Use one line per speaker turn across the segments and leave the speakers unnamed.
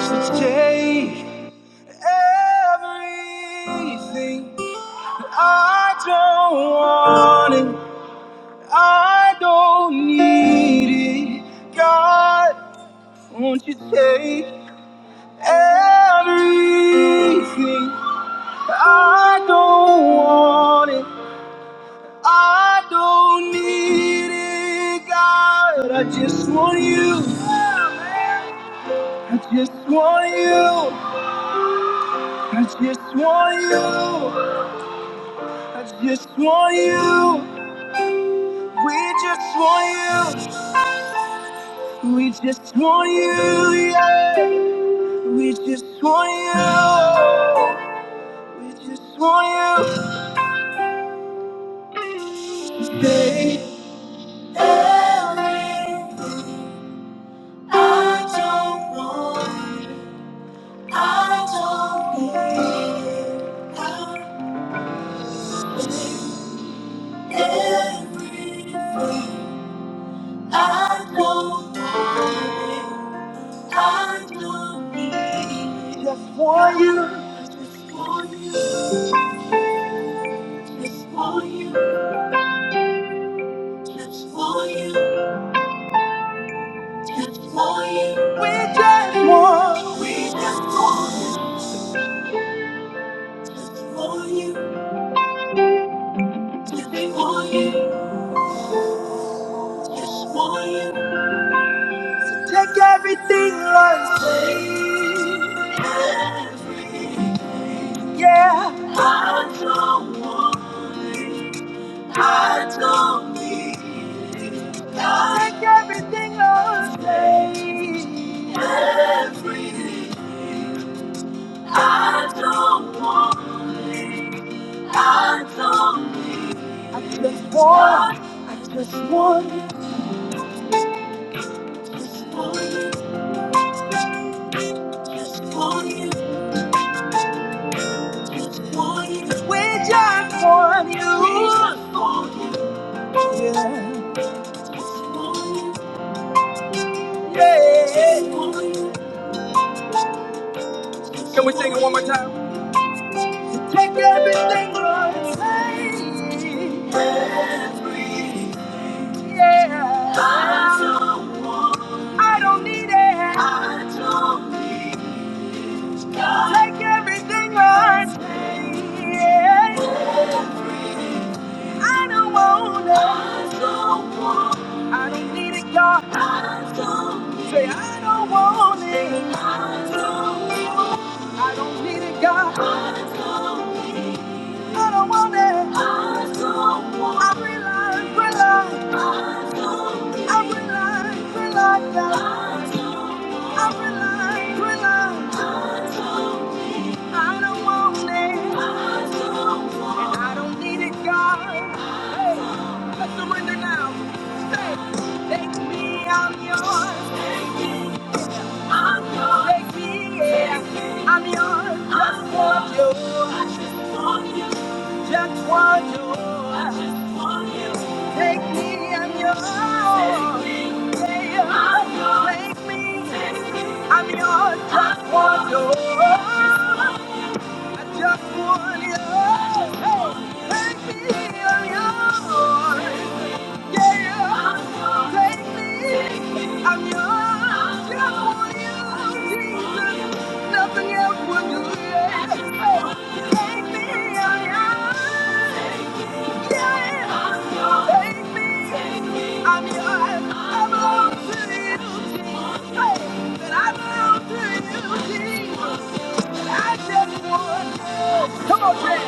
So take everything I don't want it, I don't need it. God, won't you take everything I don't want it, I don't need it. God, I just want you. I just want you. I just want you. I just want you. We just want you. We just want you. Yeah. We just want you. We just want you. Stay. Ellie, I don't want. you, I don't need. I- Everything. I don't want. you. I don't need just for you, just for you, just for you, just for you, just for you. We just want, we just want, just for you, just for you, just for you. To take everything, Lord, say. Everything. Yeah. I don't want, I don't need. Take everything away. Everything. I don't want it. I don't need it. I just want, I just want, you, just want you, just want you, just want you. We just want you. We just want you. Yeah. Just want you. Yeah. Can we sing it one more time? Take everything, Lord, and take everything. Yeah. I don't want. I don't need it. I don't need God. Take everything, Lord. Take everything. I don't want it. I don't want. I don't need it, God. I don't. need it. Say, I don't want it. I don't. I don't need it, God. I don't. gonna want it. I don't want I rely, rely. I don't need. I rely, rely. I don't want. I rely, rely. I don't want it, I don't want. and I don't need it, God. Hey, I surrender now. Say, take me, I'm yours. I'm yours. Make me, yeah. I'm yours. Just want you. I just want you. Just want you. I just want you. Take me, I'm yours. Take me, yeah. I'm yours. Take me, Take me. I'm yours. Just want you. I just want you. I just want you. Take me, I'm yours. Come on, man.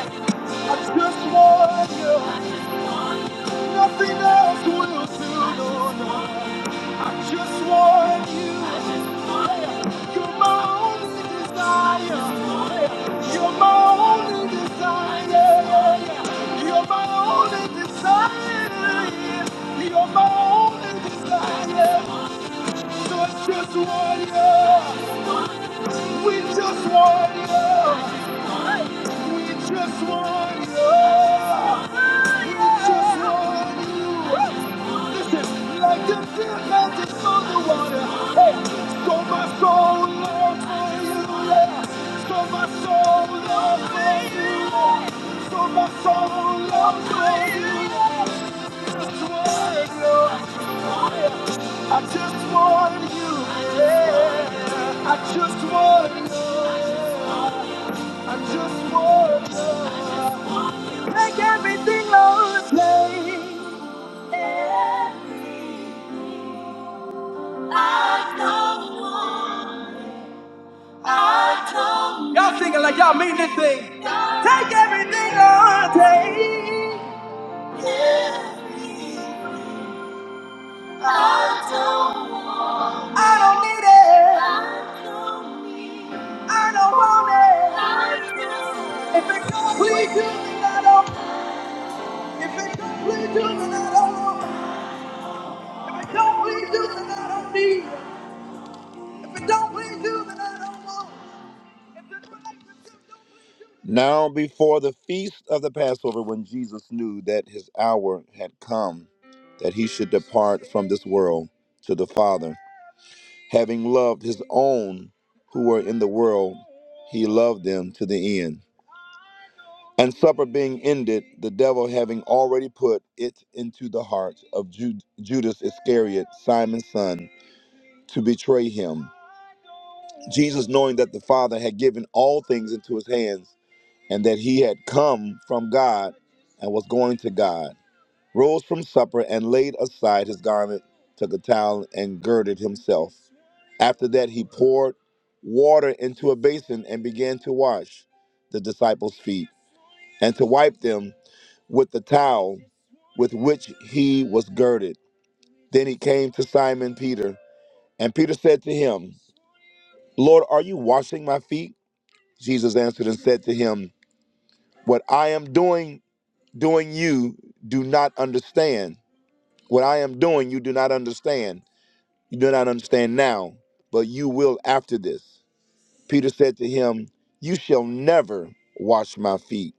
I just want you. Nothing else will do. No, no. I just want you. You're my only desire. You're my only desire. You're my only desire. You're my only desire. We just want you. We just want you. We just want you. We just want you. Listen, like the deer panted for the water. Hey, so my soul longs for you. Yeah. So my soul longs for you. Yeah. So my soul longs for you. Yeah. Just want you. I just want you. Yeah. I just want you. I just want you. Make everything all the I don't want. I don't. Y'all singing like y'all mean this thing. Take everything all the I don't. I don't need it. I don't want it. If it don't please you, then I don't. If it don't please you, then I don't want. If it don't please you, then I don't need. If it don't please you, then I don't want. If this relationship don't. Now, before the feast of the Passover, when Jesus knew that his hour had come, that he should depart from this world to the Father. Having loved his own who were in the world, he loved them to the end. And supper being ended, the devil having already put it into the heart of Ju- Judas Iscariot, Simon's son, to betray him. Jesus, knowing that the Father had given all things into his hands, and that he had come from God and was going to God, rose from supper, and laid aside his garment, took a towel, and girded himself. After that, he poured water into a basin and began to wash the disciples' feet and to wipe them with the towel with which he was girded. Then he came to Simon Peter, and Peter said to him, Lord, are you washing my feet? Jesus answered and said to him, What I am doing, doing you do not understand. What I am doing, you do not understand You do not understand now, but you will after this. Peter said to him, You shall never wash my feet.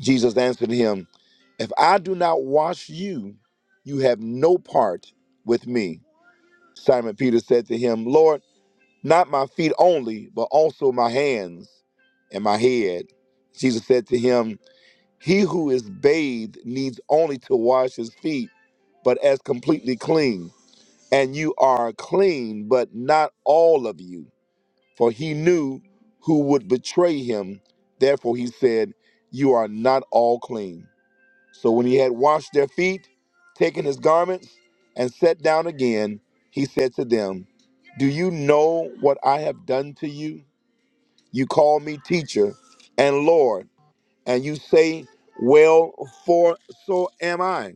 Jesus answered him, If I do not wash you, you have no part with me. Simon Peter said to him, Lord, not my feet only, but also my hands and my head. Jesus said to him, He who is bathed needs only to wash his feet, but as completely clean and you are clean, but not all of you. For he knew who would betray him. Therefore he said, You are not all clean. So when he had washed their feet, taken his garments, and sat down again, he said to them, Do you know what I have done to you? You call me teacher and Lord, and you say, Well, for so am I.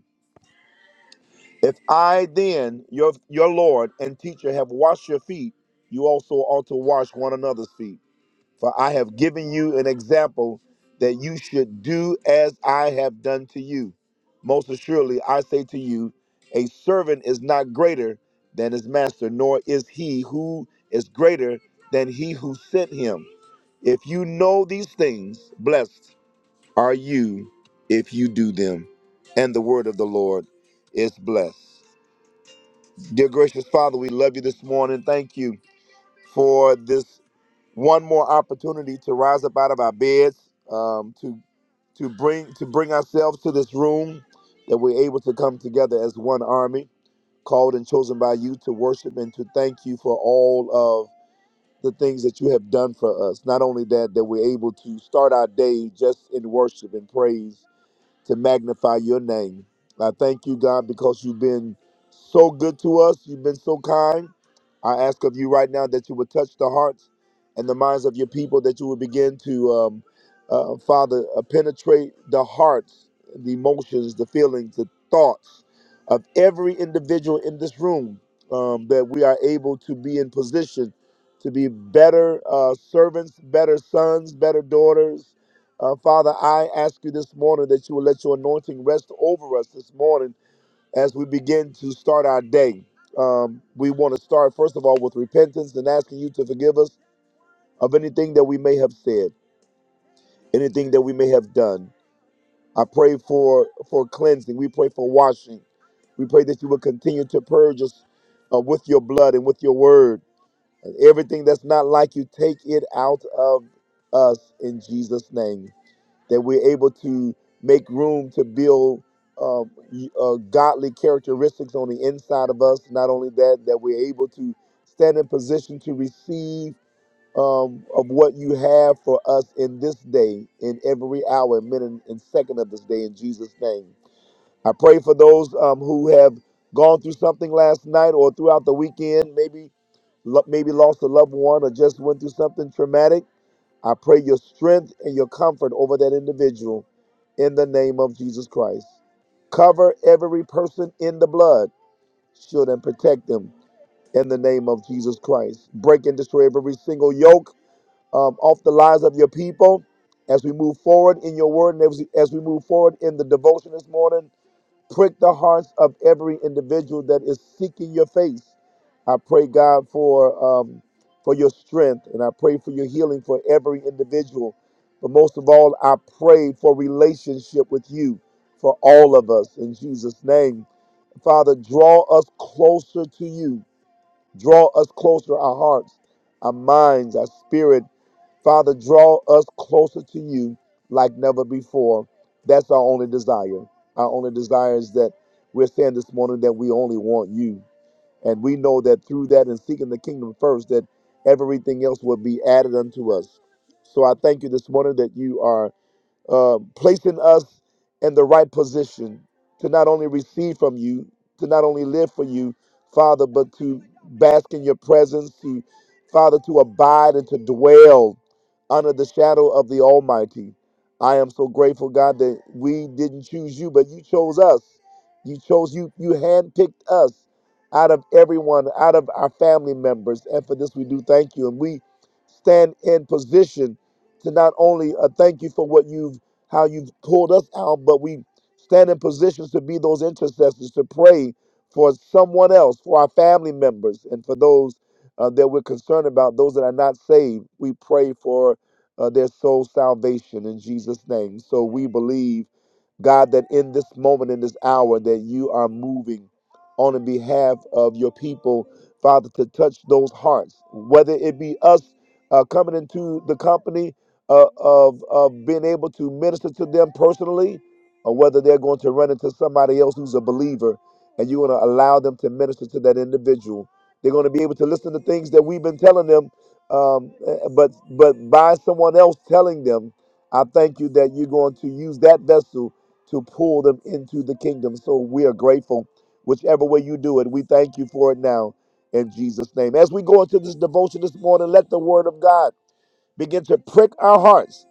If I then, your your Lord and teacher, have washed your feet, you also ought to wash one another's feet. For I have given you an example that you should do as I have done to you. Most assuredly, I say to you, a servant is not greater than his master, nor is he who is greater than he who sent him. If you know these things, blessed are you if you do them. And the word of the Lord is blessed. Dear gracious Father, we love you this morning. Thank you for this one more opportunity to rise up out of our beds, um, to to bring to bring ourselves to this room, that we're able to come together as one army, called and chosen by you to worship and to thank you for all of the things that you have done for us. Not only that, that we're able to start our day just in worship and praise to magnify your name. I thank you, God, because you've been so good to us. You've been so kind. I ask of you right now that you would touch the hearts and the minds of your people, that you would begin to, um, uh, Father, uh, penetrate the hearts, the emotions, the feelings, the thoughts of every individual in this room, um, that we are able to be in position to be better uh, servants, better sons, better daughters, uh, Father, I ask you this morning that you will let your anointing rest over us this morning as we begin to start our day. Um, we want to start, first of all, with repentance and asking you to forgive us of anything that we may have said, anything that we may have done. I pray for, for cleansing. We pray for washing. We pray that you will continue to purge us uh, with your blood and with your word. And everything that's not like you, take it out of us in Jesus' name. that we're able to make room to build uh, y- uh, godly characteristics on the inside of us. Not only that, that we're able to stand in position to receive um, of what you have for us in this day, in every hour, and minute, and second of this day, in Jesus' name. I pray for those um, who have gone through something last night or throughout the weekend, maybe lo- maybe lost a loved one or just went through something traumatic I pray your strength and your comfort over that individual in the name of Jesus Christ. Cover every person in the blood, shield and protect them in the name of Jesus Christ. Break and destroy every single yoke um, off the lives of your people as we move forward in your word and as we, as we move forward in the devotion this morning prick the hearts of every individual that is seeking your face. I pray, God, for um, for your strength, and I pray for your healing for every individual. But most of all, I pray for relationship with you for all of us in Jesus' name. Father, draw us closer to you Draw us closer, our hearts, our minds, our spirit. Father, draw us closer to you like never before. That's our only desire. Our only desire is that we're saying this morning that we only want you. And we know that through that and seeking the kingdom first, that everything else will be added unto us. So I thank you this morning that you are uh, placing us in the right position to not only receive from you, to not only live for you, Father, but to bask in your presence, to Father, to abide and to dwell under the shadow of the Almighty. I am so grateful, God, that we didn't choose you, but you chose us. You chose you, you handpicked us out of everyone, out of our family members. And for this we do thank you. And we stand in position to not only uh, thank you for what you've how you've pulled us out, but we stand in positions to be those intercessors to pray for someone else, for our family members, and for those uh, that we're concerned about, those that are not saved. We pray for uh, their soul salvation in Jesus' name. So we believe, God, that in this moment, in this hour, that you are moving on the behalf of your people, Father, to touch those hearts, whether it be us uh, coming into the company uh, of, of being able to minister to them personally or whether they're going to run into somebody else who's a believer and you're going to allow them to minister to that individual. They're going to be able to listen to things that we've been telling them, um, eh, eh, but but by someone else telling them, I thank you that you're going to use that vessel to pull them into the kingdom. So we are grateful, whichever way you do it. We thank you for it now in Jesus' name. As we go into this devotion this morning, let the word of God begin to prick our hearts.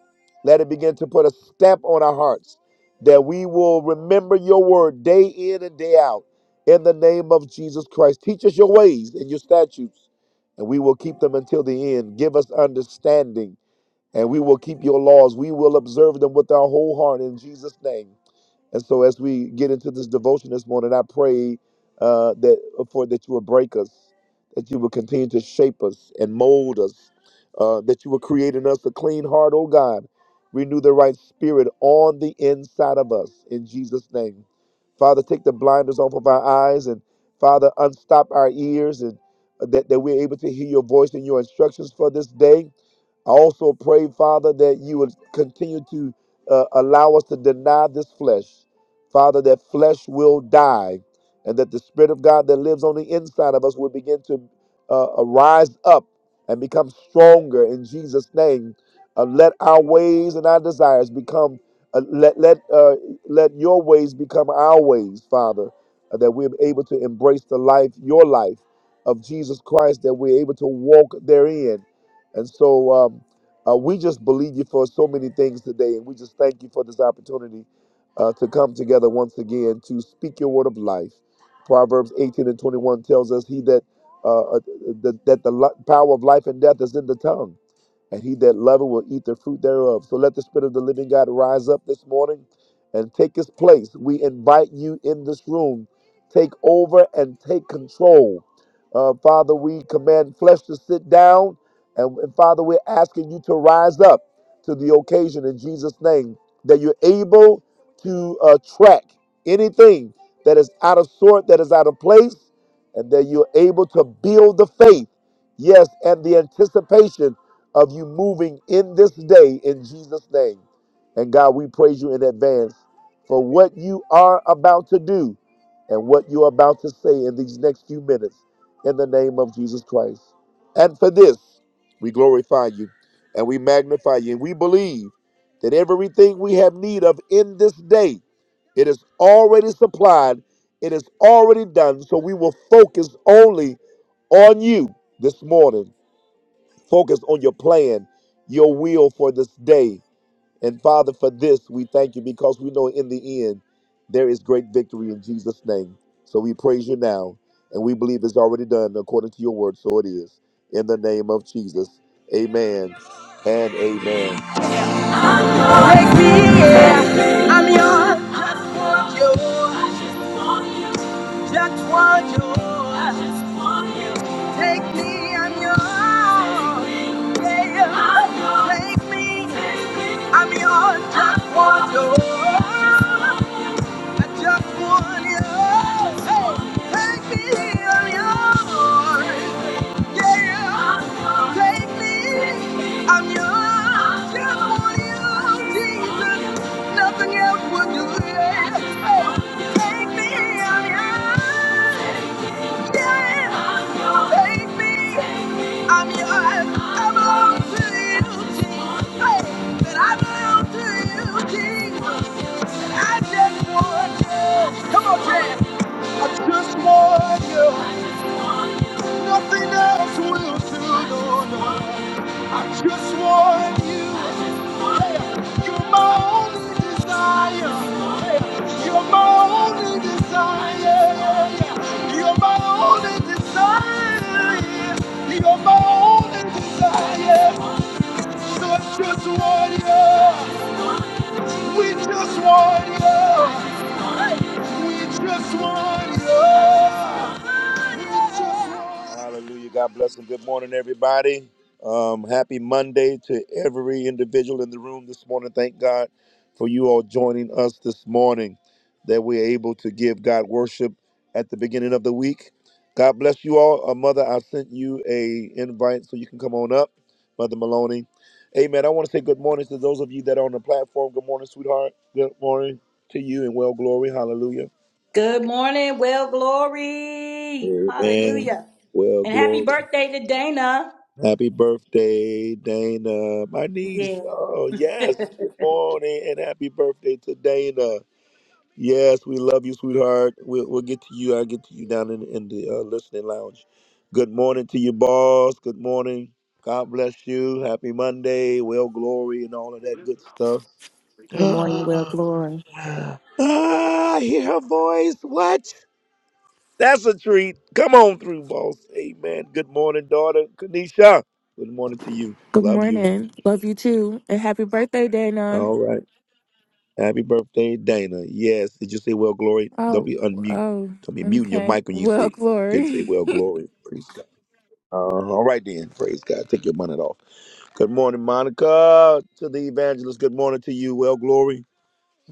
Let it begin to put a stamp on our hearts that we will remember your word day in and day out in the name of Jesus Christ. Teach us your ways and your statutes, and we will keep them until the end. Give us understanding, and we will keep your laws. We will observe them with our whole heart in Jesus' name. And so as we get into this devotion this morning, I pray uh, that uh, for that you will break us, that you will continue to shape us and mold us, uh, that you will create in us a clean heart, oh God. Renew the right spirit on the inside of us in Jesus' name. Father, take the blinders off of our eyes and Father, unstop our ears and uh, that, that we're able to hear your voice and your instructions for this day. I also pray, Father, that you would continue to uh, allow us to deny this flesh, Father, that flesh will die, and that the Spirit of God that lives on the inside of us will begin to uh, uh, rise up and become stronger in Jesus' name. Uh, let our ways and our desires become. Uh, let let uh, let your ways become our ways, Father, uh, that we're able to embrace the life, your life of Jesus Christ, that we're able to walk therein. And so. Um, uh, we just believe you for so many things today, and we just thank you for this opportunity uh, to come together once again to speak your word of life. Proverbs 18 and 21 tells us, He that uh, uh, that, that the li- power of life and death is in the tongue and he that loveth will eat the fruit thereof. So let the Spirit of the living God rise up this morning and take his place. We invite you in this room. Take over and take control. Uh, Father, we command flesh to sit down, and, and Father, we're asking you to rise up to the occasion in Jesus' name, that you're able to uh, track anything that is out of sort, that is out of place, and that you're able to build the faith, yes, and the anticipation of you moving in this day in Jesus' name. And God, we praise you in advance for what you are about to do and what you're about to say in these next few minutes in the name of Jesus Christ. And for this, we glorify you and we magnify you. And we believe that everything we have need of in this day, it is already supplied, it is already done. So we will focus only on you this morning Focus on your plan, your will for this day. And Father, for this, we thank you because we know in the end there is great victory in Jesus' name. So we praise you now, and we believe it's already done according to your word. So it is. In the name of Jesus. Amen and amen. Take me, yeah. I'm yours. Just want you. Just want you. Take me, I'm yours. Take me, I'm yours, just want you. I just want you. Hey, take me, I'm yours. Yeah, take me, I'm yours. Just want you, Jesus. Nothing else will do. Yeah. Hey, take me, I'm yours. Take me. I'm yours. I belong to you, Jesus. Hey, I belong to you, Jesus. I just want you. Come on, Jan. I just want you. Nothing else will do. I just want you. You're my only desire. You're my only desire. You're my only desire. You're my only desire. Hallelujah. God bless and good morning, everybody. Um, happy Monday to every individual in the room this morning. Thank God for you all joining us this morning, that we're able to give God worship at the beginning of the week. God bless you all. Uh, Mother, I sent you a invite so you can come on up, Mother Maloney. Amen. I want to say good morning to those of you that are on the platform. Good morning, sweetheart. Good morning to you and well glory. Hallelujah.
Good morning, well, glory.
Amen.
Hallelujah.
Well
And happy
glory.
birthday to Dana.
Happy birthday, Dana. My
Yeah.
niece. Oh, yes. Good morning and happy birthday to Dana. Yes, we love you, sweetheart. We'll, we'll get to you. I'll get to you down in, in the uh, listening lounge. Good morning to you, boss. Good morning. God bless you. Happy Monday. Well, glory and all of that good stuff.
Good morning, Will
ah,
Glory.
I hear her voice. What? That's a treat. Come on through, boss. Amen. Good morning, daughter. Kanisha. Good morning to you.
Good
Love you.
morning. Love you too. And happy birthday, Dana.
All right. Happy birthday, Dana. Yes. Did you say well glory? Don't
Oh,
be unmute.
oh,
Don't be muting your
okay.
mic when you
Well,
say didn't say
glory.
well glory. Praise God. Uh, all right then. Praise God. Take your bonnet off. Good morning, Monica. To the evangelist. Good morning to you. Well glory.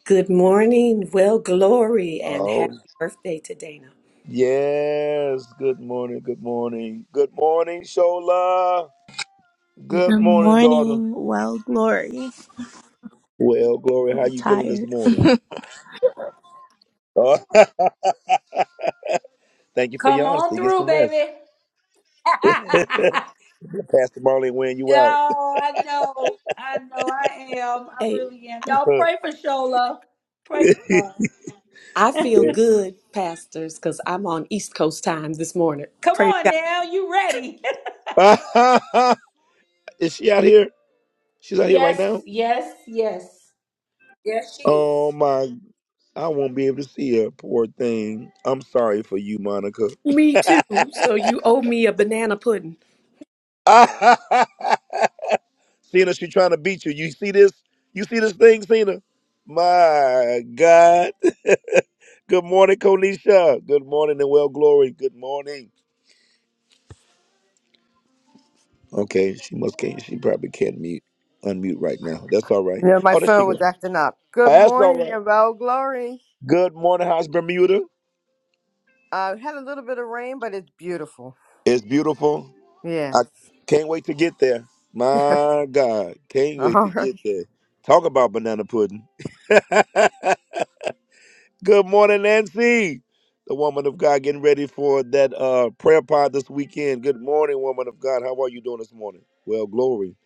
Good morning. Well, glory and
Oh
happy birthday to Dana.
yes. Good morning. Good morning. Good morning, Shola. Good
Good
morning, daughter.
morning. Well, glory.
Well, Glory,
I'm
how you feeling this
tired.
morning? Uh, thank you for your
Come on
honesty. Get
through,
some rest.
baby.
Pastor Marley wearing you
no, I know. I know I am. I
Hey,
really am. Y'all
out.
pray for Shola. Pray for
I
her.
feel
Yeah.
good, pastors, because I'm on East Coast time this morning.
Come
Praise
on now. You ready?
Is she out here? She's out here right
yes,
now?
yes, yes. Yes, she is.
Oh my I won't be able to see her, poor thing. I'm sorry for you, Monica.
me too. So you owe me a banana pudding.
Cena, she trying to beat you. You see this? You see this thing, Cena? My God. Good morning, Konisha. Good morning and well glory. Good morning. Okay, she must can't she probably can't mute unmute right now. That's all right.
Yeah, my
Oh, there she
phone was
goes.
acting up. Good
That's all
morning,
right.
about glory.
Good morning, House Bermuda.
Uh, had a little bit of rain, but it's beautiful.
It's beautiful.
Yes.
I can't wait to get there. My God, can't wait to
All
get
right.
there. Talk about banana pudding. Good morning, Nancy. The woman of God getting ready for that uh, prayer pod this weekend. Good morning, woman of God. How are you doing this morning? Well, glory.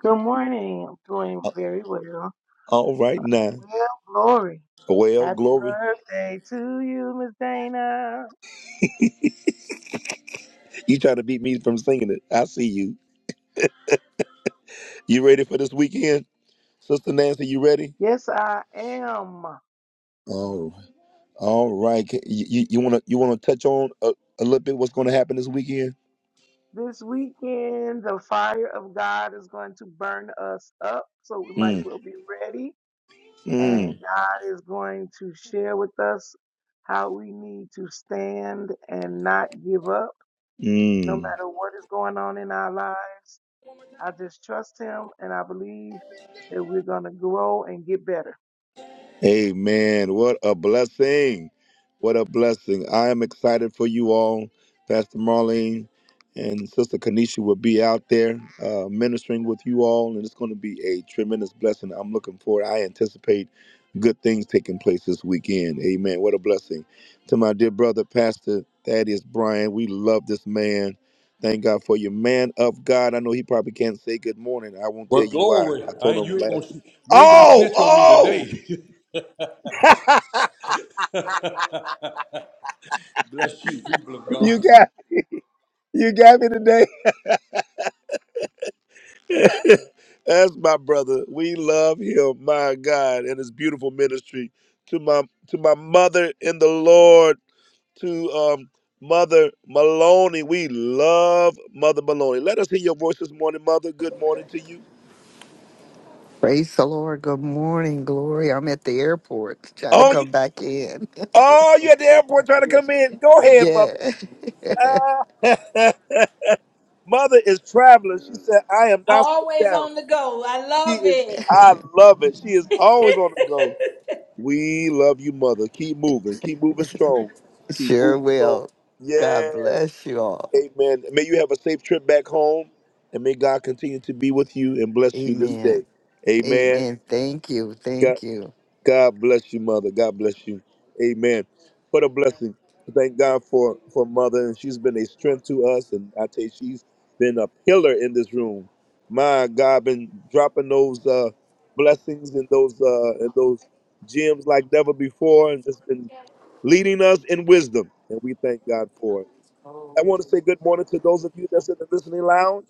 Good morning. I'm doing
Uh,
very well.
All right now.
Well, glory.
Well,
Happy
glory.
birthday to you, Miss Dana.
You trying to beat me from singing it. I see you. You ready for this weekend? Sister Nancy, you ready?
Yes, I am.
Oh. All right. Can- You, you, wanna you wanna touch on a, a little bit what's gonna happen this weekend?
This weekend, the fire of God is going to burn us up, so we might as
Mm,
well be ready. And
mm,
God is going to share with us how we need to stand and not give up, no
mm.
matter what is going on in our lives. I just trust Him and I believe that we're going to grow and get better.
Amen. What a blessing. What a blessing. I am excited for you all. Pastor Marlene and Sister Kanisha will be out there uh, ministering with you all, and it's going to be a tremendous blessing. I'm looking forward. I anticipate good things taking place this weekend. Amen. What a blessing. To my dear brother, Pastor Thaddeus Bryan, we love this man. Thank God for you, man of God. I know he probably can't say good morning. I won't
Well,
tell you why.
glory.
I
I
told
ain't,
him
you ain't
last.
gonna you ain't gonna
Oh,
snitch on me
oh!
today. Bless you, people of God.
You got you got me today. That's my brother. We love him, my God, and his beautiful ministry. To my to my mother in the Lord, to um Mother Maloney. We love Mother Maloney. Let us hear your voice this morning, Mother. Good morning to you.
Praise the Lord. Good morning, Glory. I'm at the airport trying to
Oh, you
come back in.
oh, you at the airport trying to come in. Go ahead, Mother.
yeah,
Ah. mother is traveling. She said, I am not sitting
Always
down.
on the go. I
She
love
is
it.
I love it. She is always on the go. We love you, mother. Keep moving. Keep moving strong. Keep
sure
moving strong.
will. God
Yes.
bless you all.
Amen. May you have a safe trip back home and may God continue to be with you and bless you this day.
Amen.
Amen.
Amen. Thank you.
God.
Thank you.
God bless you, mother. God bless you. Amen. What a blessing. Thank God for for mother, and she's been a strength to us. And I tell you, she's been a pillar in this room. My God, been dropping those uh, blessings and those uh, and those gems like never before, and just been leading us in wisdom. And we thank God for it. I want to say good morning to those of you that's in the listening lounge.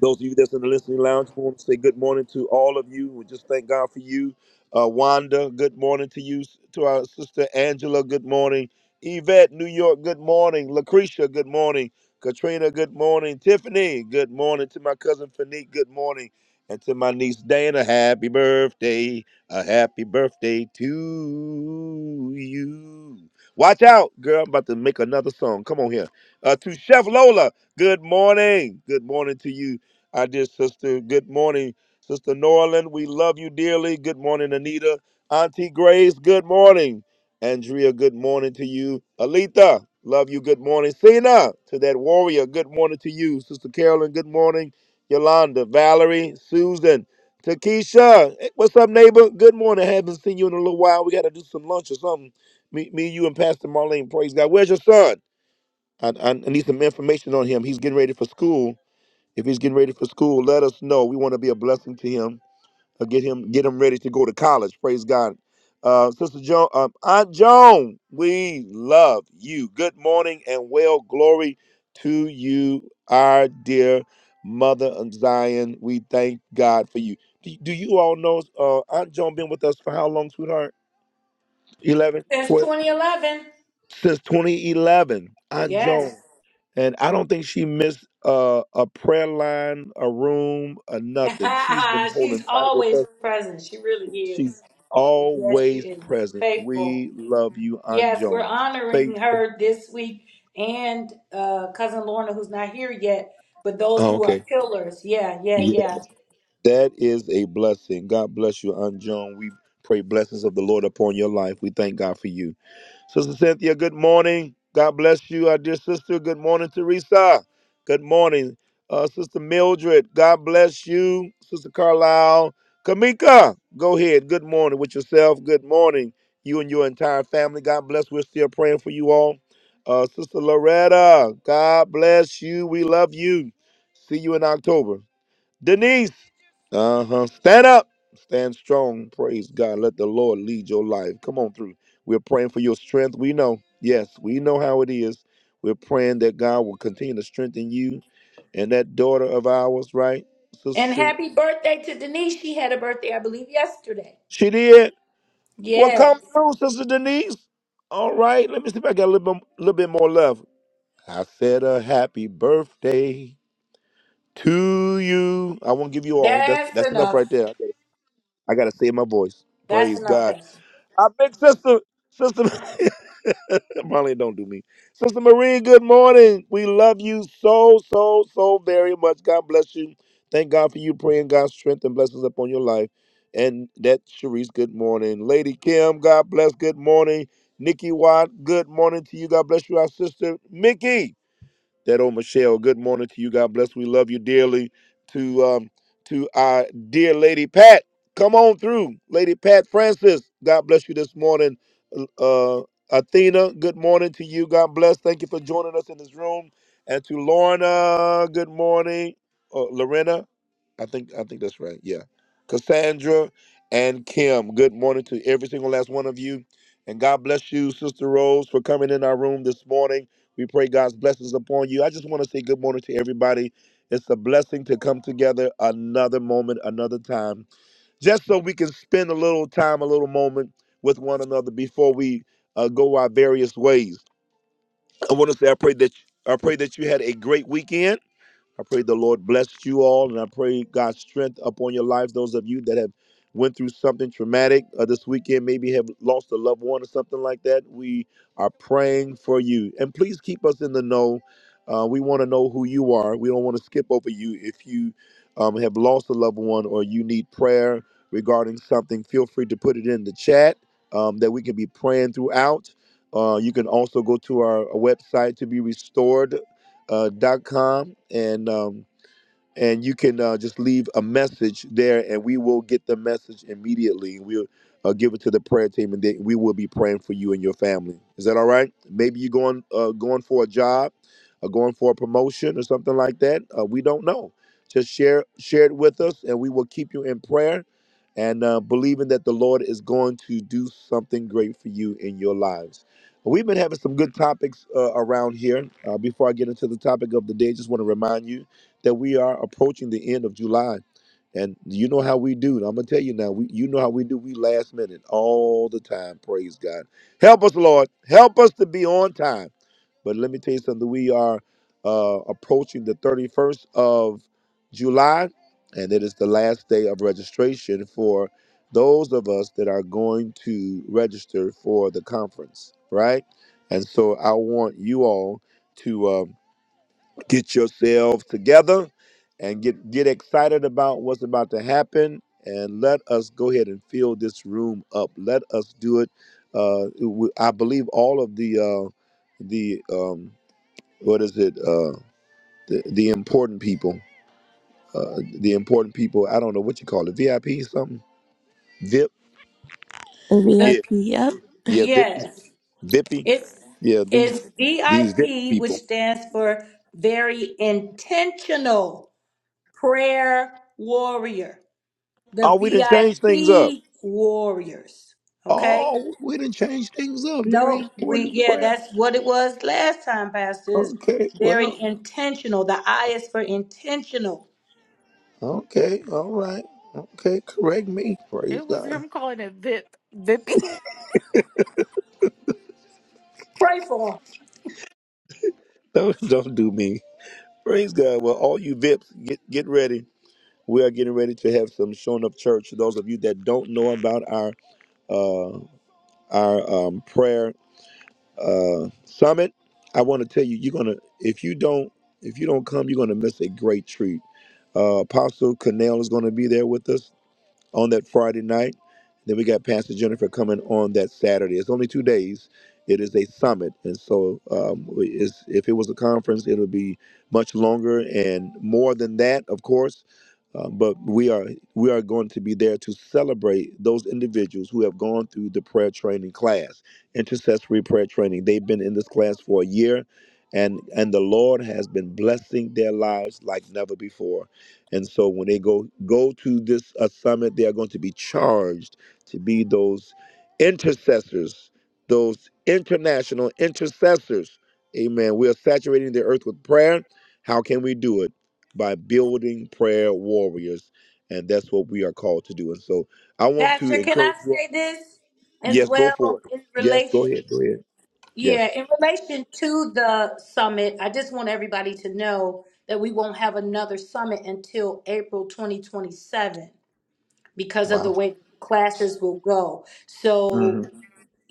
Those of you that's in the listening lounge, we want to say good morning to all of you. We just thank God for you. Uh, Wanda, good morning to you. To our sister Angela, good morning. Yvette, New York, good morning. Lucretia, good morning. Katrina, good morning. Tiffany, good morning. To my cousin Fanique, good morning. And to my niece Dana, happy birthday. A happy birthday to you. Watch out, girl. I'm about to make another song. Come on here. Uh, to Chef Lola, Good morning. Good morning to you. I dear sister. Good morning, Sister Norlin. We love you dearly. Good morning, Anita. Auntie Grace, good morning. Andrea, good morning to you. Alita, love you. Good morning. Cena, to that warrior, good morning to you. Sister Carolyn, good morning. Yolanda, Valerie, Susan, Takesha, hey, what's up, neighbor? Good morning. haven't seen you in a little while. We got to do some lunch or something. Me, me, you, and Pastor Marlene. Praise God. Where's your son? I, I I need some information on him. He's getting ready for school if he's getting ready for school, let us know. We want to be a blessing to him. Uh, get him, get him ready to go to college. Praise God. Uh, Sister Joan, um, Aunt Joan, we love you. Good morning and well glory to you, our dear mother of Zion. We thank God for you. Do, do you all know uh, Aunt Joan been with us for how long, sweetheart? 11,
Since
12
2011.
Since 2011. Aunt
Yes.
Joan. And I don't think she missed uh, a prayer line, a room, or nothing. She's been holding
She's
tight with
always
us.
present. She really is.
She's
Yes, she
always
is
present.
faithful.
We love you, Aunt
Yes, we're
Joan.
honoring
Faithful.
her this week and uh, cousin Lorna, who's not here yet, but those
Oh,
who are
okay.
pillars. Yeah, yeah,
Yeah,
yeah.
that is a blessing. God bless you, Aunt Joan. We pray blessings of the Lord upon your life. We thank God for you. Sister Cynthia, good morning. God bless you, our dear sister. Good morning, Teresa. Good morning. Uh, Sister Mildred, God bless you. Sister Carlisle. Kamika, go ahead. Good morning with yourself. Good morning, you and your entire family. God bless. We're still praying for you all. Uh, Sister Loretta, God bless you. We love you. See you in October. Denise, uh huh. Stand up. Stand strong. Praise God. Let the Lord lead your life. Come on through. We're praying for your strength. We know. Yes, we know how it is. We're praying that God will continue to strengthen you and that daughter of ours, right? Sister
And
Cherie.
happy birthday to Denise. She had a birthday, I believe, yesterday.
She did. Well,
Yes,
come through, Sister Denise. All right. Let me see if I got a little bit, little bit more love. I said a happy birthday to you. I won't give you all. That's
that's
that's enough
enough.
right there. I gotta, I gotta save my voice.
That's
Praise
enough,
God.
Pastor.
Our big sister, sister Marlene, don't do me. Sister Marie, good morning. We love you so, so, so very much. God bless you. Thank God for you praying God's strength and blessings upon your life. And that Sharice, good morning. Lady Kim, God bless, good morning. Nikki Watt, good morning to you. God bless you, our sister. Mickey that old Michelle. Good morning to you. God bless. We love you dearly. To um, to our dear Lady Pat. Come on through, Lady Pat Francis. God bless you this morning. Uh, Athena, good morning to you. God bless. Thank you for joining us in this room. And to Lorna, good morning. Uh, Lorena, I think I think that's right. Yeah. Cassandra and Kim, good morning to every single last one of you. And God bless you, Sister Rose, for coming in our room this morning. We pray God's blessings upon you. I just want to say good morning to everybody. It's a blessing to come together another moment, another time, just so we can spend a little time, a little moment with one another before we uh, go our various ways. I want to say I pray that I pray that you had a great weekend I pray the Lord bless you all, and I pray God's strength upon your lives. Those of you that have went through something traumatic uh, this weekend, maybe have lost a loved one or something like that, we are praying for you. And please keep us in the know. Uh, we want to know who you are. We don't want to skip over you. If you um, have lost a loved one or you need prayer regarding something, feel free to put it in the chat um, that we can be praying throughout. Uh, you can also go to our uh, website to be restored uh, dot com, and um, and you can uh, just leave a message there, and we will get the message immediately. We'll uh, give it to the prayer team, and they, we will be praying for you and your family. Is that all right? Maybe you're going uh, going for a job, or going for a promotion, or something like that. Uh, we don't know. Just share share it with us, and we will keep you in prayer, and uh, believing that the Lord is going to do something great for you in your lives. We've been having some good topics uh, around here. Uh, before I get into the topic of the day, just want to remind you that we are approaching the end of July. And you know how we do. I'm gonna tell you now. We, you know how we do. We last minute all the time. Praise God. Help us, Lord. Help us to be on time. But let me tell you something. We are uh, approaching the 31st of July, and it is the last day of registration for those of us that are going to register for the conference. Right. And so I want you all to. uh, get yourselves together and get get excited about what's about to happen and let us go ahead and fill this room up let us do it uh w- i believe all of the uh the um what is it uh the, the important people uh the important people i don't know what you call it vip something vip
The-
VIP.
yeah
Yep.
yeah vip
Yes,
vippy
it's
yeah these
it's
these vip
VIP, which
people
stands for very intentional. prayer warrior, the
oh we didn't change things up
VIP warriors. Okay?
oh we didn't change things up very
Nope. We
important
yeah,
prayer
that's what it was last time, Pastor. Is
Okay,
very
well,
intentional. The I is for intentional.
okay, all right. Okay, correct me. Praise
It was
God.
him calling it Vip. Vippy.
Pray for 'em.
Don't, don't do me. Praise God. Well, all you VIPs, get, get ready. We are getting ready to have some showing up church. Those of you that don't know about our uh, our um, prayer uh, summit, I want to tell you, you're gonna if you don't if you don't come, you're gonna miss a great treat. Uh, Apostle Cornell is gonna be there with us on that Friday night. Then we got Pastor Jennifer coming on that Saturday. It's only two days. It is a summit, and so um, it's, if it was a conference, it would be much longer and more than that, of course. Uh, but we are we are going to be there to celebrate those individuals who have gone through the prayer training class, intercessory prayer training. They've been in this class for a year, and and the Lord has been blessing their lives like never before. And so when they go go to this uh, summit, they are going to be charged to be those intercessors, those international intercessors. Amen. We are saturating the earth with prayer. How can we do it? By building prayer warriors. And that's what we are called to do. And so I want to
Pastor, can I
encourage you all.
say this as
Yes, go for
well
it.
in
Yes, go
relation?
ahead. Go ahead.
Yeah,
Yes.
in relation to the summit, I just want everybody to know that we won't have another summit until April 2027. because of the
Wow.
way classes will go. So
Mhm.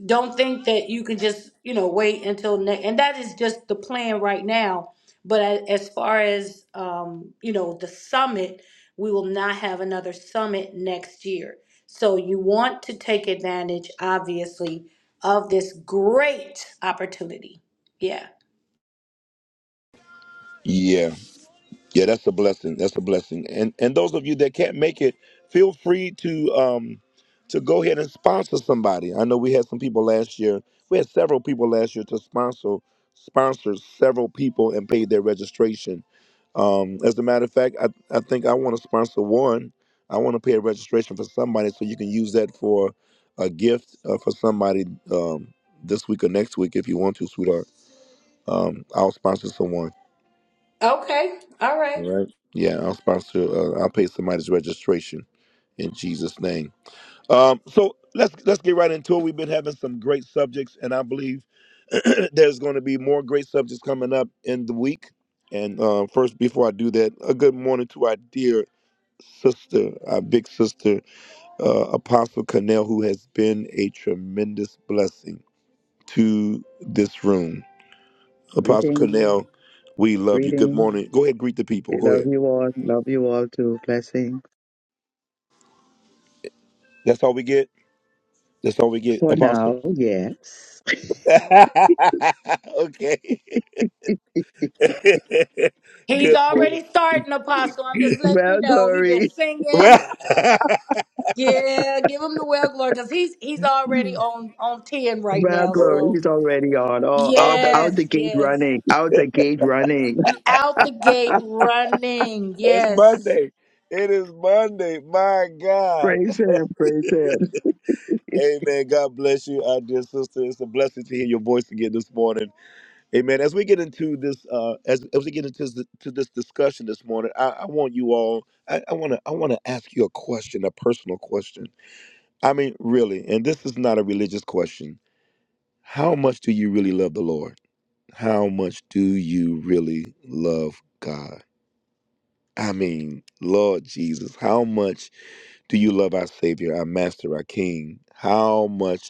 don't think that you can just, you know, wait until next, and that is just the plan right now. But a- as far as, um, you know, the summit, we will not have another summit next year. So you want to take advantage, obviously, of this great opportunity. Yeah.
Yeah. Yeah, that's a blessing. That's a blessing. And and those of you that can't make it, feel free to um to go ahead and sponsor somebody. I know we had some people last year. We had several people last year to sponsor sponsor several people and paid their registration. Um, as a matter of fact, I, I think I want to sponsor one. I want to pay a registration for somebody so you can use that for a gift uh, for somebody um, this week or next week if you want to, sweetheart. Um, I'll sponsor someone.
Okay. All right.
All right. Yeah, I'll sponsor. Uh, I'll pay somebody's registration in Jesus' name. Um, so let's let's get right into it. We've been having some great subjects, and I believe there's going to be more great subjects coming up in the week. And uh, first, before I do that, a good morning to our dear sister, our big sister, uh, Apostle Connell, who has been a tremendous blessing to this room. Apostle
Greetings,
Connell, we love you. Good
greetings.
morning. Go ahead, greet the people.
We
Go
love
ahead.
you all. Love you all too. Blessings.
That's all we get. That's all we get,
For
Apostle.
now, yes.
okay.
He's
Good morning.
already starting, Apostle. I'm just letting you
Well,
know. he been
glory.
singing.
Well,
Yeah, give him the well glory because he's he's already on on ten right
Well,
now.
oh,
glory.
So
He's already on. Oh,
oh
out,
my, God.
out the
yes,
gate
yes,
running. Out the gate running.
he out the gate running.
it's
Yes,
Monday. It is Monday. My God.
Praise him. Praise him.
Amen. God bless you, our dear sister. It's a blessing to hear your voice again this morning. Amen. As we get into this, uh, as, as we get into this, to this discussion this morning, I, I want you all. I want to. I want to ask you a question, a personal question. I mean, really, and this is not a religious question. How much do you really love the Lord? How much do you really love God? I mean, Lord Jesus, how much do you love our Savior, our Master, our King? How much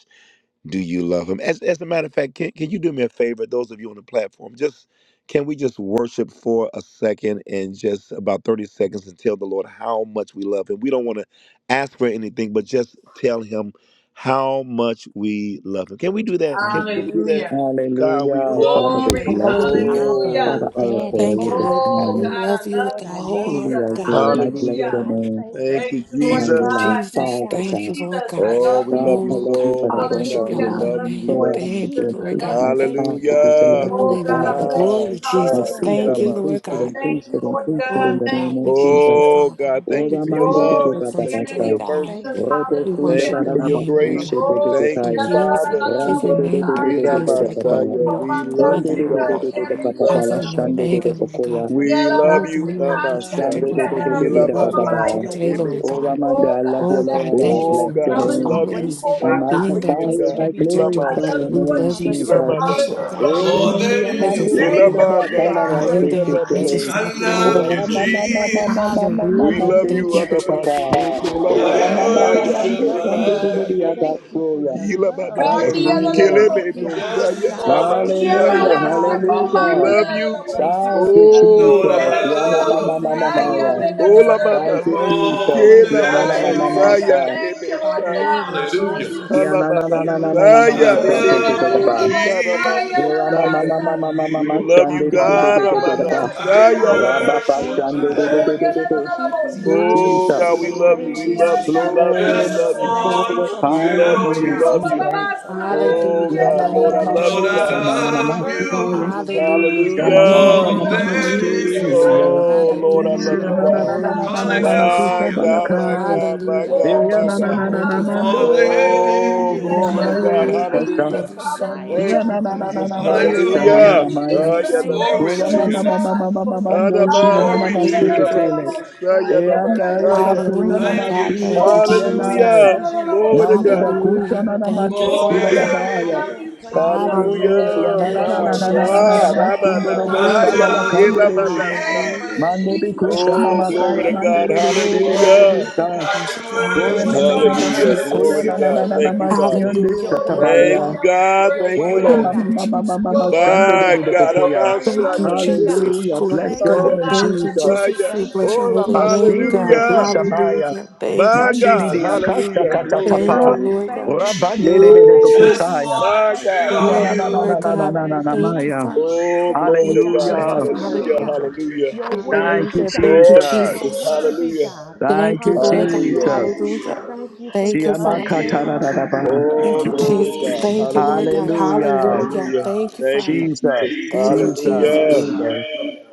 do you love him? As, as a matter of fact, can, can you do me a favor, those of you on the platform? Just can we just worship for a second and just about 30 seconds and tell the Lord how much we love him? We don't want to ask for anything, but just tell him how much we love him. Can we do that? Can, can we
Amen.
do that?
hallelujah,
God, we
Hallelujah.
love
Father, we
you
Father
glory,
bless
God,
you.
Hallelujah.
Abba,
hallelujah.
Father,
so.
I
Daddy
adore
Thank
you
you,
this
Lord
God.
God. We
Oh God,
morning.
I
love you with
love
Lord,
the
you,
I
whole
love
Truly
you.
heart,
Jesus.
I
I
God.
do. And I
praise
bless
you.
Hallelujah.
your
Hallelujah.
I
Lord,
name.
thank
your word.
Thank
Thank
you.
you,
you,
And
Lord
Thank
I
you,
Jesus.
Thank
realize,
God.
you,
Jesus.
Thank you,
Father
God,
God.
Thank you, Lord
Jesus.
God.
for
I
Oh,
love
we
you.
loving
God,
love you
I
me.
Oh,
love you,
God.
so
but I
We
much,
Thank
don't love
worship
God.
your
you
We
Hallelujah.
you
I
enough.
holy
for
love
love
you.
you,
So
We
name.
Lord
I
love
ask
you.
that
Thank you,
you
Jesus. I
Lord
increase
keeping me.
love
God.
my
you.
Thank you,
capacity
God,
to
for
love
Hallelujah.
your
you,
Oh God, I
Hallelujah.
Father.
bless you.
My
Glory,
unfailing
I
God.
Jesus.
increase
love.
Hallelujah.
it,
Thank you,
increase
Lord
it,
God.
Ilabashaya.
Thank
Thank
increase
you
you,
it,
for
Lord
your
increase it
God.
in
Oh,
the
Thank
name
God,
you,
of
we
unfailing
love
love.
you,
Jesus.
Oh,
Jesus.
God,
Father.
thank you
We
Oda
Thank
for
you,
give
your
you our
mande de de
love.
Glory
words on
to
baba
Jesus.
Thank
your
you for
today,
basta.
your
name,
God.
Jesus.
mercy.
Thank you,
Rete
We
God.
kunda
Thank
Hallelujah.
worship
da
you
da
your
for
da
Thank
your
ba
you
name,
for
ku
Lord
your
she
grace.
God.
de de de
grace.
Glory.
Thank
We
you,
taya.
give,
Thank
Father.
you,
give your
Rande de de
name
God.
de
the
de de de
Yadadadadadadabosaya.
de
praise,
de
Lord
Thank you
God.
baba.
for
You
Ilabashaya.
are
your
our
We
Komanda
love
keeping
Father,
Kunde
you,
de
Lord
de de
power,
God.
God.
de de
sekandia
de
God.
We
baba
love
Alpha
bala
you.
Thank
and
you
shande
leliyadadadabosa.
de
for
de
Omega, Lord
just
God.
pokoya.
We
embracing
Yalaba
love
Oh,
us
you,
God,
with
you are
your
our
love.
sekandia
protector and
You
Shande
Namasaya.
are
de de
provider,
de
liyadada
and
de
we
de de
love
baba
magnificent.
you on
ba.
You're
sekobabaya.
Ilamanasa.
today, Lord
Ibis.
Oda
wonderful.
God.
mande,
You're
Oh
I love
God, I
you,
Oh,
love
awesome.
God,
you,
Lord, and I
thank you
Your
Oh,
Jesus.
bless
for
your
God,
name
we
just
is
name.
love
Hallelujah.
great,
you.
always
and
I
you
Thank
are
you
Komanda
magnify
being
for
that
being
saya.
greatly
provider
and
to
God.
I
and
be
protector,
I
Lord
praised.
glorify
God.
love
your
We
you,
Ilamanashaya.
Lord
name,
love you
Father
so
Jesus.
God,
Jesus.
much,
you
Lord
are.
Ilamanasa.
God.
Hallelujah.
I
Oh,
live
More
in your
remindi
than
presence,
amando
Lord
Beautiful.
anything,
Thank
sira
you,
God.
Lord
You
Ilamana
are
batala
I
God.
yield in
saya
great.
your
vaseke
presence,
You
tele.
namasi
are
I
Father.
love
Oh,
greatly
you,
Hallelujah.
to
kelemani
be
mama mama
osaya.
praised,
mama
Jesus.
God.
mama
We
Hallelujah.
love
mande
you,
Thank
Hallelujah.
you.
sika tapa.
Anamasuku
Oh, God,
Oh, mama
thank
I
mama
you
Lamasaya,
for
mande
worship
loving
kande
me.
and
didi
Emasaya,
adore. you.
Thank you for
abatsoya.
your love,
Ilamadana
God.
Kandia
Hallelujah,
Hallelujah.
Thank
Sikeleme
you,
Thank
leliyadadabosa.
Father
you,
Just
Dosaya,
God.
Jesus.
wanna
Thank you,
hallelujah,
tell
Namasaya.
Hallelujah.
you,
Jesus, for your
We
Hallelujah.
hallelujah.
love.
love
Thank
you.
you,
Thank you
Thank
for
Jesus.
you,
Oh,
loving
Lord, I
Jesus.
me.
Ya mama
Lamasaya.
love
mama
Thank you
mama
Lord,
for
you
your
thank you,
Oh,
love,
Father.
God.
Thank you,
Lamadana
Hallelujah.
Jesus.
more than
Thank
Sikena
Ya
Thank
anything.
you,
na
you,
na na
Father
mama
God.
Jesus.
sa.
Madasaya,
Thank you, Lord
Father
Nemeshaya.
God.
God,
Glory,
I
I love
love
Hallelujah.
you,
you,
Ya
Jesus.
na na
Jesus.
Jesus.
na na na na
Glory,
na
I
I
mama
Kalamadasaya,
love
Oh,
Jesus.
you,
yeah,
love you,
sa.
the
Nemesoko
Jesus.
Most High,
Jesus.
the Messiah. la, la,
Rama
Tanamadiosaya.
mama
Messiah.
mama
We
Hallelujah.
Be
love
We
mama
you,
glory.
Jesus.
love you,
Sunday de de
Hallelujah.
de
God.
de de de
Thank you,
de
Thank
ba.
you,
Ikobababanda,
I
God.
Yes.
Jesus.
We
Abadasaya
love
Thank you, Father.
Sianda.
Rababa
labashe,
worship
Thank you,
Sunday de de
Oh,
Hallelujah.
de de
and
yeah,
Jesus,
de
kirabasaya.
for
the
de.
you. We
keeping
la
love
Thank
me.
you,
High.
Thank
Oh,
Jesus.
you
God, we
for
Jesus,
love
Glory,
you. We
saving
love
me,
you.
Jesus.
Yanda,
We
God.
We
love you. We
love
glory
you
the
Just
love
so
you.
Most
Thank
much,
you
High.
the
for
Father.
want to
my
We
Thank
fire,
love
life,
you,
you.
tell
We
Lord
God.
love
you,
Jesus.
Jesus.
you.
Thank you for
you.
Ikobababasaya,
loving me
Oh,
to
Hallelujah.
yeah,
Ya
God,
na
life.
na
the
Lord,
na
la
I
Thank
na
you,
love
High.
you,
Lord,
na na
I
Thank you
God.
na
for
na
Jesus.
na na
love
Thank you,
eternal
na.
you
life
Jesus.
Hallelujah.
Ya
through
Jesus,
mama mama
we
Hallelujah.
more
Jesus
mama
Thank
love
you,
mama
you,
than
Christ.
de ye
Jesus.
Jesus.
anything.
Thank
ye.
you.
Oh,
Hallelujah.
We love you.
There's
Yes.
Lord, I love
no
Ya
you,
Hallelujah.
na na
Oh
na
God.
na
Glory,
na
God, we
na
condemnation,
na na
love
na
God,
you,
Jesus.
kusa
My
Hallelujah.
for
God,
those
my
Jesus.
who
balakai.
love
God,
you,
my
Hallelujah,
God.
God,
God.
Ya
my
You're
Oh
na
so
na
Thank
na
God.
you
God,
na
for
na
worthy,
calling
mando.
More
us
Father.
than
hallelujah.
by your
Oh,
name.
Oh,
Ya
Bless
glory
your
to
anything.
Thank
name,
God.
you,
God.
maye
God,
I
kasta.
Hallelujah.
Love
Jesus.
you
for
so
dying
much.
Ya
on
Thank
a
Hallelujah.
you,
na na na
cross,
na
Jesus.
na
Jesus,
maye
Bless
for
your
Oh,
ta na na
Hallelujah.
name,
me.
na
God.
Hallelujah.
I
na
Love
Oh,
you so
Jesus.
Thank you,
Thank
Glory
much,
you,
Kola
to
yeah,
Lord
mama
your
Jesus,
Jesus.
mama
name.
God.
mama
for
mama
your
ndo
Oh,
shira na
Glory
unfailing
Hallelujah.
namaste
to your
love.
hallelujah.
name.
ketele.
Thank
E
you
anda
for
ya
your
Adabashilabadiosayadabashaya.
batuna
great
na
Hallelujah,
Thank you,
love.
God.
masure
Thank
de
you,
Jesus.
Thank
Comandia
kianai.
Jesus.
de
you,
la
Hallelujah.
la la
Jesus.
Glory to
Mande
Lord,
God.
I can
Boschiranda.
bakuta
Hallelujah.
na
never
na
thank
Thank
mande
you,
you
More than
sira
Oh
enough.
da
Father.
God, we
I
baya.
anything.
love
can't
you,
praise
Jesus,
you enough.
Hallelujah.
Ya
Hallelujah.
na na
You're
today.
Thank
na
you,
My
na na na
worthy,
na
Thank
na
you,
God,
na
God.
Jesus.
of
Lord
all the
God.
masundo dobo
glory.
Thank
You're
you,
Abadasaya.
sabala
Hallelujah.
Lord
I
worthy,
love
God.
you,
God,
kandere.
of
Jesus.
all the
Thank
Elabadasa.
Hallelujah.
you,
praise.
Mando
Thank
de
you,
Jesus.
kusha
God, you're
Oh,
mama
Jesus.
glory
kaya
to
worthy,
Hallelujah.
mande
God.
de
Lord.
de de de
Oh,
de de
You're
Oh,
de
God.
we
Hallelujah.
love
worthy,
busa.
you,
God.
God.
Worship your
Thank you,
holy
You're
I
Kole
Lord
me
name.
me
worthy,
me
Thank
God.
you,
me
We
me
God.
Hallelujah.
me
bless your
kola
Glory
Jesus.
to
name,
na
You're
na
worship
na
God.
na na
worthy,
Thank
Jesus.
you,
God.
Father.
masionde
You
Hallelujah.
You're
are
Thank
worthy,
you,
worthy
katabalia.
Thank
God.
you,
God.
of the
God.
You're
Thank
praise,
you,
Koya
worthy,
God.
Thank
Lord.
mama
you,
God.
mama
Jesus.
mama
You
You're
mama
are
sande
worthy,
de
worthy
My
de de
of
God.
the
and adore
God.
bokoya.
glory.
Thank you,
you.
Abashaya.
Hallelujah,
Hallelujah.
God.
Jesus.
Hallelujah.
Glory to
Bless
Thank
your
Oh,
God.
you,
name,
God,
Thank you,
Jesus.
bless your
Jesus.
name,
Jesus.
Ebediosayadabashaya.
We
Thank you,
bless your
Jesus.
Ora
holy
Jesus.
name,
masire de
God.
Thank
Hallelujah.
you,
kusamaya.
Jesus.
Hallelujah. Thank you,
My
Thank you,
Mandiri
God.
di
Jesus.
Jesus.
akasa
Hallelujah.
Thank you,
Glory to
Thank you,
katatapa.
God.
Jesus.
Lord
Thank
God.
Ora
you,
bandere
Jesus.
Glory,
de
Thank you,
Woo!
Just
kusaya.
Jesus.
Jesus.
wanna
My
Thank
God,
you,
Ya
tell
na
Glory,
na
Jesus.
na
you.
na
Lord
na
hallelujah.
na
God.
na
Thank
na na
you,
Thank you,
My
maya.
God,
Jesus.
Father.
Oh,
Thank
glory
you,
to
Thank you,
God.
God.
You're
Hallelujah.
Jesus.
worthy,
Hallelujah.
Hallelujah.
Hallelujah.
God.
Hallelujah.
You're
Thank you,
worthy,
Hallelujah.
God.
Thank you,
Lord
You're
Jesus.
Jesus.
Jesus.
worthy,
Hallelujah.
God.
Thank
Thank you,
you,
Lord God.
Hallelujah.
Hallelujah.
Jesus.
Hallelujah.
Thank you for
Thank
your
you,
Siama
Father.
unfailing love.
katararaba.
Thank
Oh,
you,
glory to
Jesus.
God.
Hallelujah.
Thank you, Lord
Hallelujah.
God.
Bless your name,
Hallelujah.
Hallelujah.
Hallelujah.
Jesus.
Thank you,
Thank you,
Father.
Jesus.
Jesus.
Thank you,
Jesus.
Jesus.
Hallelujah.
Jesus.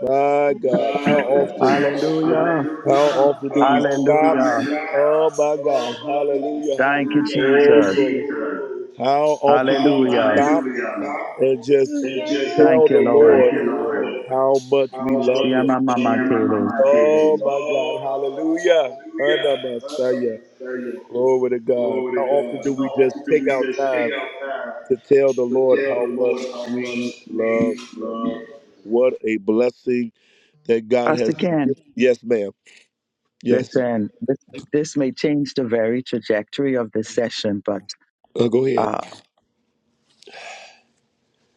My God. How often,
Hallelujah.
how
how
often
often, how
do we
often
stop?
do
Hallelujah.
we
Oh,
laugh?
my God.
Oh my God,
Hallelujah.
Thank you,
hallelujah. Thank
Oh,
Jesus.
you,
glory.
Jesus.
How
How
often do we
Hallelujah.
often
stop
do we laugh
and just
and
tell
Thank you,
the
Lord.
Lord
just
how much we
How much
love
we
him?
Siama
love Yeah, you.
mama
my
tele.
mama
Oh
did.
my God.
Oh
Hallelujah.
my God, hallelujah.
Anamasaya.
Hallelujah.
Glory to God. How
Glory to
often
God.
do
How
we just
often do
take
we
out
just take
time
out time
to tell the
to
Lord
tell
how
the
much
Lord how
we
much
love
we
him?
love
What a blessing that God has
Pastor Ken,
given. Yes, ma'am. Yes.
listen, this, this may change the very trajectory of this session, but
Uh, go ahead.
uh,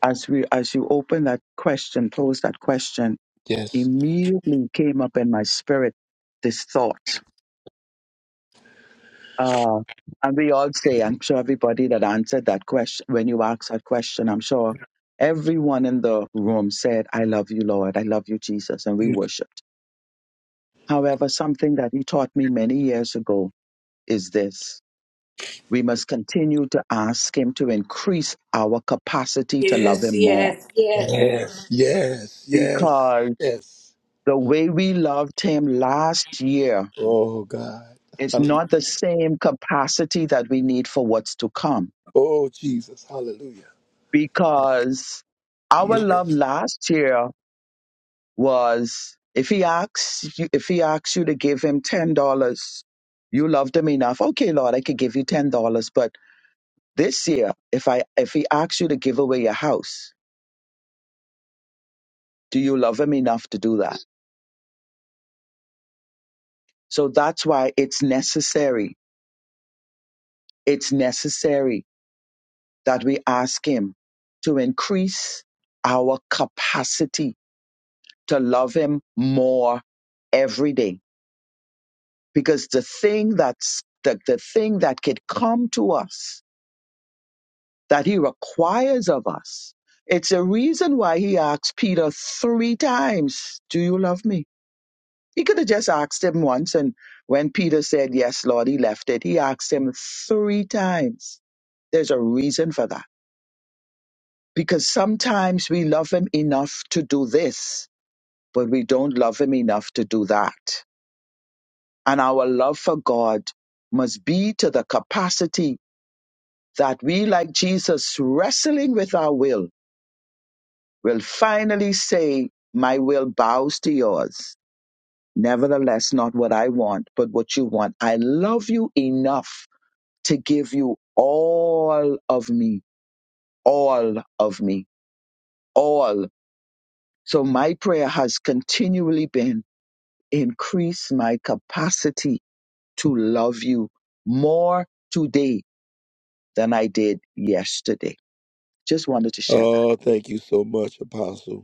as we as you open that question, close that question,
Yes.
immediately came up in my spirit this thought. Uh, and we all say, I'm sure everybody that answered that question, when you asked that question, I'm sure everyone in the room said, I love you, Lord. I love you, Jesus. And we
Yes.
worshiped. However, something that he taught me many years ago is this. We must continue to ask Him to increase our capacity to love
Yes,
Him more
yes, yes.
Yes. Yes.
because
Yes.
the way we loved Him last year
Oh God.
is
Hallelujah.
not the same capacity that we need for what's to come
Oh Jesus. Hallelujah.
because our
Yes.
love last year was if he asks you if he asks you to give him ten dollars you loved him enough okay lord i could give you ten dollars but this year if i if he asks you to give away your house do you love him enough to do that So that's why it's necessary. It's necessary that we ask Him to increase our capacity to love Him more every day. Because the thing that's the, the thing that could come to us that He requires of us, it's a reason why He asked Peter three times, Do you love me? He could have just asked him once. And when Peter said, Yes, Lord, he left it. He asked him three times. There's a reason for that. Because sometimes we love him enough to do this, but we don't love him enough to do that. And our love for God must be to the capacity that we, like Jesus, wrestling with our will, will finally say, My will bows to yours. Nevertheless, not what I want, but what you want. I love you enough to give you all of me, all of me, all. So my prayer has continually been increase my capacity to love you more today than I did yesterday. Just wanted to share that.
Oh, thank you so much, Apostle.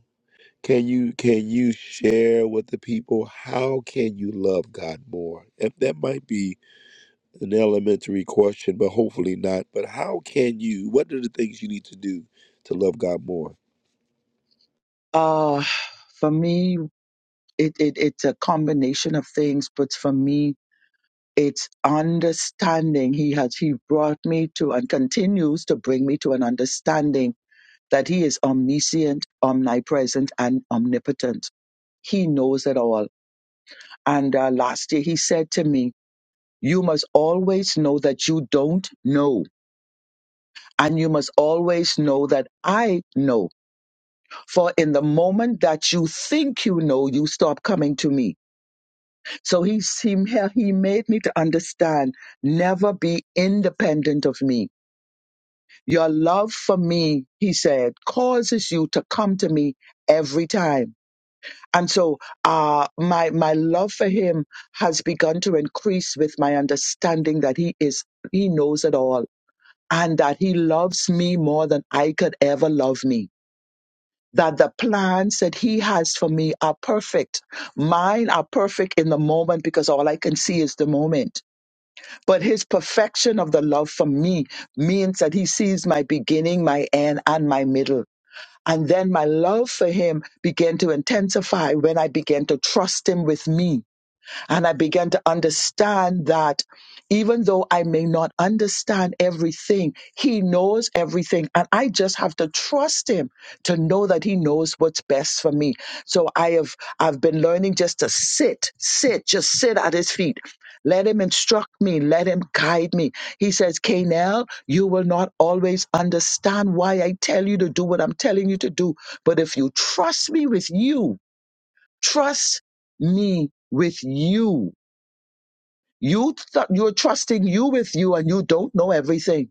Can you can you share with the people how can you love God more? And that might be an elementary question, but hopefully not. But how can you? What are the things you need to do to love God more?
Uh, for me, it, it, it's a combination of things, but for me, it's understanding he has he brought me to and continues to bring me to an understanding that he is omniscient omnipresent and omnipotent he knows it all and uh, last year he said to me you must always know that you don't know and you must always know that i know for in the moment that you think you know you stop coming to me so he he, he made me to understand never be independent of me Your love for me, he said, causes you to come to me every time. And so uh, my, my love for him has begun to increase with my understanding that he is, he knows it all and that he loves me more than I could ever love me. That the plans that he has for me are perfect. Mine are perfect in the moment because all I can see is the moment but his perfection of the love for me means that he sees my beginning, my end, and my middle. And then my love for him began to intensify when I began to trust him with me and I began to understand that even though I may not understand everything, He knows everything. And I just have to trust Him to know that He knows what's best for me. So I have I've been learning just to sit, sit, just sit at His feet. Let him instruct me. Let him guide me. He says, Canel, you will not always understand why I tell you to do what I'm telling you to do. But if you trust me with you, trust me with you you th- you're trusting you with you and you don't know everything.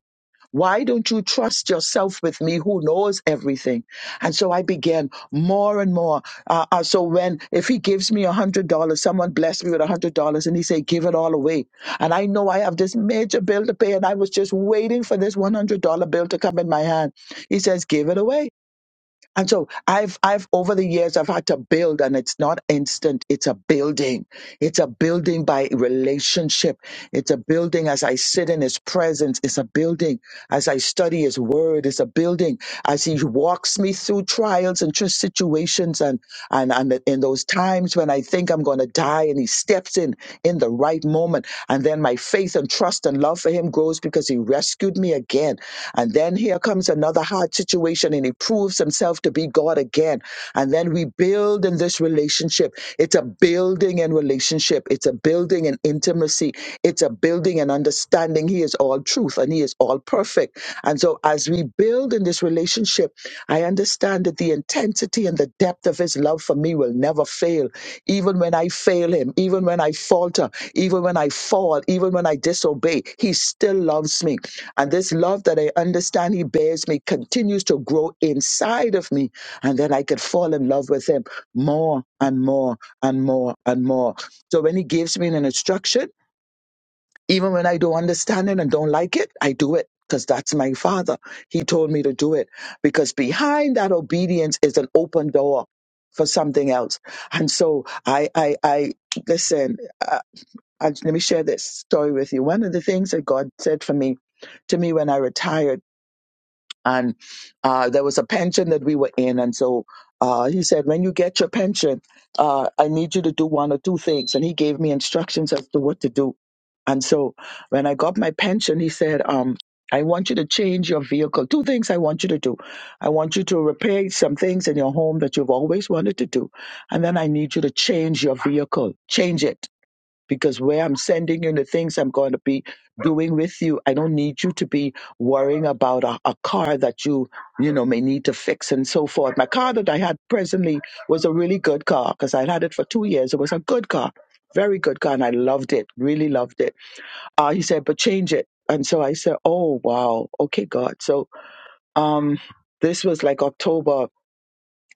Why don't you trust yourself with me who knows everything? And so I began more and more. Uh, uh, so when, if he gives me a hundred dollars, someone blessed me with a hundred dollars and he say, give it all away. And I know I have this major bill to pay and I was just waiting for this $100 bill to come in my hand. He says, give it away. And so I've I've over the years I've had to build and it's not instant, it's a building. It's a building by relationship. It's a building as I sit in his presence, it's a building as I study his word, it's a building as he walks me through trials and just situations and and and in those times when I think I'm going to die and he steps in in the right moment and then my faith and trust and love for him grows because he rescued me again and then here comes another hard situation and he proves himself to be God again and then we build in this relationship it's a building in relationship it's a building in intimacy it's a building and understanding he is all truth and he is all perfect and so, as we build in this relationship, I understand that the intensity and the depth of His love for me will never fail. Even when I fail Him, even when I falter, even when I fall, even when I disobey, He still loves me. And this love that I understand He bears me continues to grow inside of me. And then I could fall in love with Him more and more and more and more. So, when He gives me an instruction, even when I don't understand it and don't like it, I do it because that's my father. He told me to do it because behind that obedience is an open door for something else. And so I, I, I listen, uh, I, let me share this story with you. One of the things that God said for me, to me when I retired and uh, there was a pension that we were in. And so uh, he said, When you get your pension, uh, I need you to do one or two things. And he gave me instructions as to what to do. And so when I got my pension, he said, um, I want you to change your vehicle. Two things I want you to do. I want you to repair some things in your home that you've always wanted to do. And then I need you to change your vehicle, change it because where I'm sending you and the things I'm going to be doing with you, I don't need you to be worrying about a, a car that you, you know, may need to fix and so forth. My car that I had presently was a really good car because I had it for two years. It was a good car, very good car, and I loved it, really loved it. Uh, he said, but change it. And so I said, oh, wow. Okay, God. So um, this was like October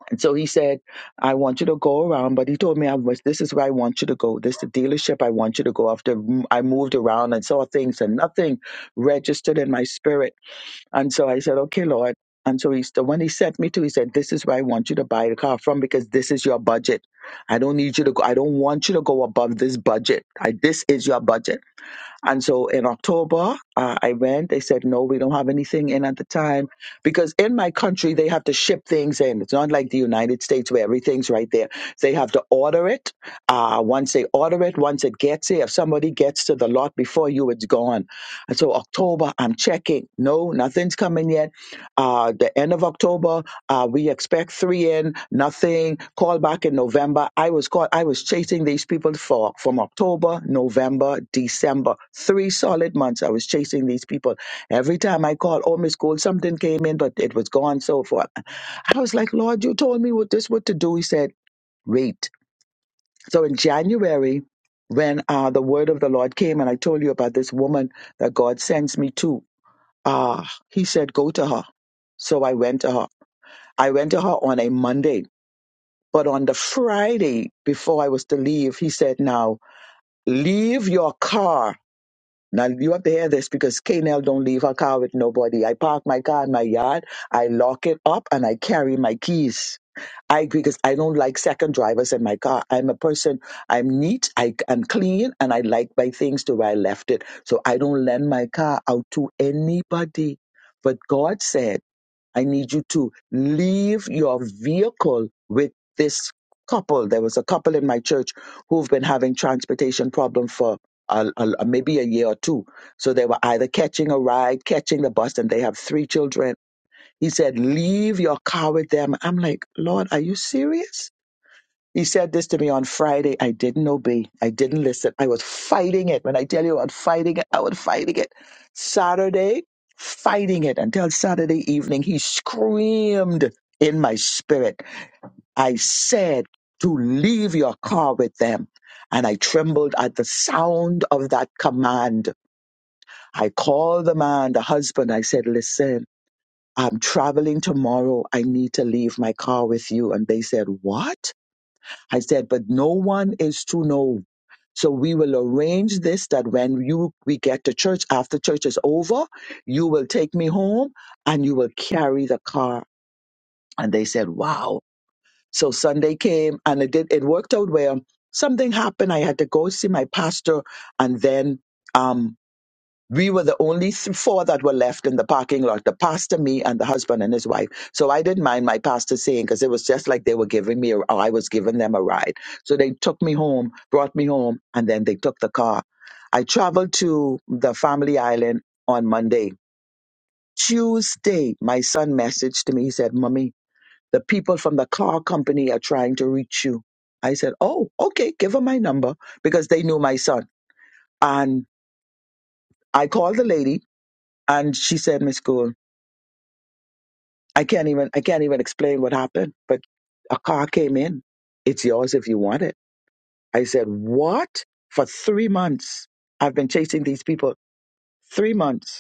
and so he said, I want you to go around, but he told me I was, this is where I want you to go. This is the dealership I want you to go. After I moved around and saw things and nothing registered in my spirit. And so I said, okay, Lord. And so he's the one he sent me to, he said, this is where I want you to buy the car from because this is your budget. I don't need you to go. I don't want you to go above this budget. I, this is your budget. And so in October, uh, I went. They said, no, we don't have anything in at the time because in my country, they have to ship things in. It's not like the United States where everything's right there. They have to order it. Uh, once they order it, once it gets here, if somebody gets to the lot before you, it's gone. And so October, I'm checking. No, nothing's coming yet. Uh, the end of October, uh, we expect three in, nothing. Call back in November. I was called. I was chasing these people for from October, November, December, three solid months. I was chasing these people. Every time I called, oh Miss Gold, something came in, but it was gone. So forth. I was like, Lord, you told me what this what to do. He said, wait. So in January, when uh, the word of the Lord came, and I told you about this woman that God sends me to, uh, He said, go to her. So I went to her. I went to her on a Monday but on the Friday before I was to leave, he said, now leave your car. Now you have to hear this because KNL don't leave her car with nobody. I park my car in my yard, I lock it up, and I carry my keys. I agree because I don't like second drivers in my car. I'm a person. I'm neat. I, I'm clean, and I like my things to where I left it. So I don't lend my car out to anybody. But God said. I need you to leave your vehicle with this couple. There was a couple in my church who've been having transportation problem for a, a- a- maybe a year or two. So they were either catching a ride, catching the bus, and they have three children. He said, "Leave your car with them." I'm like, Lord, are you serious? He said this to me on Friday. I didn't obey. I didn't listen. I was fighting it. When I tell you I was fighting it, I was fighting it. Saturday, fighting it until Saturday evening. He screamed in my spirit. I said to leave your car with them. And I trembled at the sound of that command. I called the man, the husband. I said, Listen, I'm traveling tomorrow. I need to leave my car with you. And they said, What? I said, but no one is to know. So we will arrange this that when you we get to church after church is over, you will take me home and you will carry the car. And they said, Wow. So Sunday came and it did it worked out where something happened. I had to go see my pastor and then um we were the only th- four that were left in the parking lot the pastor me and the husband and his wife so i didn't mind my pastor saying because it was just like they were giving me a, or i was giving them a ride so they took me home brought me home and then they took the car i traveled to the family island on monday tuesday my son messaged me he said mommy the people from the car company are trying to reach you i said oh okay give them my number because they knew my son and i called the lady and she said miss gould I can't even I can't even explain what happened, but a car came in. It's yours if you want it. I said, What? For three months. I've been chasing these people three months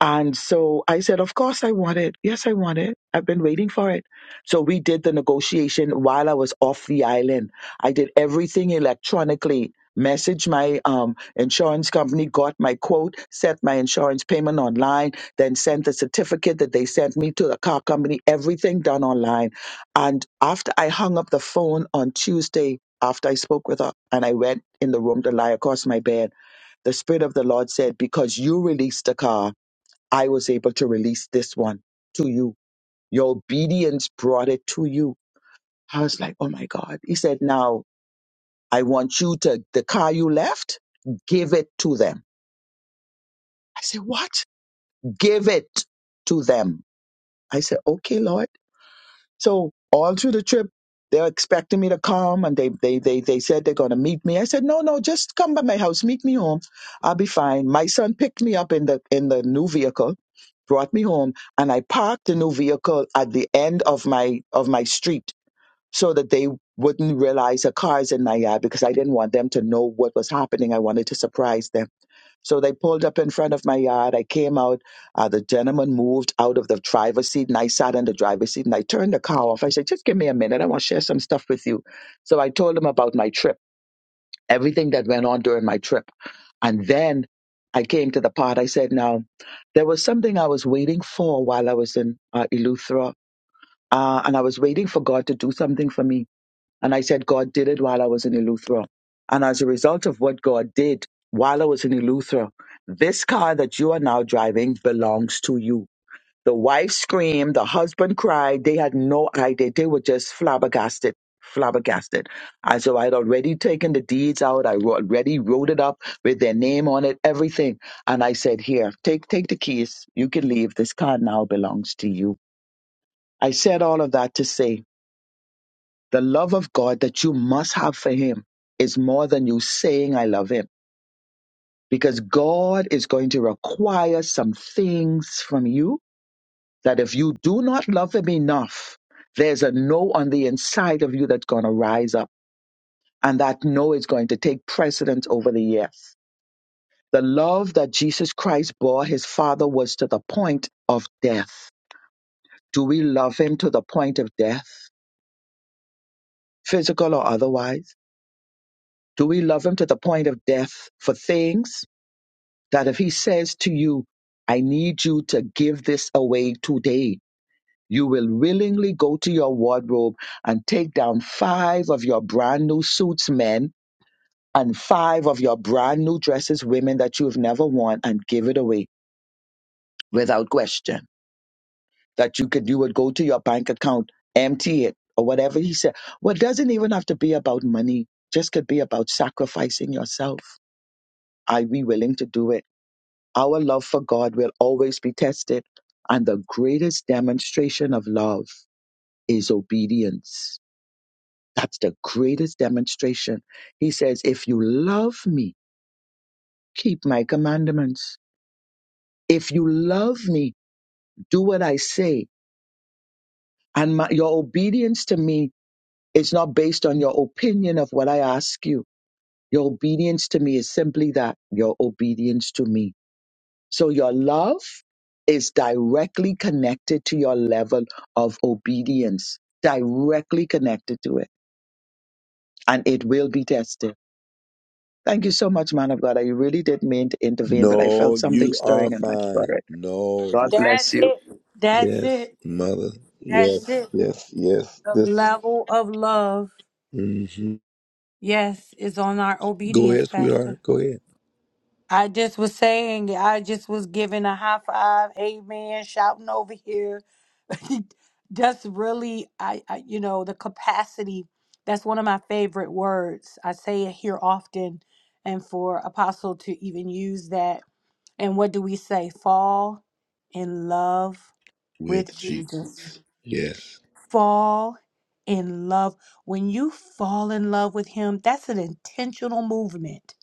and so I said, Of course I want it. Yes, I want it. I've been waiting for it. So we did the negotiation while I was off the island. I did everything electronically. Messaged my um, insurance company, got my quote, set my insurance payment online, then sent the certificate that they sent me to the car company, everything done online. And after I hung up the phone on Tuesday, after I spoke with her and I went in the room to lie across my bed, the Spirit of the Lord said, Because you released the car, I was able to release this one to you. Your obedience brought it to you. I was like, oh my God. He said, now I want you to, the car you left, give it to them. I said, what? Give it to them. I said, okay, Lord. So all through the trip, they're expecting me to come, and they they they they said they're going to meet me. I said, no, no, just come by my house, meet me home. I'll be fine. My son picked me up in the in the new vehicle, brought me home, and I parked the new vehicle at the end of my of my street so that they wouldn't realize a car's in my yard because I didn't want them to know what was happening. I wanted to surprise them. So they pulled up in front of my yard. I came out. Uh, the gentleman moved out of the driver's seat, and I sat in the driver's seat and I turned the car off. I said, "Just give me a minute. I want to share some stuff with you." So I told him about my trip, everything that went on during my trip, and then I came to the part. I said, "Now, there was something I was waiting for while I was in uh, Eleuthera, uh, and I was waiting for God to do something for me." And I said, God did it while I was in Eleuthera. And as a result of what God did while I was in Eleuthera, this car that you are now driving belongs to you. The wife screamed, the husband cried. They had no idea. They were just flabbergasted, flabbergasted. And so I'd already taken the deeds out. I wrote- already wrote it up with their name on it, everything. And I said, here, take, take the keys. You can leave. This car now belongs to you. I said all of that to say the love of God that you must have for Him is more than you saying, I love Him, because God is going to require some things from you that if you do not love Him enough, there's a no on the inside of you that's going to rise up. And that no is going to take precedence over the yes. The love that Jesus Christ bore his Father was to the point of death. Do we love him to the point of death, physical or otherwise? Do we love him to the point of death for things? That if he says to you, I need you to give this away today, you will willingly go to your wardrobe and take down five of your brand new suits, men, and five of your brand new dresses, women, that you've never worn and give it away without question. That you could, you would go to your bank account, empty it, or whatever he said. Well, it doesn't even have to be about money. Just could be about sacrificing yourself. Are we willing to do it? Our love for God will always be tested, and the greatest demonstration of love is obedience. That's the greatest demonstration. He says, If you love me, keep my commandments. If you love me, do what I say. And my, your obedience to me is not based on your opinion of what I ask you. Your obedience to me is simply that your obedience to me. So your love is directly connected to your level of obedience, directly connected to it, and it will be tested. Thank you so much, man of God. I really did mean to intervene, but I
No,
felt something
you are
stirring in my
fine.
spirit.
No,
God
this is,
That's
bless you.
it. That's
yes,
it.
mother.
That's
Yes,
it.
yes, yes.
The
This.
level of love.
hmm
Yes, it's on our
Go
obedience,
ahead,
Pastor.
sweetheart. Go ahead.
I just was saying, I just was giving a high five, amen, shouting over here. That's really, I, I, you know, the capacity. That's one of my favorite words. I say it here often, and for Apostle to even use that. And what do we say? Fall in love with
With Jesus.
Jesus.
Yes.
Fall in love. When you fall in love with Him, that's an intentional movement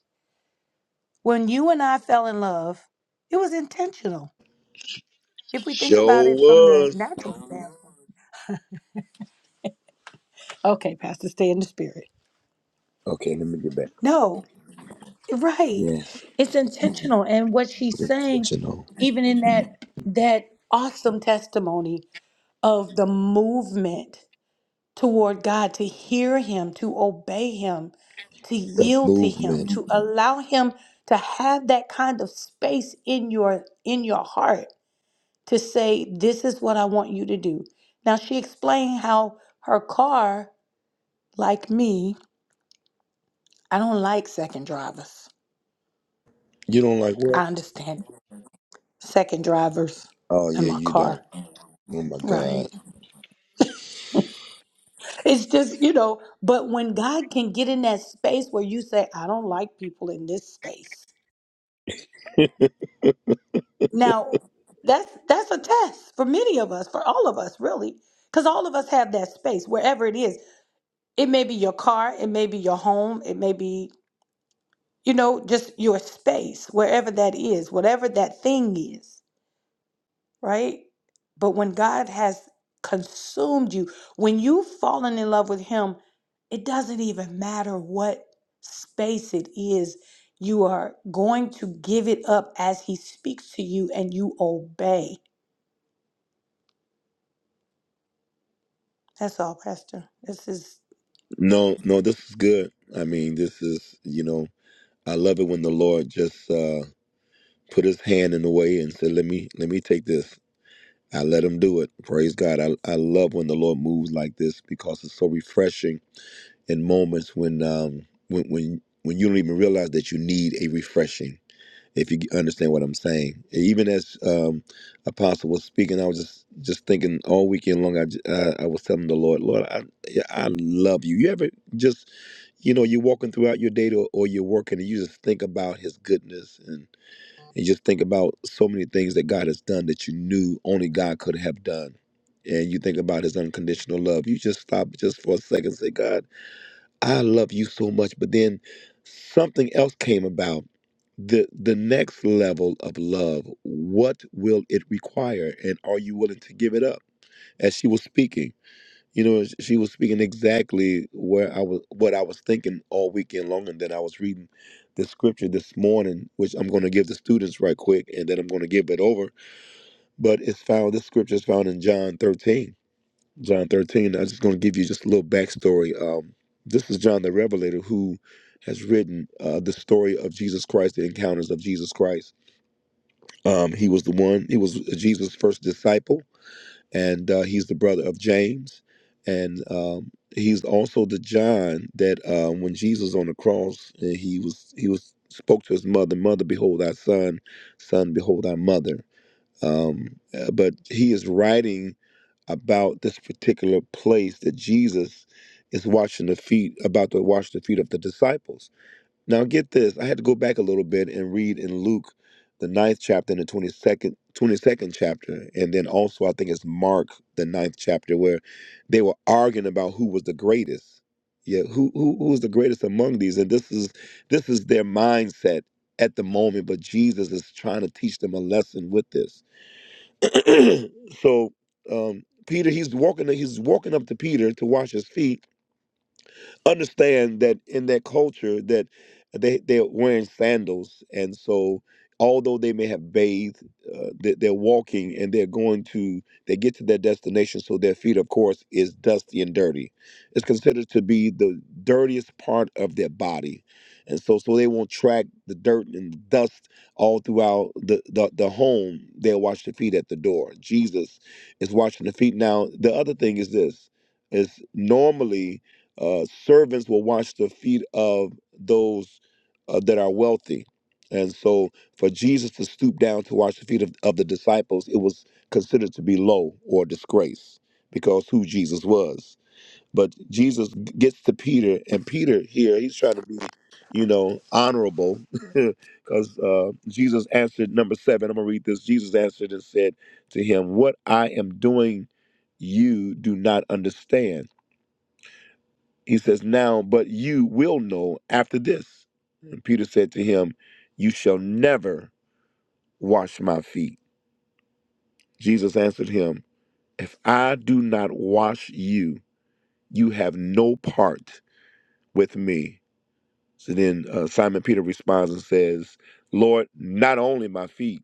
When you and I fell in love, it was intentional. If we think about it from
Show
the
us.
natural standpoint. Okay, Pastor, stay in the spirit.
Okay, let me get back.
No, you're right.
Yes.
It's intentional. And what she's saying,
Intentional.
even in that that awesome testimony of the movement toward God, to hear him, to obey him, to
The
yield to
movement.
him, to allow him to have that kind of space in your in your heart. to say, This is what I want you to do. Now, she explained how her car, like me, I don't like second drivers.
You don't like what?
I understand second drivers
Oh
in
yeah,
my
you
car.
don't. Oh my
Right.
God.
It's just, you know, but when God can get in that space where you say, I don't like people in this space. Now, that's that's a test for many of us, for all of us really, because all of us have that space wherever it is. It may be your car, it may be your home, it may be you know, just your space, wherever that is, whatever that thing is, right? But when God has consumed you, when you've fallen in love with Him, it doesn't even matter what space it is. You are going to give it up as He speaks to you and you obey. That's all, Pastor. This is
No, no, this is good. I mean, this is you know, I love it when the Lord just uh put his hand in the way and said, Let me let me take this. I let him do it. Praise God. I I love when the Lord moves like this because it's so refreshing in moments when um when when when you don't even realize that you need a refreshing. if you understand what I'm saying. Even as um, Apostle was speaking, I was just just thinking all weekend long. I, j- uh, I was telling the Lord, Lord, I yeah, I love you. You ever just you know you're walking throughout your day or or you're working, and you just think about His goodness and and just think about so many things that God has done that you knew only God could have done. And you think about his unconditional love. You just stop just for a second. and Say, God, I love you so much. But then something else came about. The the next level of love, what will it require? And are you willing to give it up? As she was speaking, you know, sh- she was speaking exactly where I was what I was thinking all weekend long, and then I was reading the scripture this morning, which I'm gonna give the students right quick, and then I'm gonna give it over. But it's found this scripture is found in John 13. John 13. I'm just going to give you just a little backstory. Um, this is John the Revelator who has written uh, the story of Jesus Christ, the encounters of Jesus Christ. Um, he was the one, he was Jesus' first disciple, and uh, he's the brother of James. And um, he's also the John that uh, when Jesus was on the cross, uh, he was, he was, spoke to his mother, Mother, behold thy son, son, behold thy mother. Um, uh, but he is writing about this particular place that Jesus is washing the feet, about to wash the feet of the disciples. Now, get this. I had to go back a little bit and read in Luke, the ninth chapter and the 22nd, 22nd chapter. And then also, I think it's Mark, the ninth chapter, where they were arguing about who was the greatest. Yeah, who, who who was the greatest among these? And this is this is their mindset at the moment, but Jesus is trying to teach them a lesson with this. So um, Peter, he's walking, he's walking up to Peter to wash his feet, understand that in their culture that they they're wearing sandals and so although they may have bathed uh, they, they're walking and they're going to they get to their destination so their feet of course is dusty and dirty it's considered to be the dirtiest part of their body and so so they won't track the dirt and dust all throughout the the, the home they'll wash their feet at the door jesus is washing the feet now the other thing is this is normally uh, servants will wash the feet of those uh, that are wealthy. And so for Jesus to stoop down to wash the feet of, of the disciples, it was considered to be low or disgrace because who Jesus was. But Jesus g- gets to Peter, and Peter here, he's trying to be, you know, honorable because uh, Jesus answered, number seven, I'm going to read this. Jesus answered and said to him, What I am doing, you do not understand he says, Now, but you will know after this. And Peter said to him, You shall never wash my feet. Jesus answered him, If I do not wash you, you have no part with me. So then uh, Simon Peter responds and says, Lord, not only my feet,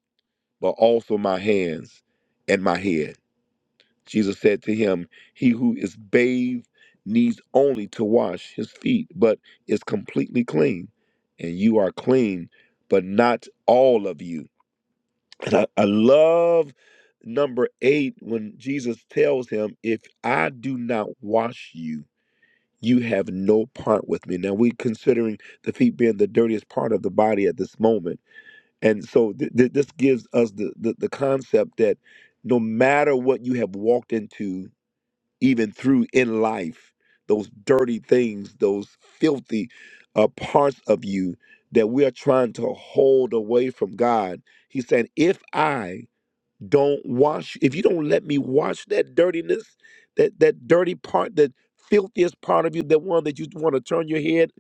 but also my hands and my head. Jesus said to him, He who is bathed needs only to wash his feet, but is completely clean. And you are clean, but not all of you. And I, I love number eight when Jesus tells him, If I do not wash you, you have no part with me. Now, we're considering the feet being the dirtiest part of the body at this moment. And so, th- th- this gives us the, the, the concept that no matter what you have walked into, even through in life those dirty things those filthy uh, parts of you that we are trying to hold away from god he said if i don't wash if you don't let me wash that dirtiness that that dirty part that filthiest part of you that one that you want to turn your head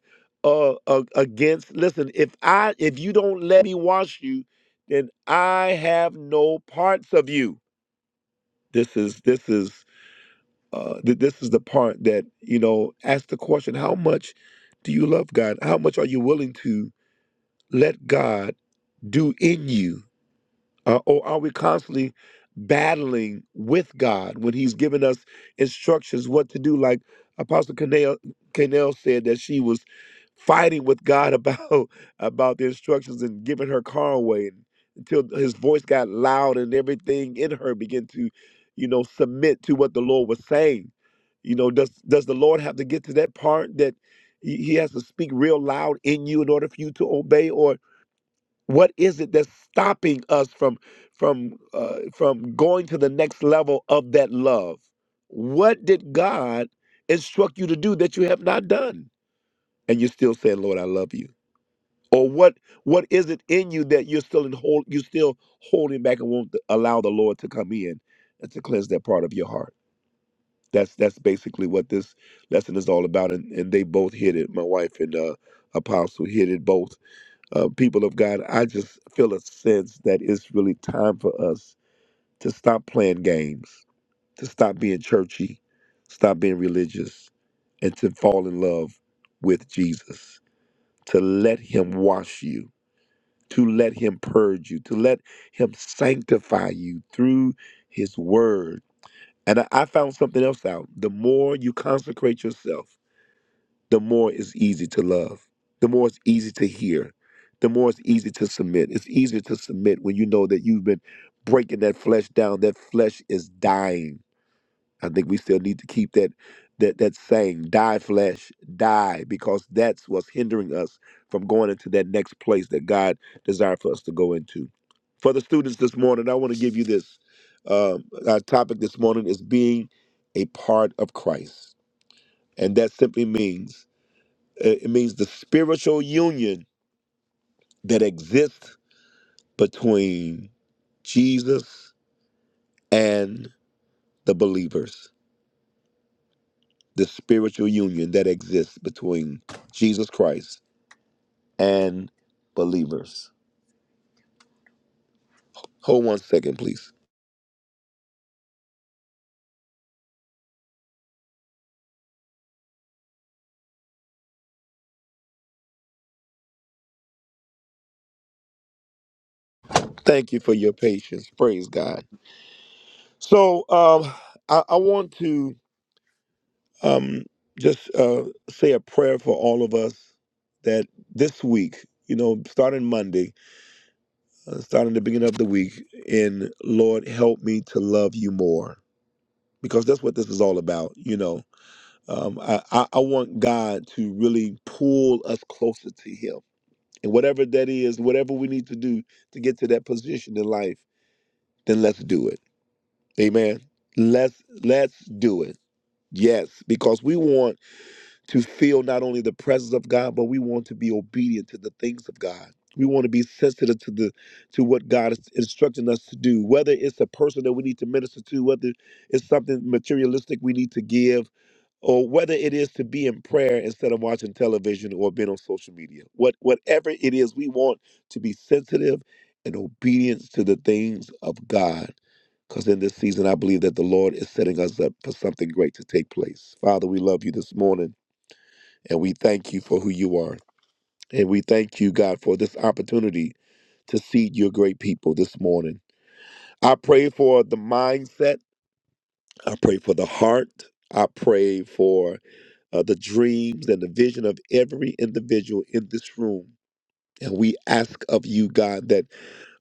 uh, uh against listen if i if you don't let me wash you then i have no parts of you this is this is uh, th- this is the part that you know ask the question how much do you love god how much are you willing to let god do in you uh, or are we constantly battling with God when He's given us instructions what to do? Like Apostle Canel, Canel said that she was fighting with God about about the instructions and giving her car away and, until His voice got loud and everything in her began to, you know, submit to what the Lord was saying. You know, does does the Lord have to get to that part that he he has to speak real loud in you in order for you to obey, or what is it that's stopping us from from uh, from going to the next level of that love what did god instruct you to do that you have not done and you're still saying lord i love you or what what is it in you that you're still in hold you're still holding back and won't allow the lord to come in and to cleanse that part of your heart that's that's basically what this lesson is all about and, and they both hit it my wife and uh apostle hit it both uh, people of God, I just feel a sense that it's really time for us to stop playing games, to stop being churchy, stop being religious, and to fall in love with Jesus, to let Him wash you, to let Him purge you, to let Him sanctify you through His Word. And I I found something else out. The more you consecrate yourself, the more it's easy to love, the more it's easy to hear, the more it's easy to submit. It's easier to submit when you know that you've been breaking that flesh down. That flesh is dying. I think we still need to keep that that that saying, die flesh, die, because that's what's hindering us from going into that next place that God desired for us to go into. For the students this morning, I want to give you this. Um, our topic this morning is being a part of Christ. And that simply means it it means the spiritual union that exists between Jesus and the believers. The spiritual union that exists between Jesus Christ and believers. Hold one second, please. Thank you for your patience. Praise God. So um, I, I want to um, just uh, say a prayer for all of us that this week, you know, starting Monday, uh, starting the beginning of the week in Lord, help me to love you more. Because that's what this is all about, you know. Um, I, I, I want God to really pull us closer to Him. And whatever that is, whatever we need to do to get to that position in life, then let's do it. Amen. Let's let's do it. Yes, because we want to feel not only the presence of God, but we want to be obedient to the things of God. We want to be sensitive to the to what God is instructing us to do, whether it's a person that we need to minister to, whether it's something materialistic we need to give, or whether it is to be in prayer instead of watching television or being on social media. What whatever it is, we want to be sensitive and obedient to the things of God. Because in this season, I believe that the Lord is setting us up for something great to take place. Father, we love you this morning. And we thank you for who you are. And we thank you, God, for this opportunity to see your great people this morning. I pray for the mindset. I pray for the heart. I pray for uh, the dreams and the vision of every individual in this room. And we ask of you, God, that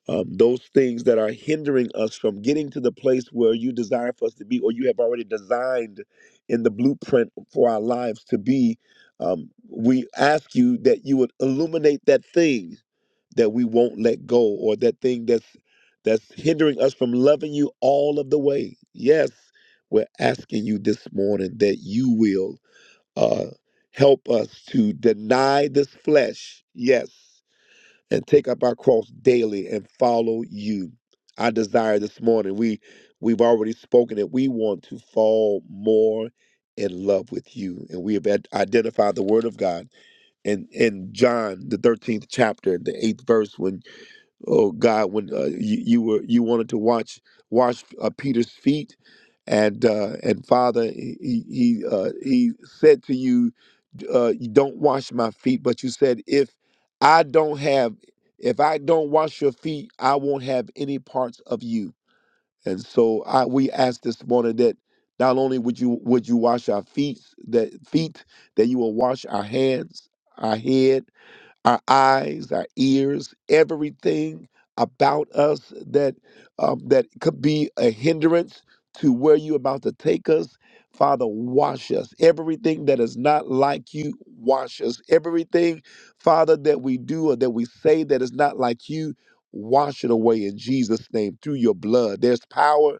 um, those things that are hindering us from getting to the place where you desire for us to be, or you have already designed in the blueprint for our lives to be, um, we ask you that you would illuminate that thing that we won't let go, or that thing that's that's hindering us from loving you all of the way. Yes, we're asking you this morning that you will uh, help us to deny this flesh. Yes and take up our cross daily and follow you. I desire this morning. We we've already spoken it. We want to fall more in love with you. And we have ad- identified the word of God. And in in John, the 13th chapter, the eighth verse, when oh God, when uh, you, you were you wanted to watch wash uh, Peter's feet, and uh, and Father, he he he, uh, he said to you, uh, you don't wash my feet, but you said if I don't have if I don't wash your feet, I won't have any parts of you. And so I we ask this morning that not only would you would you wash our feet that feet that you will wash our hands, our head our eyes, our ears, everything about us that um, that could be a hindrance to where you're about to take us. Father, wash us. Everything that is not like you, wash us. Everything, Father, that we do or that we say that is not like you, wash it away in Jesus' name through your blood. There's power,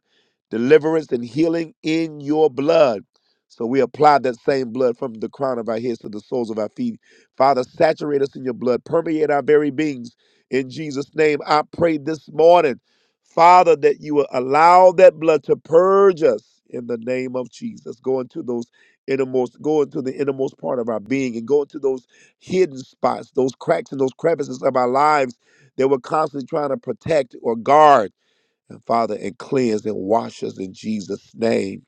deliverance, and healing in your blood. So we apply that same blood from the crown of our heads to the soles of our feet Father, saturate us in your blood, permeate our very beings. In Jesus' name, I pray this morning, Father, that you will allow that blood to purge us in the name of Jesus. Go into those innermost, go into the innermost part of our being and go into those hidden spots, those cracks and those crevices of our lives that we're constantly trying to protect or guard. And Father, and cleanse and wash us in Jesus' name.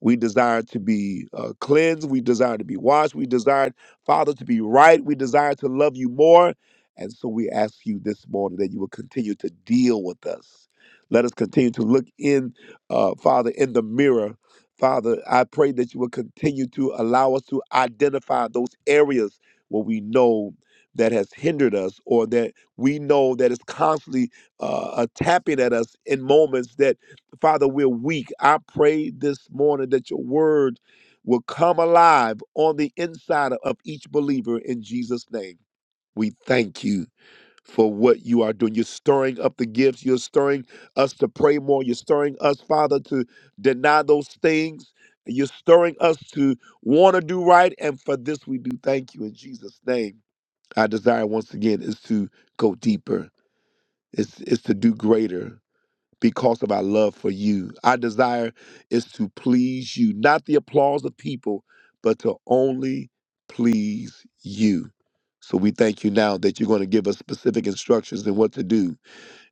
We desire to be uh, cleansed. We desire to be washed. We desire, Father, to be right. We desire to love you more. And so we ask you this morning that you will continue to deal with us. Let us continue to look in, uh, Father, in the mirror. Father, I pray that you will continue to allow us to identify those areas where we know that has hindered us or that we know that is constantly uh, uh, tapping at us in moments that Father, we're weak. I pray this morning that your word will come alive on the inside of each believer in Jesus' name. We thank you for what you are doing. You're stirring up the gifts. You're stirring us to pray more. You're stirring us, Father, to deny those things. You're stirring us to want to do right. And for this, we do thank you in Jesus' name. Our desire, once again, is to go deeper, it's, it's to do greater, because of our love for you. Our desire is to please you, not the applause of people, but to only please you. So we thank you now that you're going to give us specific instructions and what to do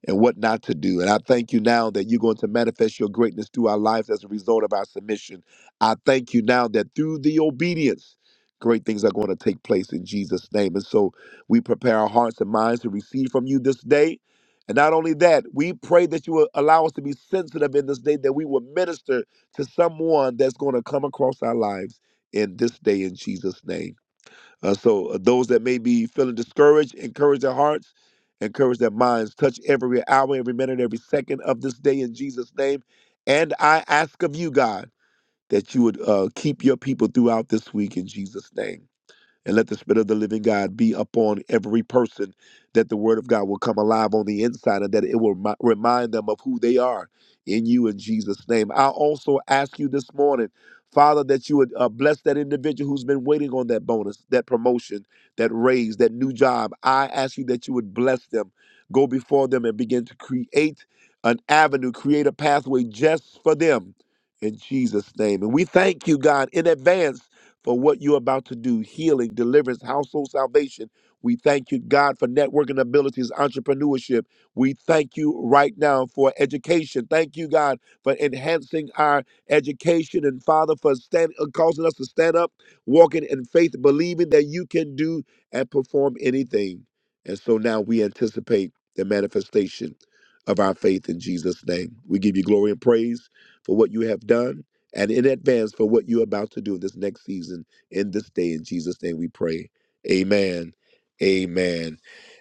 and what not to do. And I thank you now that you're going to manifest your greatness through our lives as a result of our submission. I thank you now that through the obedience, great things are going to take place in Jesus' name. And so we prepare our hearts and minds to receive from you this day. And not only that, we pray that you will allow us to be sensitive in this day, that we will minister to someone that's going to come across our lives in this day in Jesus' name. Uh, so uh, those that may be feeling discouraged, encourage their hearts, encourage their minds. Touch every hour, every minute, every second of this day in Jesus' name. And I ask of you, God, that you would uh, keep your people throughout this week in Jesus' name and let the Spirit of the living God be upon every person, that the Word of God will come alive on the inside and that it will remi- remind them of who they are in you in Jesus' name. I also ask you this morning, Father, that you would uh, bless that individual who's been waiting on that bonus, that promotion, that raise, that new job. I ask you that you would bless them, go before them, and begin to create an avenue, create a pathway just for them in Jesus' name. And we thank you, God, in advance for what you're about to do healing, deliverance, household salvation. We thank you, God, for networking abilities, entrepreneurship. We thank you right now for education. Thank you, God, for enhancing our education and, Father, for stand, uh, causing us to stand up, walking in faith, believing that you can do and perform anything. And so now we anticipate the manifestation of our faith in Jesus' name. We give you glory and praise for what you have done and in advance for what you're about to do this next season in this day. In Jesus' name we pray. Amen. Amen.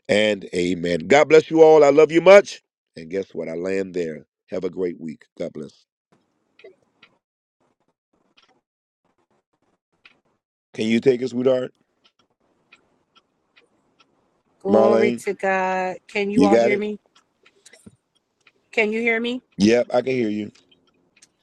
And amen. God bless you all. I love you much. And guess what? I land there. Have a great week. God bless. Can you take it, sweetheart?
Glory
Marlene,
to God. Can you
you
all
got
hear
it?
me? Can you hear me?
Yep, I can hear you.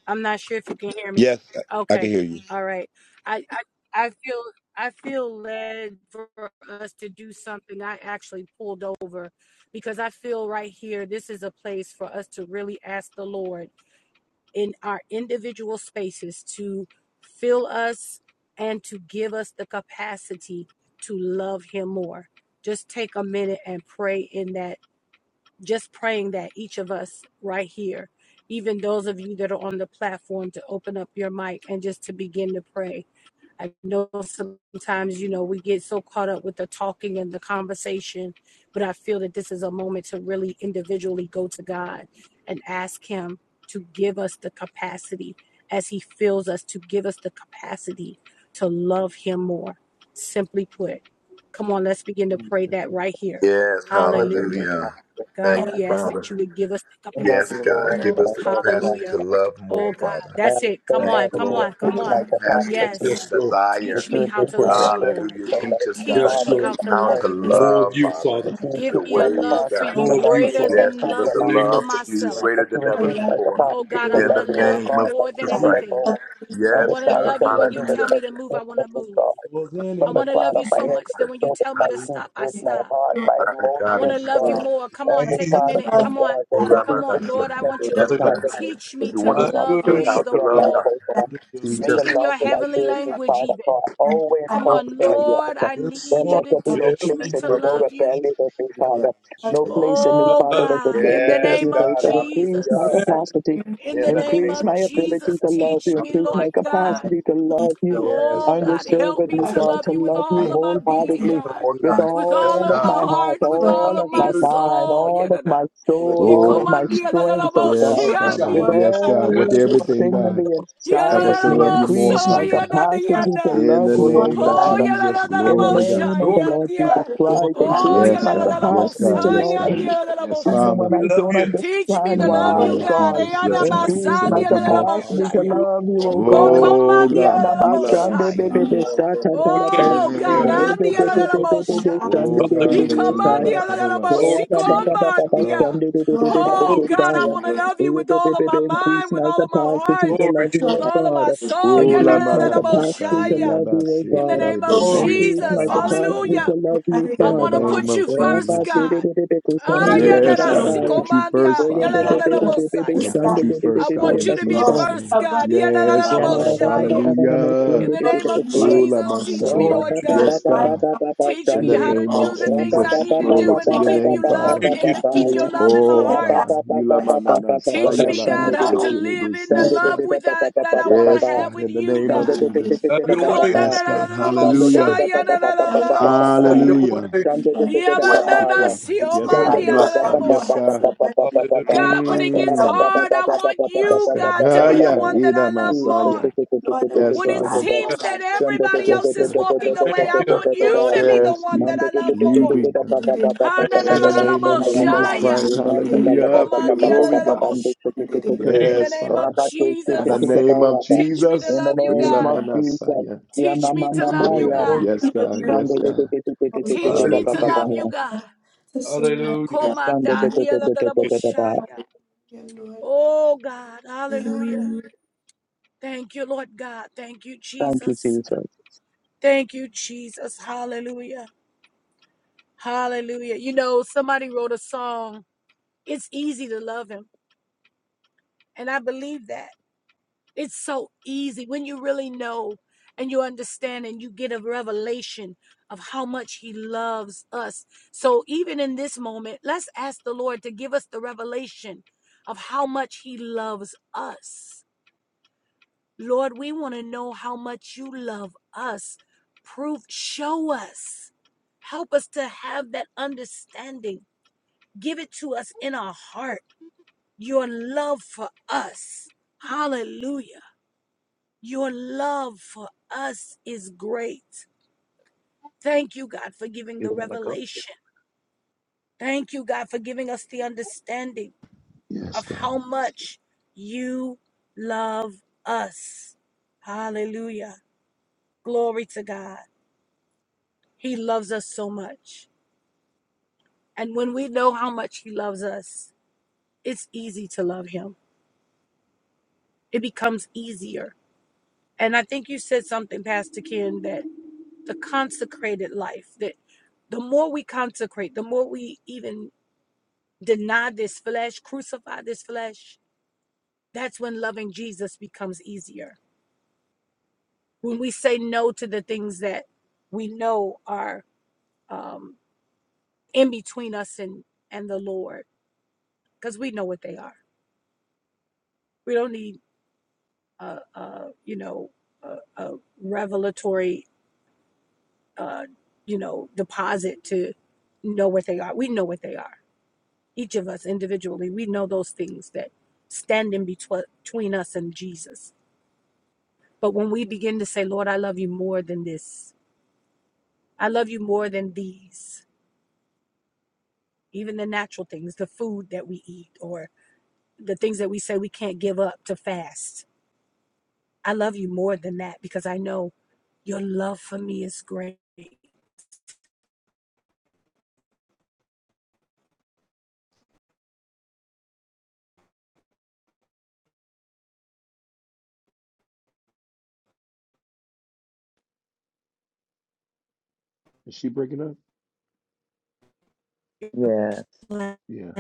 I'm not sure if you can hear me.
Yes, I I can
Okay.
hear you.
All right. I I, I feel I feel led for us to do something. I actually pulled over because I feel right here this is a place for us to really ask the Lord in our individual spaces to fill us and to give us the capacity to love him more. Just take a minute and pray in that, just praying that each of us right here, even those of you that are on the platform, to open up your mic and just to begin to pray I know sometimes, you know, we get so caught up with the talking and the conversation, but I feel that this is a moment to really individually go to God and ask Him to give us the capacity as He fills us to give us the capacity to love Him more. Simply put, come on, let's begin to pray that right here.
Yeah,
Hallelujah. God,
and
we ask that you would give us the
yes,
capacity.
God, give us the capacity to
Hallelujah.
love
Oh, God.
I
That's
am
it.
so
Come on.
sorry that
Come
you
on.
have
Come
things
on.
like the conference
Yes.
Yes, Lord.
that
Teach
you
me
would
how
think
to
Help
my
love
us.
you, Lord.
ability to love
Teach
Yes,
me
Father and
Lord.
how
I
to
our
love
request
you
that
more.
More of you,
Father,
Father.
if you
Give
increase
your
me a
my
ways,
love for
God.
capacity
you
to
More of
love
you,
you
greater
Father.
without
Yes,
than
give
In
love
us a
the
compromise,
name
for
of
love for
Jesus.
you
myself.
that
greater than
you
ever.
increase my
Oh
capacity
God,
to
I
In
want to
love you,
the
oh
love
name
you
God, like
more
you
More
than
of
never
you.
anything.
before. I
I want to
desire
love
to
you when
know
you
who the
tell me to
person
move,
is
I want
of
to move.
God.
More than
From
I
the
want to
anything.
love
crown
you
of my
so
head to
much that
the
when you
sole of
tell me
my
to
feet,
stop, I
with my
stop.
heart, my
of
I
God,
want
in
to
emotions,
love you
God.
more. Come on,
Every
take a
part
Jesus.
of
minute.
me,
Come on.
God, that there be
Come on, Lord, I
Olamanasaya.
want you
the
to
Yes,
Hallelujah.
inside
God.
of me.
teach me
We
to
That
want to
I
is not
love
teach us
filled
you
how
worship
with
the
to
your
love
and
more.
God.
Bible. God.
adore
Teach
May
you.
the
us
Speak in
how
love
your
to love
that I
heavenly
feel you,
language,
Father
even.
God, always
more.
Come
How
Glory
cause
to
on,
for
to
a
love you
God.
yes.
more.
Lord, I
Just
Then
need you
let
want
to
there be
than
to
no
tell
In
teach
place
me
the
you
in
to
me, no
love you.
rebellion in me,
name
Father.
of Jesus.
No
Olamanasaya.
place in me,
I
Oh
Father,
love
that would
God,
dare
in
to
the
tell
Yes,
you
name of
no.
God.
So increase my
Hallelujah.
Jesus,
capacity,
in
In
the
the
name
increase
name
of
of
my ability
Jesus,
to
Jesus.
love
teach
you,
How
me,
to
increase
love
Lord
my
you
you.
more, God.
God.
capacity to love you
Yes,
Oh
God.
God,
Yes,
help
God.
me
unreservedly,
Yes,
to
God,
God.
love
to
you with
love you
all of my
Help us to
being,
love
wholeheartedly
you
God,
more,
with
God.
with
Yes,
all
all
of
of
my
God.
my heart,
heart, with
all
all of
of my
my
Worship
mind,
soul.
all of
Yadada.
my
you.
soul,
He
all
Oh,
of my
God.
commanded
strength, oh God
Yes, Father.
with
Yes, God. With
Just want to
everything,
everything on
God,
the
help
inside of
us to
me.
love you more,
Increase my
Father.
capacity to
Yalalalabosoyanadiyana.
In
love
the
know
you, O
name of
Oh,
the
God.
Jesus,
In the
glory to God.
name of
glory.
the Lord Jesus
yalalalabosayandia.
Lord,
Christ,
Oh,
increase
Yes,
my
God. Yes,
capacity
God.
to
Yes,
love
God.
you,
Yes,
yalalalabosayandiyalalabosha.
even when
Father.
We
I
love
don't
you.
Teach me
In
understand
the
to
mighty
love
name
you,
why,
of
God.
God.
We
Jesus. Yes,
bless
God.
you.
Teach us
Increase
to
my
love you more, Father.
capacity
Yes,
to
we
Eyanabasandiyalalabosaya.
do.
love you, O
Oh,
God.
Oh, God. Hila
comandiyalalabosaya.
Messiah.
When we take
Oh
away, we
Yeah.
are
God,
have more
Andia la
to
la
Lord.
bosha.
Oh,
Hallelujah.
God.
He
Let your love
commandia la la
cover us.
bosi
Glory to you.
Let your love.
commandia. Oh
Glory
God,
to
I want to love you with all of my
Increase
mind, with
my
all of my
capacity
heart,
you.
to
Glory
love
to
you,
with
O
Yeah.
all of
God.
my soul.
Oh,
Yeah, la
la
Increase
la la
my
la
manana
capacity
bosha.
to
saya
yeah.
da
love
ba
you, O
se
In the
God.
ke le
name
you.
of
be si
Glory
o
to you.
Increase
ta
Jesus,
my
da ba
capacity
Hallelujah.
saya.
to love you,
I
In the
want to
Father.
name
put
of
you first,
Rafa
Jesus.
de de
God.
de de de
Ah, yeah,
kusamanda
Hallelujah.
la
da
Yes,
da
la
da
si
da
God.
ya.
Put you first,
Ole
Yeah, la
de
Father.
la
de
la
de
la
de de de
bosa.
de
I
yeah.
want to put
shande
you
de de de
I
first,
de de
God,
want
de
in
you
da
to be
kusa.
Jesus'
first,
name.
God. Yeah, la la la
Yes,
la
Ya na na
Father.
na
bosha.
na na
yeah.
na na na na
Hallelujah.
In
de
the
de de
name
de
of
de ku ya.
Ula
Jesus, teach me,
Rafa
Glory
masaya.
Lord
ba
to
ba
you.
ba
God.
Yes,
ba ba
God.
ba
Teach
In
me
the
how
shande.
to
name of
do the
Yes,
things
Rafa
I
ba
Jesus.
need
ba
to
ba
Glory
do
ba
and
to
ba
to
your
ba
keep
ba ba
name,
you
Jesus.
ba
love
Father.
ba
Thank
and
ba
you,
to
ba
keep
Jesus.
ya.
your love in my
Oh,
heart.
Rafa ba
God.
ba ba
Ula
ba ba ba ba ba
Teach
ba
Hallelujah.
mananasaya
me,
la
God,
shande de
how to
de.
live in the
Shande de
love
masekelebeziota.
de de
with
ba ba
that,
ba
that
ba
I
ba
want
ba
to
Yes,
ba.
have
God.
with
In the
you,
name of
Shande
God.
de de de
Jesus.
de
Have
de de
your
ba ba
way.
Yes, God.
Sando de de
Hallelujah.
da pa pa pa pa pa pa pa pa
Have
pa.
your
Hallelujah.
way.
Shanda de de de da pa
Thank you,
pa ya.
Father. Yes,
Glory
Shanda
God.
de
to
de
Yes,
you.
pa pa
God.
pa
Yes,
pa pa
God.
pa pa pa pa pa
Hallelujah.
God, when it
Ra
gets
pa
Mm.
pa pa
hard,
pa
I
pa pa
want
pa pa pa
Yes,
you,
pa
God.
God,
pa
to
Ah,
pa
Have
be
pa
the
pa.
yeah.
one that
Ida
I love
Jesus,
more.
masaya.
de de de de de de
Yes,
When
de
it
de de
Father.
de.
seems
yes.
that
Shanda de
everybody
de
Yes,
de
else
de
is
de
God.
de de de
walking away,
Thank
de
I
de
you.
want
de de
you
de.
to be the
Yes,
one that
Jesus.
I
de de
love
de
more.
de
You be
da pa
God.
pa pa pa pa
Thank
pa pa
In
you,
pa
the
pa.
Jesus.
name of
Shanda de de.
Jesus
Ha-na-na-na-na-na-mo-shia.
Christ,
Ina pa pa
He
pa pa
hallelujah,
pa
for
pa
your
pa
commandia
pa
la
Hallelujah.
glory,
pa
la la
pa pa.
God.
mo-sh-
Manda de de de de
Thank you,
In the
Yes,
name
Ra
of
Father.
pa de de
In
de
the
de
Jesus,
de
Lord.
pa
name
ya
of
pa.
teach me to
In the
Jesus,
love you,
Glory
Ila
name
God.
of Jesus.
Manasaya.
ya
Teach me
mama
to love
Glory to
mama
you,
ya.
God.
Glory
God.
to
Yes, God.
Thank
Yes, God.
Teach me
Hallelujah.
to
you. Hallelujah.
love you, God.
Hallelujah.
Comanda dia la la la mo-shia. Oh, God. Hallelujah. Thank you, Lord God. Thank you,
you,
Jesus.
Jesus.
Thank you, Jesus. Hallelujah. Hallelujah. You know, somebody wrote a song, It's Easy to Love Him. And I believe that. It's so easy when you really know and you understand and you get a revelation of how much He loves us. So even in this moment, let's ask the Lord to give us the revelation of how much He loves us. Lord, we want to know how much you love us. Prove, show us. Help us to have that understanding Give it to us in our heart. Your love for us. Hallelujah. Your love for us is great. Thank you, God, for giving
You
the
don't want to go?
revelation. Thank you, God, for giving us the understanding
Yes,
of how
God.
much you love us. Hallelujah. Glory to God. He loves us so much. And when we know how much He loves us, it's easy to love Him. It becomes easier And I think you said something, Pastor Ken, that the consecrated life, that the more we consecrate, the more we even deny this flesh, crucify this flesh, that's when loving Jesus becomes easier. When we say no to the things that we know are um, in between us and, and the Lord, because we know what they are. We don't need, uh, uh, you know, a, a revelatory, uh, you know, deposit to know what they are. We know what they are each of us individually, we know those things that stand in betwe- between us and Jesus. But when we begin to say, Lord, I love you more than this, I love you more than these, even the natural things, the food that we eat, or the things that we say we can't give up to fast. I love you more than that because I know your love for me is great.
Is she breaking up? Yeah.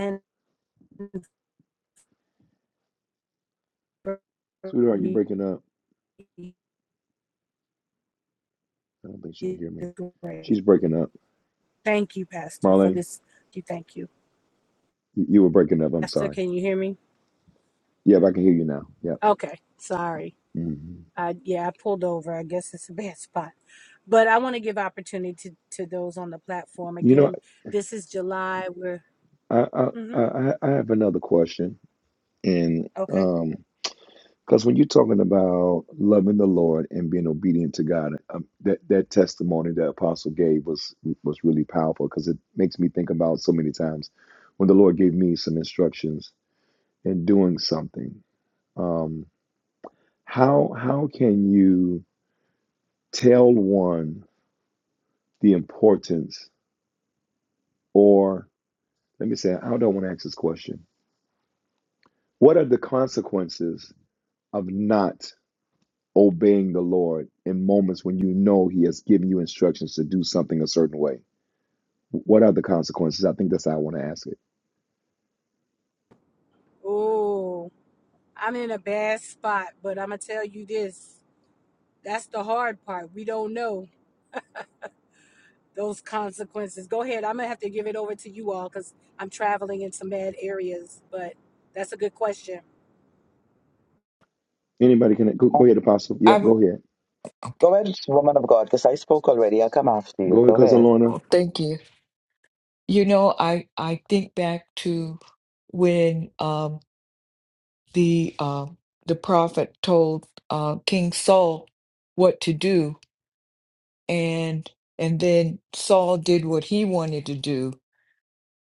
For
Sweetheart, you
me
breaking up. I don't think she can
is
hear me.
great.
She's breaking up.
Thank you, Pastor, for
Marlene,
this. You thank you.
you you were breaking up. I'm
Pastor,
sorry.
can you hear me?
Yeah, but I can hear you now. Yep.
Okay, sorry.
hmm
I yeah, I pulled over. I guess it's a bad spot. But I want to give opportunity to, to those on the platform.
You know,
Again, this is July. We're
I, I
hmm
I I I have another question. And
okay.
um, because when you're talking about loving the Lord and being obedient to God, um, that that testimony that Apostle gave was was really powerful because it makes me think about so many times when the Lord gave me some instructions in doing something. Um, how how can you tell one the importance, or let me say, I don't want to ask this question. What are the consequences of not? obeying the Lord in moments when you know He has given you instructions to do something a certain way? What are the consequences? I think that's how I want to ask it.
Oh, I'm in a bad spot, but I'm gonna tell you this. That's the hard part. We don't know. those consequences. Go ahead. I'm gonna have to give it over to you all because I'm traveling in some bad areas. But that's a good question.
Anybody can go, go
Um,
ahead, Apostle.
I
Yep,
would,
go ahead.
okay.
Go ahead, woman of God, because I spoke already. I'll come after you.
Go ahead,
Go
Cousin
ahead.
Lorna.
Oh, thank you. You know, I I think back to when um the um the prophet told uh King Saul what to do, and and then Saul did what he wanted to do,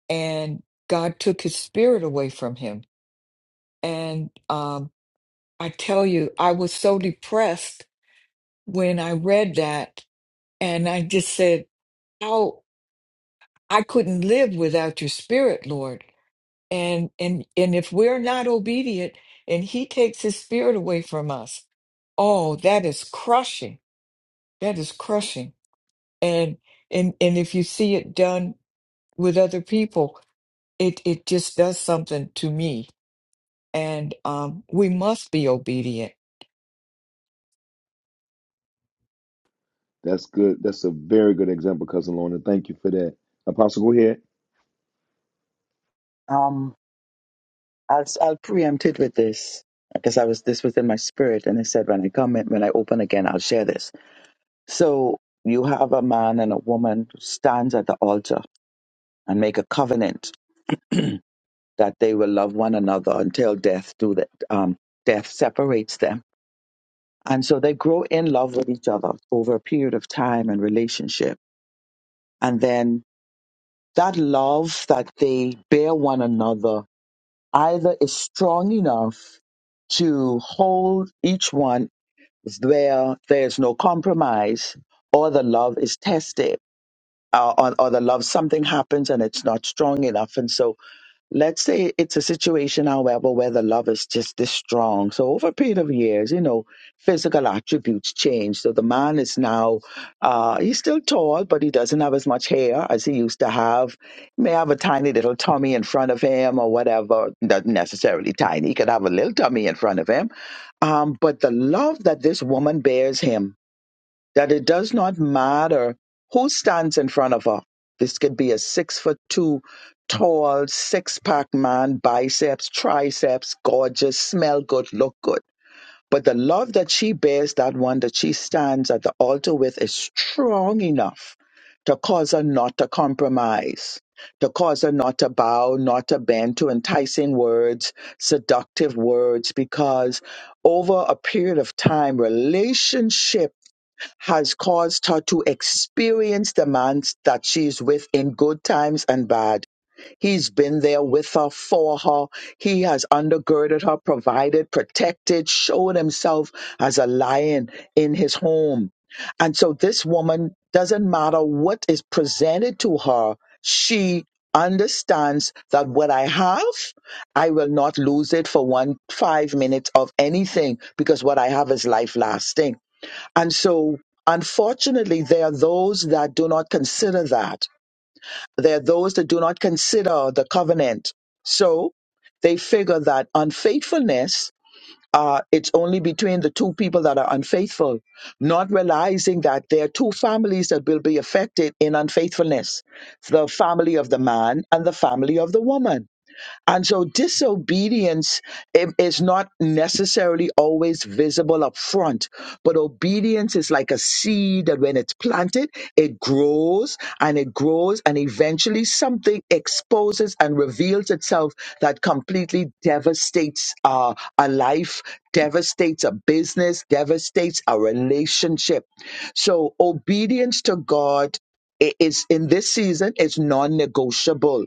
and God took his spirit away from him. And um I tell you, I was so depressed when I read that, and I just said, "How I couldn't live without your spirit, Lord." and and and if we're not obedient and he takes his spirit away from us oh that is crushing that is crushing and and and if you see it done with other people it it just does something to me and um we must be obedient
That's good. That's a very good example, Cousin Lorna. Thank you for that. Apostle, go ahead.
Um, I'll, I'll preempt it with this because I was, this was in my spirit. And I said, when I come, in, when I open again, I'll share this. So you have a man and a woman who stands at the altar and make a covenant that they will love one another until death do that, um, death separates them. And so they grow in love with each other over a period of time and relationship. And then that love that they bear one another either is strong enough to hold each one where there's no compromise, or the love is tested, uh, or, or the love, something happens and it's not strong enough. And so let's say it's a situation, however, where the love is just this strong. So over a period of years, you know, physical attributes change. So the man is now, uh, he's still tall, but he doesn't have as much hair as he used to have. He may have a tiny little tummy in front of him or whatever. Not necessarily tiny. He could have a little tummy in front of him. Um, but the love that this woman bears him that it does not matter who stands in front of her. This could be a six foot two tall, six pack man, biceps, triceps, gorgeous, smell good, look good. But the love that she bears, that one that she stands at the altar with, is strong enough to cause her not to compromise, to cause her not to bow, not to bend to enticing words, seductive words, because over a period of time, relationship has caused her to experience the man that she's with in good times and bad. He's been there with her, for her. He has undergirded her, provided, protected, showed himself as a lion in his home. And so this woman doesn't matter what is presented to her, she understands that what I have, I will not lose it for one five minutes of anything because what I have is life lasting. And so, unfortunately, there are those that do not consider that. There are those that do not consider the covenant. So they figure that unfaithfulness, uh, it's only between the two people that are unfaithful, not realizing that there are two families that will be affected in unfaithfulness the family of the man and the family of the woman. And so disobedience i- is not necessarily always visible up front, but obedience is like a seed that when it's planted, it grows and it grows, and eventually something exposes and reveals itself that completely devastates uh, a life, devastates a business, devastates a relationship. So obedience to God i- is in this season is non-negotiable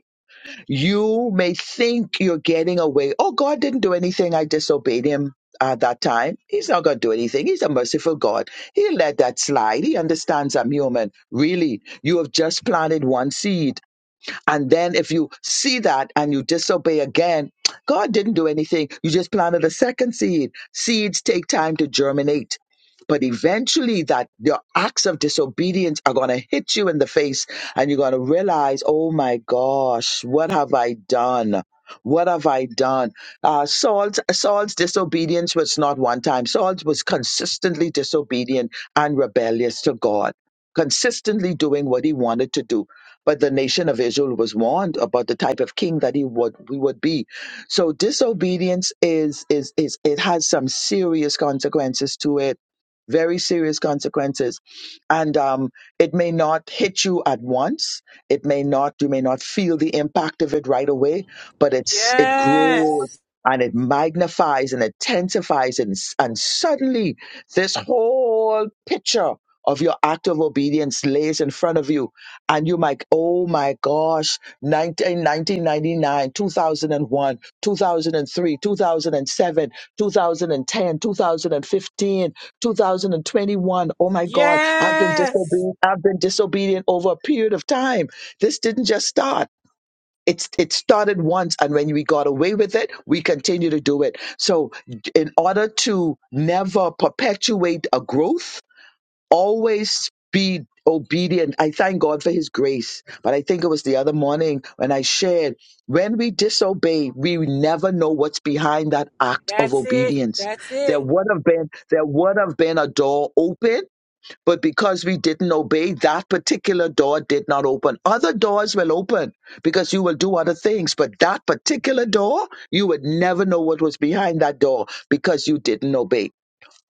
you may think you're getting away. Oh, God didn't do anything. I disobeyed him at that time. He's not going to do anything. He's a merciful God. He'll let that slide. He understands I'm human. Really, you have just planted one seed and then if you see that and you disobey again, God didn't do anything. You just planted a second seed. Seeds take time to germinate. But eventually that your acts of disobedience are going to hit you in the face and you're going to realize, oh my gosh, what have I done? What have I done? Uh, Saul's, Saul's disobedience was not one time. Saul was consistently disobedient and rebellious to God, consistently doing what he wanted to do but the nation of Israel was warned about the type of king that he would we would be. So disobedience is is is it has some serious consequences to it, very serious consequences, and um, it may not hit you at once. It may not you may not feel the impact of it right away, but it's it
Yes.
grows and it magnifies and intensifies and s- and suddenly this whole picture of your act of obedience lays in front of you and you're like, oh my gosh, nineteen, nineteen ninety nine, two 2001, 2003, 2007, fifteen, two thousand and twenty one. Oh my God, I've been
Yes.
disobedient. I've been disobedient over a period of time. This didn't just start. It's, it started once, and when we got away with it, we continue to do it. So, in order to never perpetuate a growth, always be obedient. I thank God for his grace. But I think it was the other morning when I shared when we disobey, we never know what's behind that act of
That's it.
obedience.
That's
There
it.
would have been there would have been a door open, but because we didn't obey, that particular door did not open. Other doors will open because you will do other things, but that particular door, you would never know what was behind that door because you didn't obey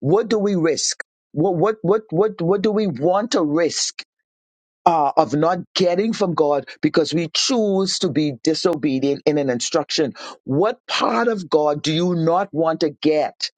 what do we risk? What what what what what do we want to risk uh, of not getting from God because we choose to be disobedient in an instruction? What part of God do you not want to get?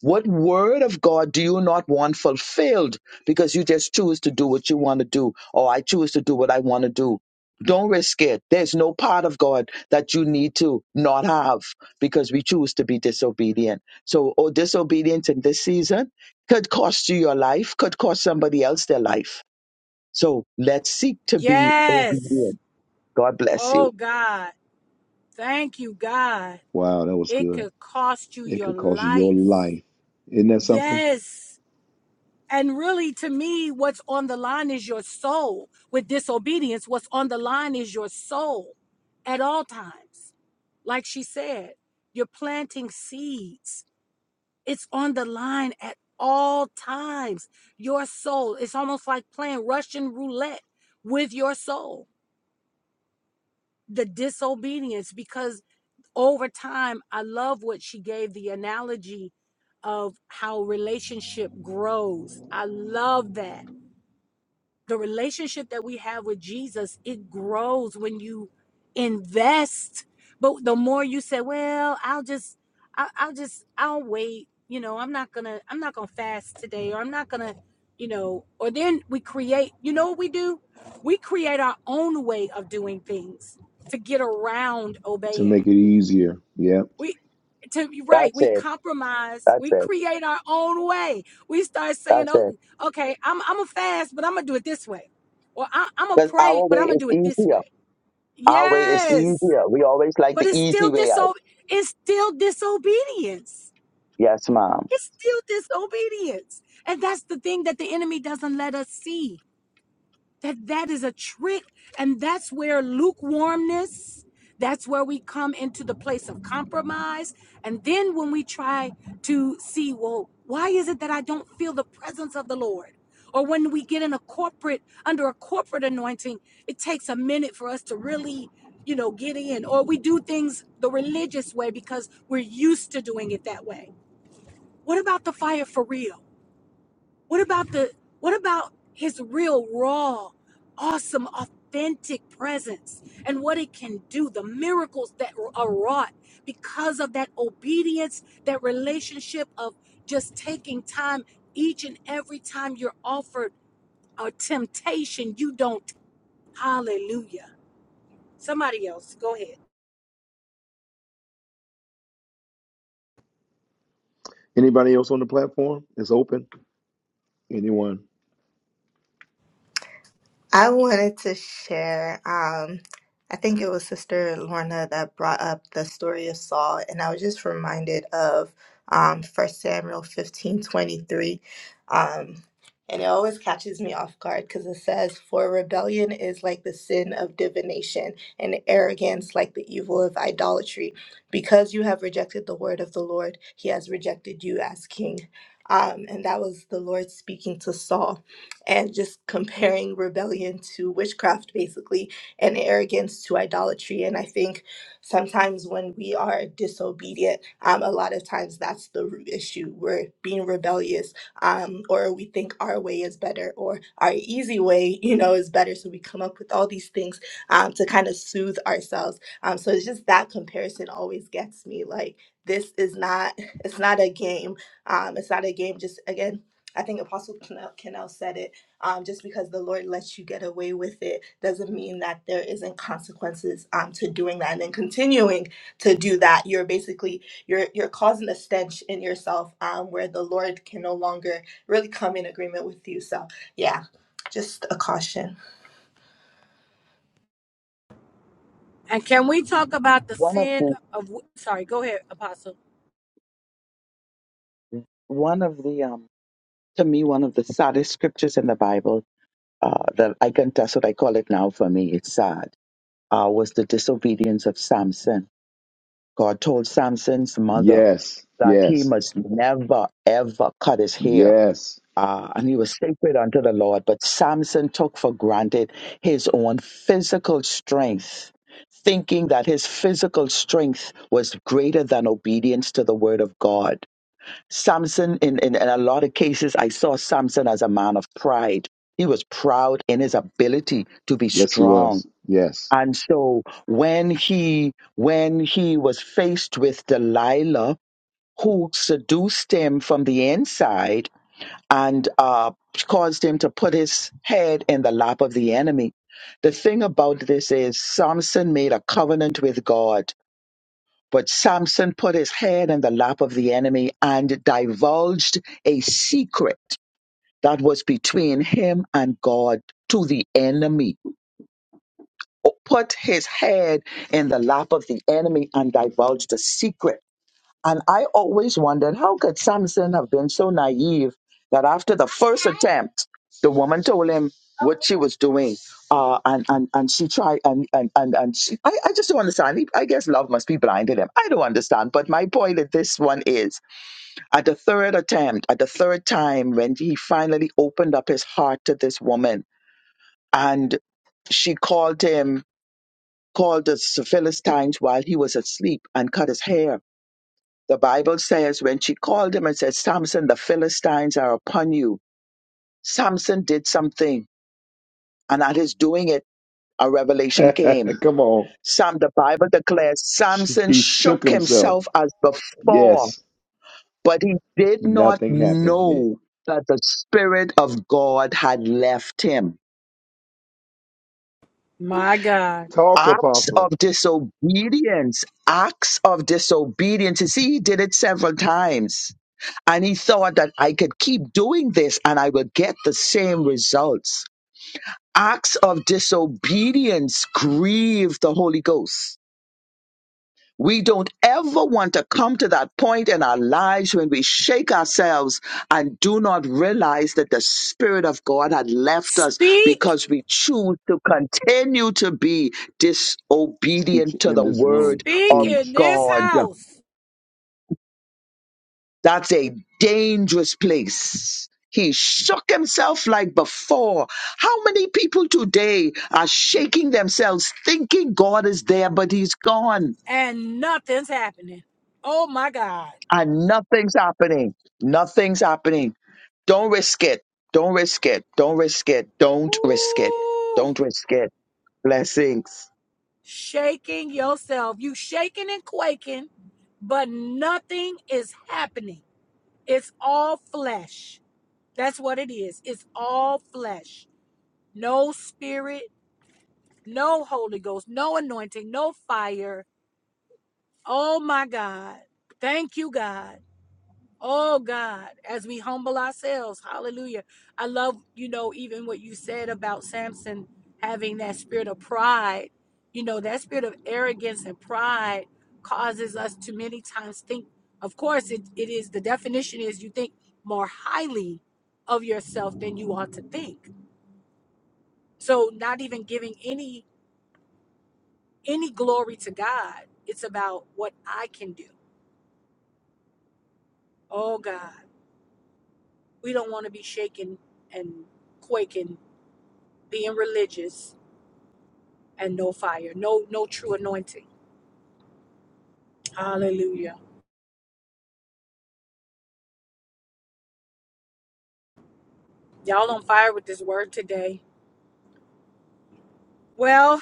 What word of God do you not want fulfilled because you just choose to do what you want to do, or I choose to do what I want to do? Don't risk it. There's no part of God that you need to not have because we choose to be disobedient. So, oh, disobedience in this season could cost you your life, could cost somebody else their life. So let's seek to be
Yes.
obedient. God bless you.
Oh God. Thank you, God.
Wow, that was
It
good.
could cost you
It
your
could cost you your
life.
life. Isn't that something?
Yes. And really, to me, what's on the line is your soul. With disobedience, what's on the line is your soul at all times. Like she said, you're planting seeds, it's on the line at all times. Your soul, it's almost like playing Russian roulette with your soul, the disobedience, because over time, I love what she gave the analogy of how relationship grows. I love that the relationship that we have with Jesus, it grows when you invest. But the more you say, well, I'll just, I'll, I'll just, I'll wait. You know, I'm not gonna, I'm not gonna fast today, or I'm not gonna, you know, or then we create. You know what we do? We create our own way of doing things to get around
To
obeying.
make it easier. Yep.
We to be right,
That's
we
it.
compromise.
That's
We
it.
create our own way. We start saying,
That's
"Oh,
it.
okay, I'm I'm a fast, but I'm gonna do it this way," or I, "I'm gonna
Because
pray,
our
but I'm
way
gonna
is
do it this
easier.
way."
Our way is
Yes,
easier. We always like
but
the
it's
easy
still
way
diso- It's still disobedience.
Yes, ma'am.
It's still disobedience, and that's the thing that the enemy doesn't let us see that that is a trick and that's where lukewarmness that's where we come into the place of compromise and then when we try to see well why is it that i don't feel the presence of the lord or when we get in a corporate under a corporate anointing it takes a minute for us to really you know get in or we do things the religious way because we're used to doing it that way what about the fire for real what about the what about his real raw, awesome, authentic presence and what it can do, the miracles that are wrought because of that obedience, that relationship of just taking time each and every time you're offered a temptation, you don't hallelujah. Somebody else, go ahead.
Anybody else on the platform? It's open. Anyone?
I wanted to share. Um, I think it was Sister Lorna that brought up the story of Saul, and I was just reminded of um, 1 Samuel fifteen twenty three, Um, and it always catches me off guard because it says, For rebellion is like the sin of divination, and arrogance like the evil of idolatry. Because you have rejected the word of the Lord, he has rejected you as king. Um, and that was the Lord speaking to Saul and just comparing rebellion to witchcraft, basically, and arrogance to idolatry. And I think sometimes when we are disobedient, um, a lot of times that's the root issue. We're being rebellious, um, or we think our way is better, or our easy way, you know, is better. So we come up with all these things um, to kind of soothe ourselves. Um, so it's just that comparison always gets me. Like this is not, it's not a game. Um, it's not a game. Just again. I think Apostle Canal said it um, just because the Lord lets you get away with it doesn't mean that there isn't consequences um, to doing that. And then continuing to do that, you're basically you're you're causing a stench in yourself um, where the Lord can no longer really come in agreement with you. So yeah, just a caution.
And can we talk about the
One of
sin of sorry, go ahead, apostle.
one of the um to me one of the saddest scriptures in the Bible, uh, that I can that's what I call it now for me. It's sad. Uh, was the disobedience of Samson. God told Samson's mother
Yes.
that he
Yes.
must never ever cut his hair.
Yes.
Uh, and he was sacred unto the Lord, but Samson took for granted his own physical strength, thinking that his physical strength was greater than obedience to the word of God. Samson, in, in, in a lot of cases, I saw Samson as a man of pride. He was proud in his ability to be
Yes, he
strong.
was. Yes.
And so when he when he was faced with Delilah, who seduced him from the inside and uh, caused him to put his head in the lap of the enemy, the thing about this is Samson made a covenant with God but Samson put his head in the lap of the enemy and divulged a secret that was between him and God to the enemy. Put his head in the lap of the enemy and divulged a secret and I always wondered how could Samson have been so naive that after the first attempt, the woman told him what she was doing. Uh, and, and, and she tried, and, and, and, and she, I, I just don't understand. He- I guess love must be blind to him. I don't understand. But my point at this one is at the third attempt, at the third time, when he finally opened up his heart to this woman and she called him, called the Philistines while he was asleep and cut his hair the Bible says when she called him and said, Samson, the Philistines are upon you. Samson did something, and at his doing it, a revelation came.
Come on.
Sam, the Bible declares, Samson
He
shook
shook himself.
himself as before,
Yes,
but he did not
nothing happened yet.
know that the Spirit of God had left him.
My God.
Talk,
acts of
Apostle.
disobedience, acts of disobedience. You see, he did it several times. And he thought that I could keep doing this and I will get the same results. Acts of disobedience grieve the Holy Ghost. We don't ever want to come to that point in our lives when we shake ourselves and do not realize that the Spirit of God had left us
Speak,
because we choose to continue to be
Teach
disobedient to
in
the
this room.
Word
speak
of
in
Teach.
this
God.
house.
That's a dangerous place. He shook himself like before. How many people today are shaking themselves thinking God is there, but he's gone?
and nothing's happening. Oh my God.
and nothing's happening. Nothing's happening. Don't risk it. Don't risk it. Don't risk it. Don't risk it.
Ooh,
Don't risk it. Blessings.
shaking yourself. You shaking and quaking, but nothing is happening. It's all flesh. That's what it is. It's all flesh. No spirit, no Holy Ghost, no anointing, no fire. Oh my God. Thank you, God. Oh God, as we humble ourselves, hallelujah. I love, you know, even what you said about Samson having that spirit of pride. You know, that spirit of arrogance and pride causes us to many times think, of course, it, it is the definition is you think more highly of yourself than you ought to think. So not even giving any any glory to God. It's about what I can do. Oh God. We don't want to be shaken and quaking being religious and no fire, no no true anointing. Hallelujah. Y'all on fire with this word today. Well,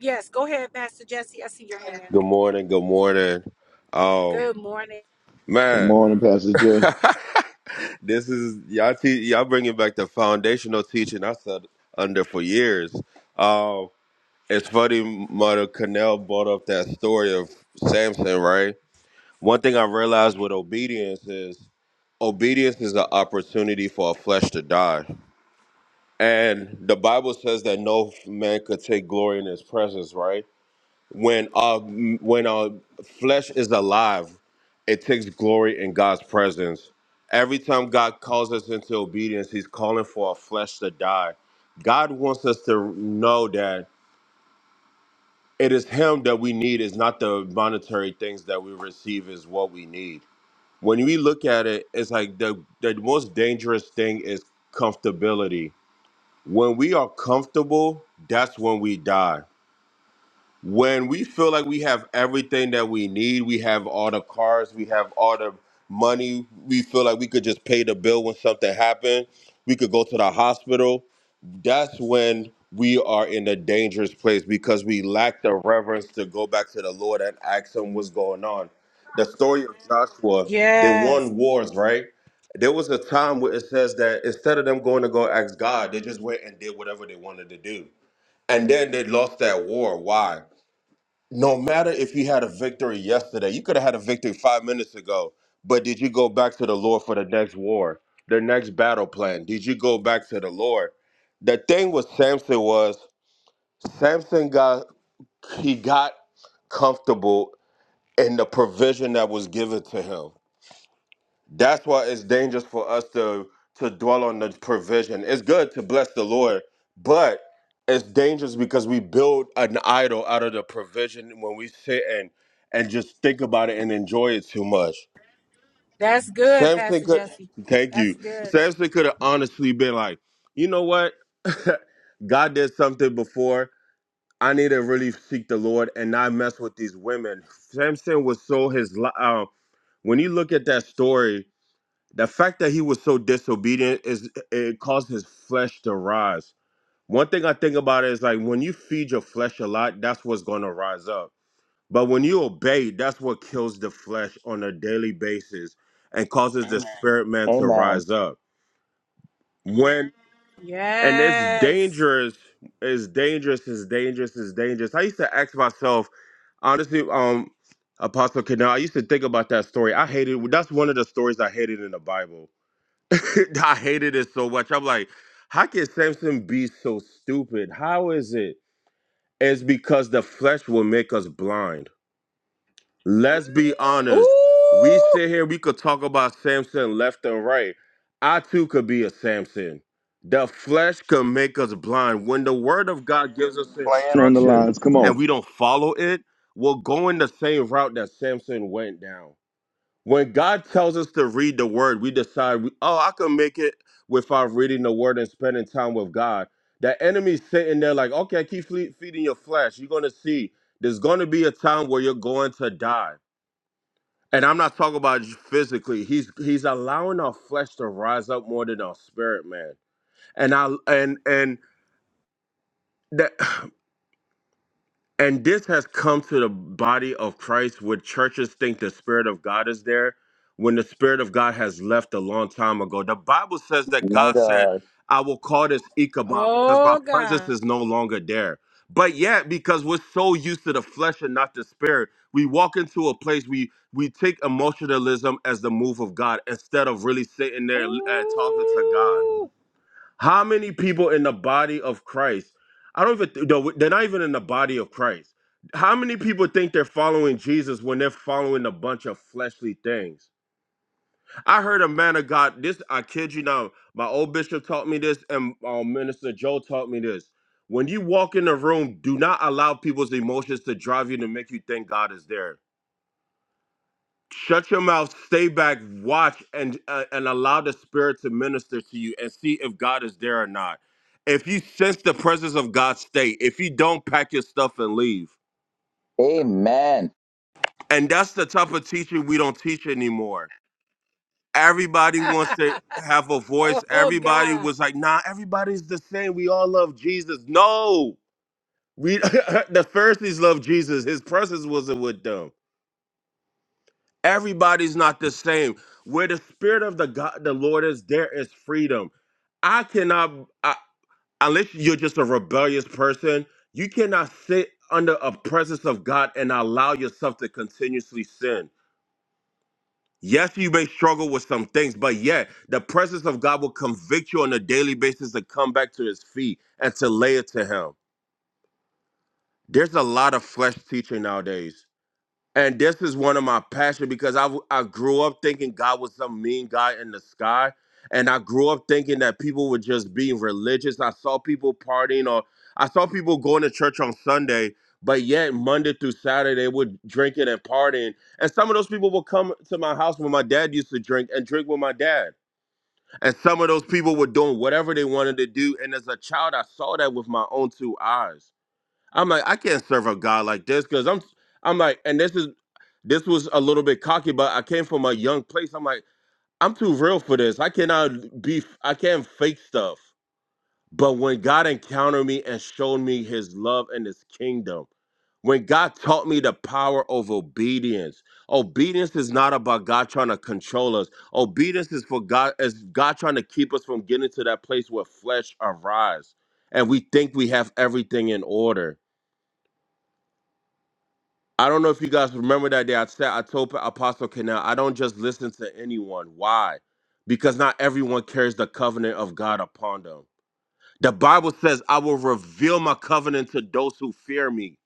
yes, go ahead, Pastor Jesse. I see your hand.
Good morning. Good morning. Um,
Good morning.
Good
man,
morning, Pastor Jay.
this is y'all. Te- y'all bringing back the foundational teaching I said under for years. Um, it's funny, Mother Cannell brought up that story of Samson, right? One thing I realized with obedience is obedience is an opportunity for a flesh to die, and the Bible says that no man could take glory in His presence, right? when our when our flesh is alive it takes glory in god's presence every time god calls us into obedience he's calling for our flesh to die god wants us to know that it is him that we need it's not the monetary things that we receive is what we need when we look at it it's like the the most dangerous thing is comfortability when we are comfortable that's when we die when we feel like we have everything that we need, we have all the cars, we have all the money, we feel like we could just pay the bill when something happened, we could go to the hospital. That's when we are in a dangerous place because we lack the reverence to go back to the Lord and ask Him what's going on. The story of Joshua, they
Yes.
won wars, right? There was a time where it says that instead of them going to go ask God, they just went and did whatever they wanted to do. And then they lost that war. Why? no matter if you had a victory yesterday, you could have had a victory five minutes ago, but did you go back to the Lord for the next war, the next battle plan? Did you go back to the Lord? The thing with Samson was Samson got he got comfortable in the provision that was given to him. That's why it's dangerous for us to to dwell on the provision. It's good to bless the Lord, but it's dangerous because we build an idol out of the provision when we sit and and just think about it and enjoy it too much.
That's good,
Samson
Pastor
could
Jesse.
thank
That's
you.
good.
Samson could have honestly been like, you know what? God did something before. I need to really seek the Lord and not mess with these women. Samson was so his li- um, when you look at that story the fact that he was so disobedient is it caused his flesh to rise. One thing I think about is like when you feed your flesh a lot, that's what's going to rise up. But when you obey, that's what kills the flesh on a daily basis and causes the Amen. spirit man to
Amen.
rise up. When and it's
Yes.
dangerous, it's dangerous, it's dangerous, it's dangerous. I used to ask myself, honestly, um, Apostle Canal, I used to think about that story. I hated that's one of the stories I hated in the Bible I hated it so much. I'm like, how can Samson be so stupid? How is it? It's because the flesh will make us blind. Let's be honest. We
Ooh.
sit here, we could talk about Samson left and right. I too could be a Samson. The flesh can make us blind. When the word of God gives us
Playing on the
instruction
lines. Come on.
and we don't follow it, we'll go in the same route that Samson went down. When God tells us to read the word, we decide, we, oh, I can make it without reading the word and spending time with God. The enemy's sitting there like, okay, keep fle- feeding your flesh. You're going to see there's going to be a time where you're going to die. And I'm not talking about just physically. He's he's allowing our flesh to rise up more than our spirit, man. And I and and that And this has come to the body of Christ where churches think the Spirit of God is there when the Spirit of God has left a long time ago. The Bible says that
My
God said,
God.
I will call this Ichabod because my
Oh
presence
God.
is no longer there. But yet, because we're so used to the flesh and not the spirit, we walk into a place we we take emotionalism as the move of God instead of really sitting there uh, talking to God.
Ooh.
How many people in the body of Christ? I don't even th- no, they're not even in the body of Christ. How many people think they're following Jesus when they're following a bunch of fleshly things? I heard a man of God. This I kid you not. My old bishop taught me this, and um, Minister Joe taught me this. When you walk in the room, do not allow people's emotions to drive you to make you think God is there. Shut your mouth, stay back, watch, and uh, and allow the Spirit to minister to you and see if God is there or not. If you sense the presence of God, stay. If you don't, pack your stuff and leave.
Amen.
And that's the type of teaching we don't teach anymore. Everybody wants to have a voice.
oh
Everybody
God.
was like, "Nah, everybody's the same. We all love Jesus." No, we the Pharisees loved Jesus. His presence wasn't with them. Everybody's not the same. Where the spirit of the God, the Lord is, there is freedom. I cannot, I, unless you're just a rebellious person, you cannot sit under a presence of God and allow yourself to continuously sin. Yes, you may struggle with some things, but yet the presence of God will convict you on a daily basis to come back to His feet and to lay it to Him. There's a lot of flesh teaching nowadays And this is one of my passion because I w- I grew up thinking God was some mean guy in the sky, and I grew up thinking that people were just being religious. I saw people partying, or I saw people going to church on Sunday, but yet Monday through Saturday would drinking and partying. And some of those people would come to my house when my dad used to drink and drink with my dad. And some of those people were doing whatever they wanted to do. And as a child, I saw that with my own two eyes. I'm like, I can't serve a God like this because I'm I'm like, and this is this was a little bit cocky, but I came from a young place. I'm like, I'm too real for this. I cannot be I can't fake stuff. But when God encountered me and showed me his love and his kingdom, when God taught me the power of obedience, obedience is not about God trying to control us. Obedience is for God is God trying to keep us from getting to that place where flesh arise and we think we have everything in order I don't know if you guys remember that day. I said I told Pa- Apostle Canal, I don't just listen to anyone. Why? Because not everyone carries the covenant of God upon them. The Bible says, I will reveal my covenant to those who fear me.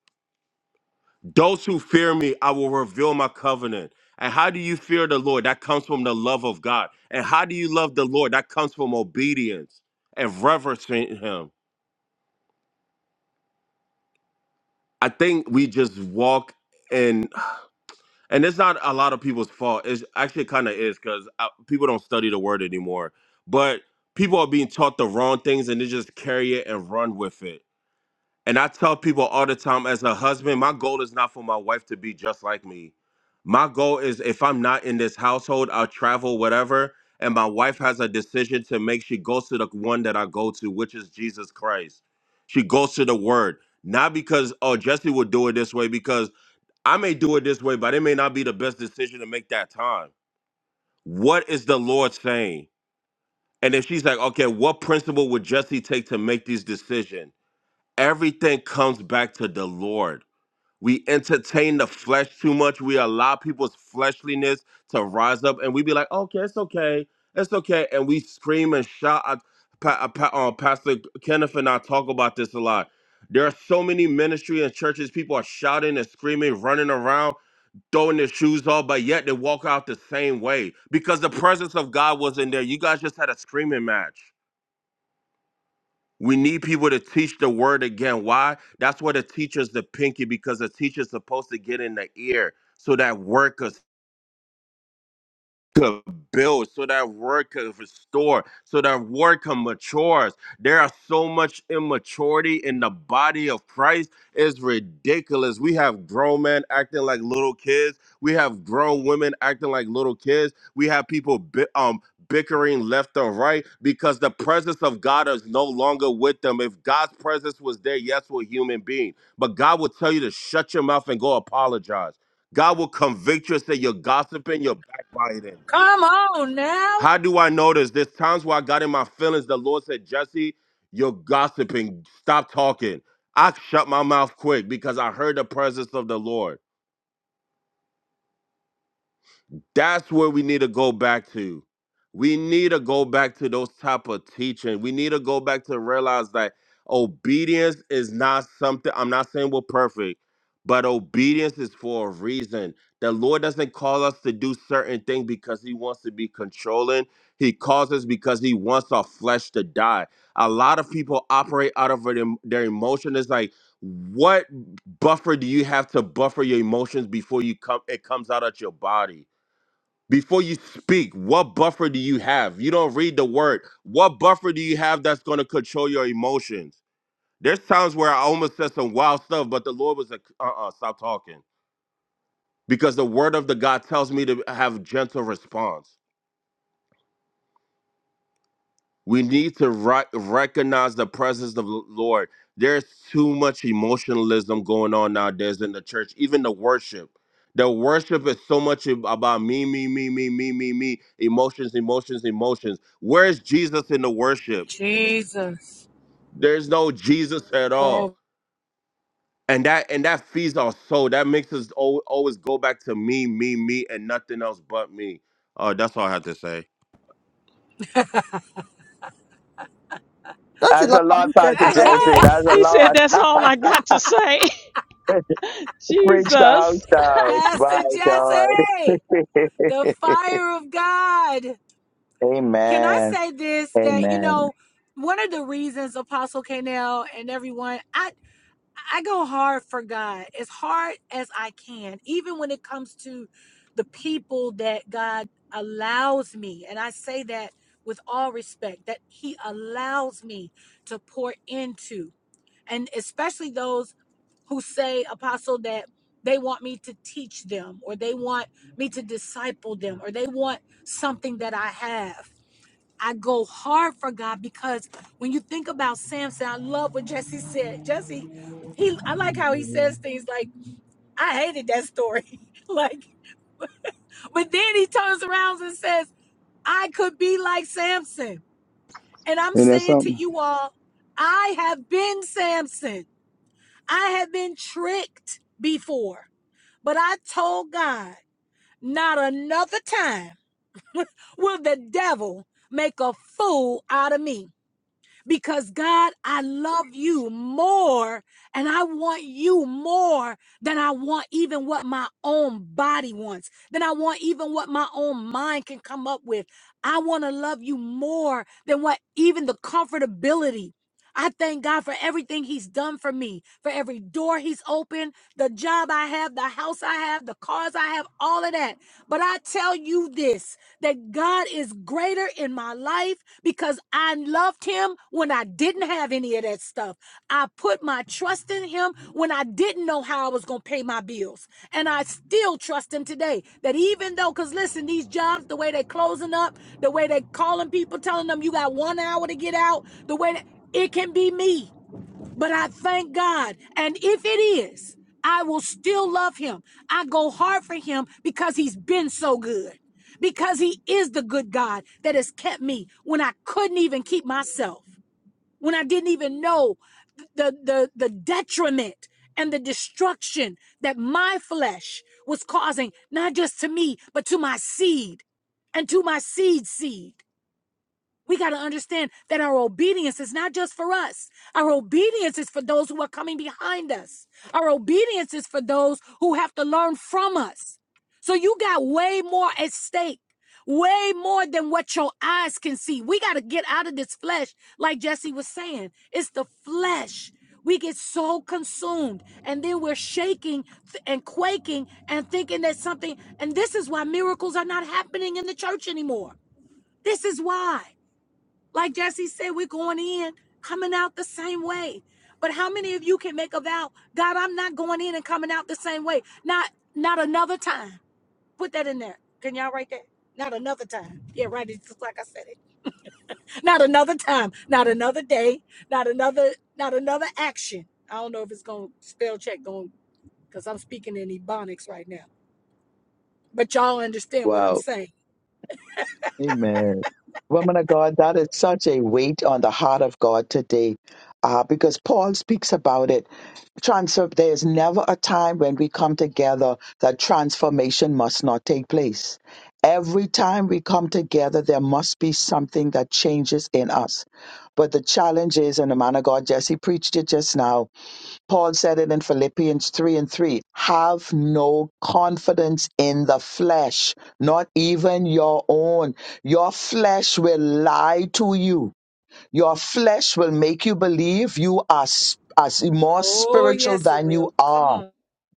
Those who fear me, I will reveal my covenant. And how do you fear the Lord? That comes from the love of God. And how do you love the Lord? That comes from obedience and reverencing Him. I think we just walk and it's not a lot of people's fault. It's actually kind of is because people don't study the word anymore. But people are being taught the wrong things, and they just carry it and run with it. And I tell people all the time, as a husband, my goal is not for my wife to be just like me. My goal is if I'm not in this household, I'll travel whatever, and my wife has a decision to make. She goes to the one that I go to, which is Jesus Christ. She goes to the Word, not because oh Jesse would do it this way because I may do it this way, but it may not be the best decision to make that time. What is the Lord saying? And if she's like, okay, what principle would Jesse take to make these decisions? Everything comes back to the Lord. We entertain the flesh too much. We allow people's fleshliness to rise up, and we be like, okay, it's okay, it's okay, and we scream and shout. I, pa, uh, pa, uh, Pastor Kenneth and I talk about this a lot. There are so many ministry and churches. People are shouting and screaming, running around throwing their shoes off, but yet they walk out the same way because the presence of God was in there. You guys just had a screaming match. We need people to teach the word again. Why? That's why the teacher's the pinky because the teacher's supposed to get in the ear so that workers could build so that word could restore so that word can mature us there are so much immaturity in the body of christ it's ridiculous we have grown men acting like little kids we have grown women acting like little kids we have people bi- um bickering left and right because the presence of god is no longer with them if god's presence was there yes we're human beings. but god will tell you to shut your mouth and go apologize god will convict you and say you're gossiping you're backbiting
Come on now.
how do I know this? There's times where I got in my feelings. The Lord said, Jesse, you're gossiping. Stop talking. I shut my mouth quick because I heard the presence of the Lord. That's where we need to go back to. We need to go back to those type of teaching. We need to go back to realize that obedience is not something. I'm not saying we're perfect, but obedience is for a reason. The Lord doesn't call us to do certain things because He wants to be controlling. He calls us because He wants our flesh to die. A lot of people operate out of their their emotion. It's like, what buffer do you have to buffer your emotions before you come? It comes out at your body before you speak what buffer do you have you don't read the word what buffer do you have that's going to control your emotions there's times where i almost said some wild stuff but the lord was like uh-uh stop talking because the word of the god tells me to have gentle response We need to ri- recognize the presence of the Lord. There's too much emotionalism going on nowadays in the church, even the worship. The worship is so much ab- about me, me, me, me, me, me, me, emotions, emotions, emotions. Where's Jesus in the worship?
Jesus.
There's no Jesus at all.
Oh.
And that and that feeds our soul. That makes us al- always go back to me, me, me, and nothing else but me. Oh, that's all I have to say.
Don't you
That's a
love how he
lot,
said
Pastor
that at the
Jesse.
What?
That's a
He said,
lot.
That's all I got to say.
Preach the
Jesus.
house down. My
Pastor
God.
Jesse. The fire of God. Can I
Amen.
say this that you
Amen.
know one of the reasons Apostle Canel and everyone I I go hard for God as hard as I can even when it comes to the people that God allows me and I say that with all respect that he allows me to pour into and especially those who say, Apostle, that they want me to teach them or they want me to disciple them or they want something that I have. I go hard for God because when you think about Samson, I love what Jesse said. Jesse, he I like how he says things like, I hated that story. like, but then he turns around and says, I could be like Samson. And I'm
Ain't that
saying to
something?
you all, I have been Samson. I have been tricked before. But I told God, not another time will the devil make a fool out of me because God, I love you more and I want you more than I want even what my own body wants, than I want even what my own mind can come up with. I want to love you more than what even the comfortability. I thank God for everything He's done for me, for every door He's opened, the job I have, the house I have, the cars I have, all of that. But I tell you this that God is greater in my life because I loved him when I didn't have any of that stuff. I put my trust in him when I didn't know how I was going to pay my bills. And I still trust him today that even though, because listen, these jobs, the way they're closing up, the way they're calling people, telling them you got one hour to get out, the way that it can be me. But I thank God. And if it is, I will still love him. I go hard for him because he's been so good, because he is the good God that has kept me when I couldn't even keep myself, when I didn't even know the, the, the detriment and the destruction that my flesh was causing, not just to me, but to my seed and to my seed seed. We got to understand that our obedience is not just for us. Our obedience is for those who are coming behind us. Our obedience is for those who have to learn from us. So you got way more at stake, way more than what your eyes can see. We got to get out of this flesh, like Jesse was saying. It's the flesh. We get so consumed and then we're shaking and quaking and thinking that something, and this is why miracles are not happening in the church anymore. This is why. Like Jesse said, we're going in, coming out the same way. But how many of you can make a vow, God, I'm not going in and coming out the same way? Not not another time. Put that in there. Can y'all write that? Not another time. Yeah, write it just like I said it. Not another time. Not another day. Not another, not another action. I don't know if it's gonna spell check going because I'm speaking in Ebonics right now. But y'all understand what I'm
Wow.
saying.
Amen. Woman of God, that is such a weight on the heart of God today uh, because Paul speaks about it transfer there is never a time when we come together that transformation must not take place every time we come together there must be something that changes in us but the challenge is and the man of god jesse preached it just now paul said it in philippians 3 and 3 have no confidence in the flesh not even your own your flesh will lie to you your flesh will make you believe you are sp- as more spiritual than you are.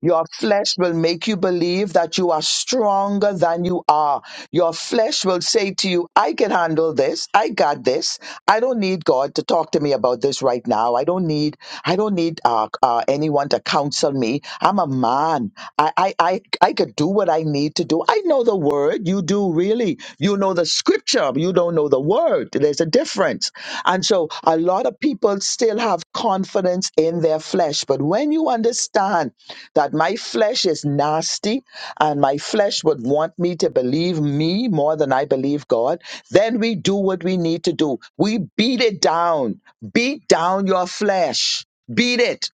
Your flesh will make you believe that you are stronger than you are. Your flesh will say to you, I can handle this. I got this. I don't need God to talk to me about this right now. I don't need, I don't need uh, uh, anyone to counsel me. I'm a man. I, I, I, I could do what I need to do. I know the word. You do really. You know the scripture. but You don't know the word. There's a difference. And so a lot of people still have confidence in their flesh. But when you understand that my flesh is nasty and my flesh would want me to believe me more than I believe God, then we do what we need to do. We beat it down. Beat down your flesh. Beat it.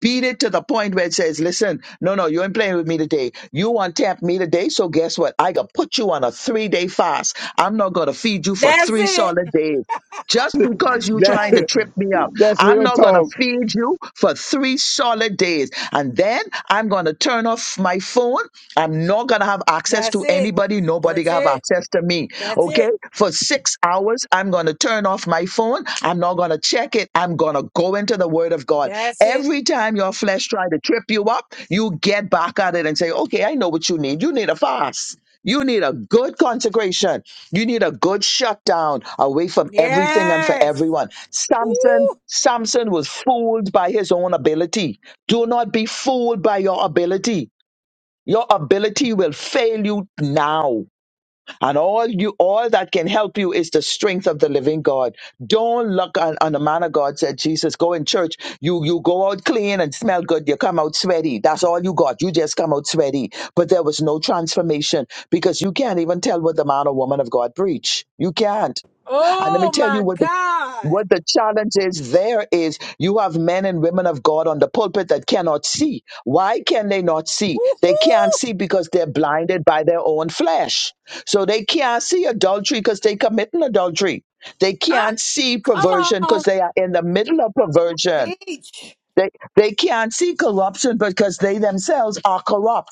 Beat it to the point where it says, listen, no, no, you ain't playing with me today. You want to tempt me today, so guess what? I gonna put you on a three-day fast. I'm not gonna feed you for
That's
three
it.
solid days just because you're
That's
trying
Yes.
to trip me up.
that's
I'm
real
not going to
talk.
feed you for three solid days. And then I'm going to turn off my phone. I'm not going to have access
That's
to
it.
anybody. Nobody
That's
going to have
it.
access to me.
That's
Okay?
it.
For six hours, I'm going to turn off my phone. I'm not going to check it. I'm going to go into the Word of God.
That's it.
Every time your flesh try to trip you up, you get back at it and say, okay, I know what you need. You need a fast. You need a good consecration. You need a good shutdown away from everything and for
Yes.
everyone. Samson,
Woo.
Samson was fooled by his own ability. Do not be fooled by your ability. Your ability will fail you now. And all you, all that can help you is the strength of the living God. Don't look on, on the man of God said, Jesus, go in church. You, you go out clean and smell good. You come out sweaty. That's all you got. You just come out sweaty. But there was no transformation because you can't even tell what the man or woman of God preach. You can't. And let me
Oh
tell
my
you what the
God.
what the challenge is there is you have men and women of God on the pulpit that cannot see. Why can they not see? They can't
Woo-hoo.
see because they're blinded by their own flesh. So they can't see adultery because they commit an adultery. They
Ah,
can't see
come
perversion because
on.
they are in the middle of perversion.
teach
They, they can't see corruption because they themselves are corrupt.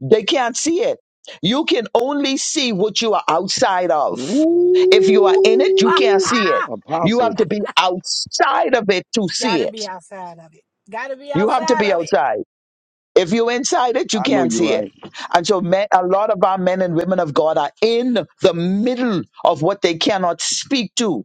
They can't see it. You can only see what you are outside of. If you are
Woo.
in it, you
Ah,
can't
Woo.
see it.
ah.
You have
Apostle,
to be outside of it to see
Gotta
it.
be outside of it. Gotta be
You have to
outside
be
of it.
outside. If you're inside it, you
I know
can't
you're
see it.
right.
And so men, a lot of our men and women of God are in the middle of what they cannot speak to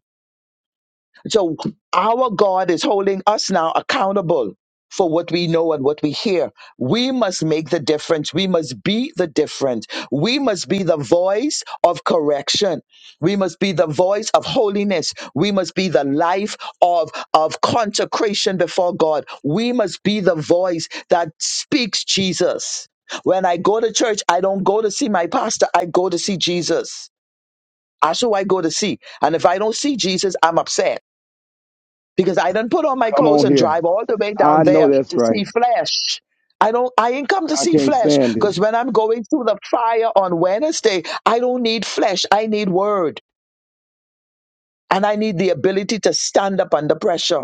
so our God is holding us now accountable for what we know and what we hear. We must make the difference. We must be the difference. We must be the voice of correction. We must be the voice of holiness. We must be the life of, of consecration before God. We must be the voice that speaks Jesus. When I go to church, I don't go to see my pastor. I go to see Jesus. That's who I go to see. And if I don't see Jesus, I'm upset because I didn't put on my
Come
clothes
on
and
here.
drive all the way down
I know
there
that's
to see
right.
flesh. I don't I ain't come to
I
see
can't
flesh
stand it.
because when I'm going through the fire on Wednesday, I don't need flesh. I need word. And I need the ability to stand up under pressure.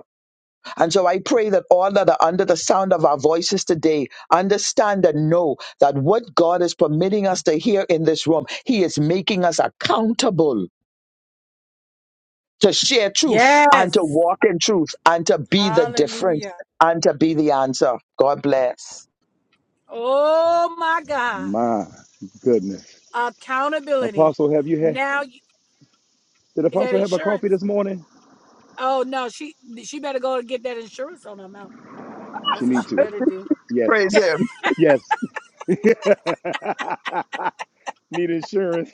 And so I pray that all that are under the sound of our voices today understand and know that what God is permitting us to hear in this room, He is making us accountable to share truth
Yes.
and to walk in truth and to be the difference
Hallelujah.
and to be the answer. God bless.
Oh my God.
My goodness.
Accountability.
Apostle, have you had
Now you,
did
that
Apostle have a coffee
insurance.
this morning?
Oh no, she she better go and get that insurance on her mouth.
She
That's what
need
she
to.
better do.
Yes.
Praise Him.
Yes. Need insurance.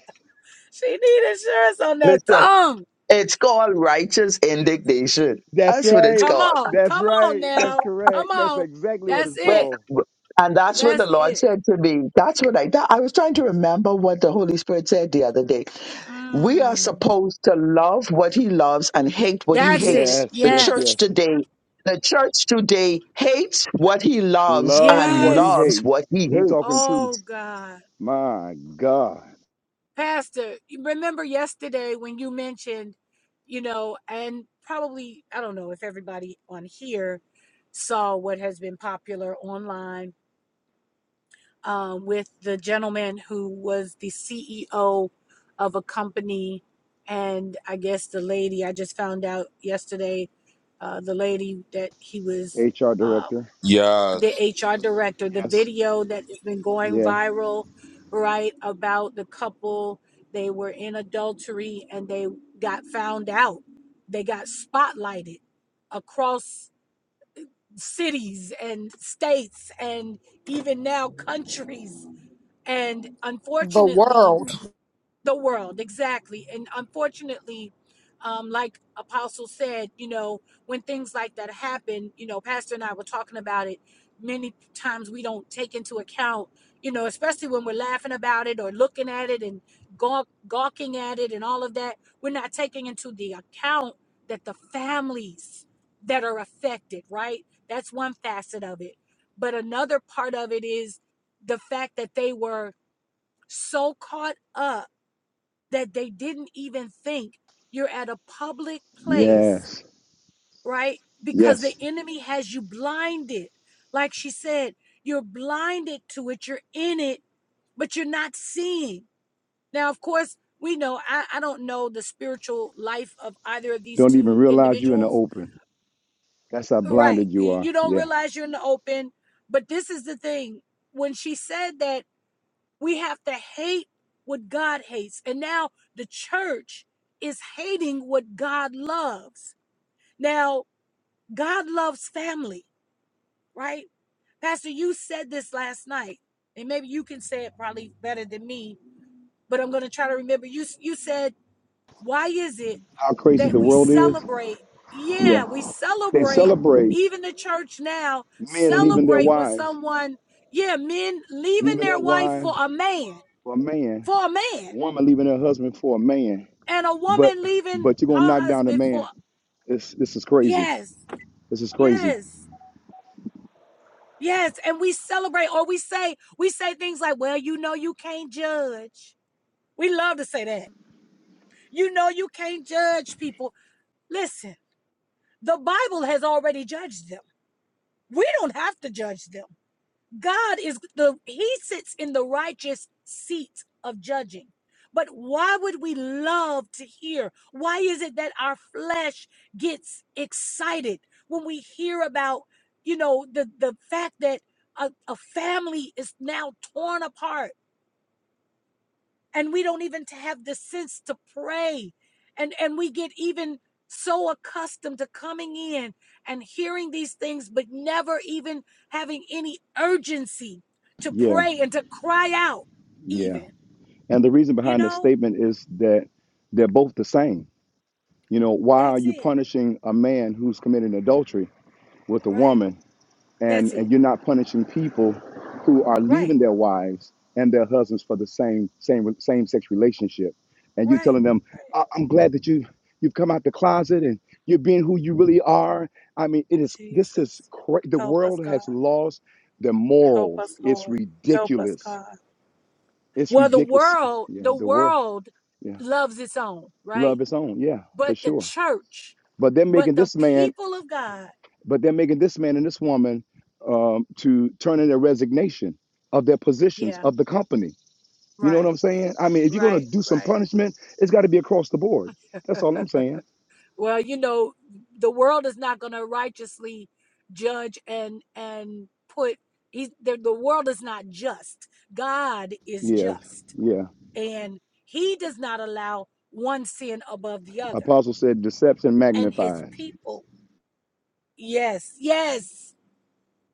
She need insurance on that
Listen,
tongue.
it's called righteous indignation.
That's
That's what it's
right.
Come
called.
on,
That's
come on
right. That's
now, come
correct. That's
on.
exactly what
That's
it's
Well,
it.
called.
and that's what the
That's
Lord
it.
said to me. That's what I that, I was trying to remember what the Holy Spirit said the other day. We are
Mm,
supposed to love what He loves and hate what He
that's it.
hates.
Yes,
The
yes,
church
Yes,
yes.
today, the church today hates what He
And
loves
love
and
what he
yes.
loves
hates.
what He
You
hates.
talking truth.
Oh God,
My God.
Pastor, you remember yesterday when you mentioned, you know, and probably I don't know if everybody on here saw what has been popular online uh, with the gentleman who was the CEO of a company. And I guess the lady, I just found out yesterday, uh, the lady that he was
HR
uh,
director.
Yes,
the HR director, the
Yes.
video that has been going
Yeah.
viral, right? About the couple, they were in adultery and they got found out. They got spotlighted across cities and states and even now countries and
the
unfortunately
world?
the world exactly and unfortunately um, like apostle said you know when things like that happen you know pastor and i were talking about it many times we don't take into account you know especially when we're laughing about it or looking at it and gawk, gawking at it and all of that we're not taking into the account that the families that are affected right that's one facet of it but another part of it is the fact that they were so caught up that they didn't even think you're at a public place,
Yes.
right? Because the
Yes.
enemy has you blinded. Like she said, you're blinded to it, you're in it, but you're not seeing. Now, of course, we know I, I don't know the spiritual life of either of these
Don't even
two
realize you in the
individuals.
open. That's how
Right.
blinded you are.
You don't
Yeah.
realize you're in the open. But this is the thing. When she said that We have to hate what God hates. And now the church is hating what God loves. Now, God loves family, right? Pastor, you said this last night, and maybe you can say it probably better than me, but I'm going to try to remember. You, you said, Why is it
How crazy
that
the
we
world is.
celebrate? Yeah,
Yeah.
we
They
celebrate,
celebrate
even the church now,
men leaving their
celebrate when
wives.
someone, yeah, men leaving
Leaving
their
their
wife
wives.
for a man,
for a man,
for a man
a woman leaving her husband for a man,
and a
but
woman leaving
but you're gonna
her
knock down a
husband for
man. This this is crazy.
yes
This is crazy.
yes yes and we celebrate or we say we say things like well you know you can't judge we love to say that you know you can't judge people listen the bible has already judged them we don't have to judge them God is the he sits in the righteous seat of judging. But why would we love to hear? Why is it that our flesh gets excited when we hear about, you know, the the fact that a, a family is now torn apart? and we don't even have the sense to pray and and we get even so accustomed to coming in and hearing these things but never even having any urgency to
Yeah,
pray and to cry out
yeah.
even
And the reason
you
behind this
know
statement is that they're both the same. You know, why are
that's
you
it
punishing a man who's committing adultery with a
right
woman
that's
and
it
and you're not punishing people who are
right
leaving their wives and their husbands for the same same same sex relationship and you're
right
telling them
right
"I- i'm glad that you you've come out the closet and you're being who you really are i mean it is this is
jesus
cra- the
help us
world
god
has lost the
help
morals
us
it's
lord help us
ridiculous
god
it's
well the
ridiculous
world
yeah
the
the world
world
yeah
loves its own right
love is on yeah for
but the
sure
church,
but they're
but
making
the
this man
people of God.
but they're making this man and this woman um, to turn in their resignation of their positions
Yeah,
of the company. You know what
right,
I'm saying? I mean, if you're gonna
right,
do some
right.
punishment, it's got to be across the board. That's all I'm saying.
Well, you know, the world is not going to righteously judge and and put he's the, the world is not just. God is
Yes,
just,
yeah.
and He does not allow one sin above the other.
Apostle said deception
And His
magnified,
people, yes, yes,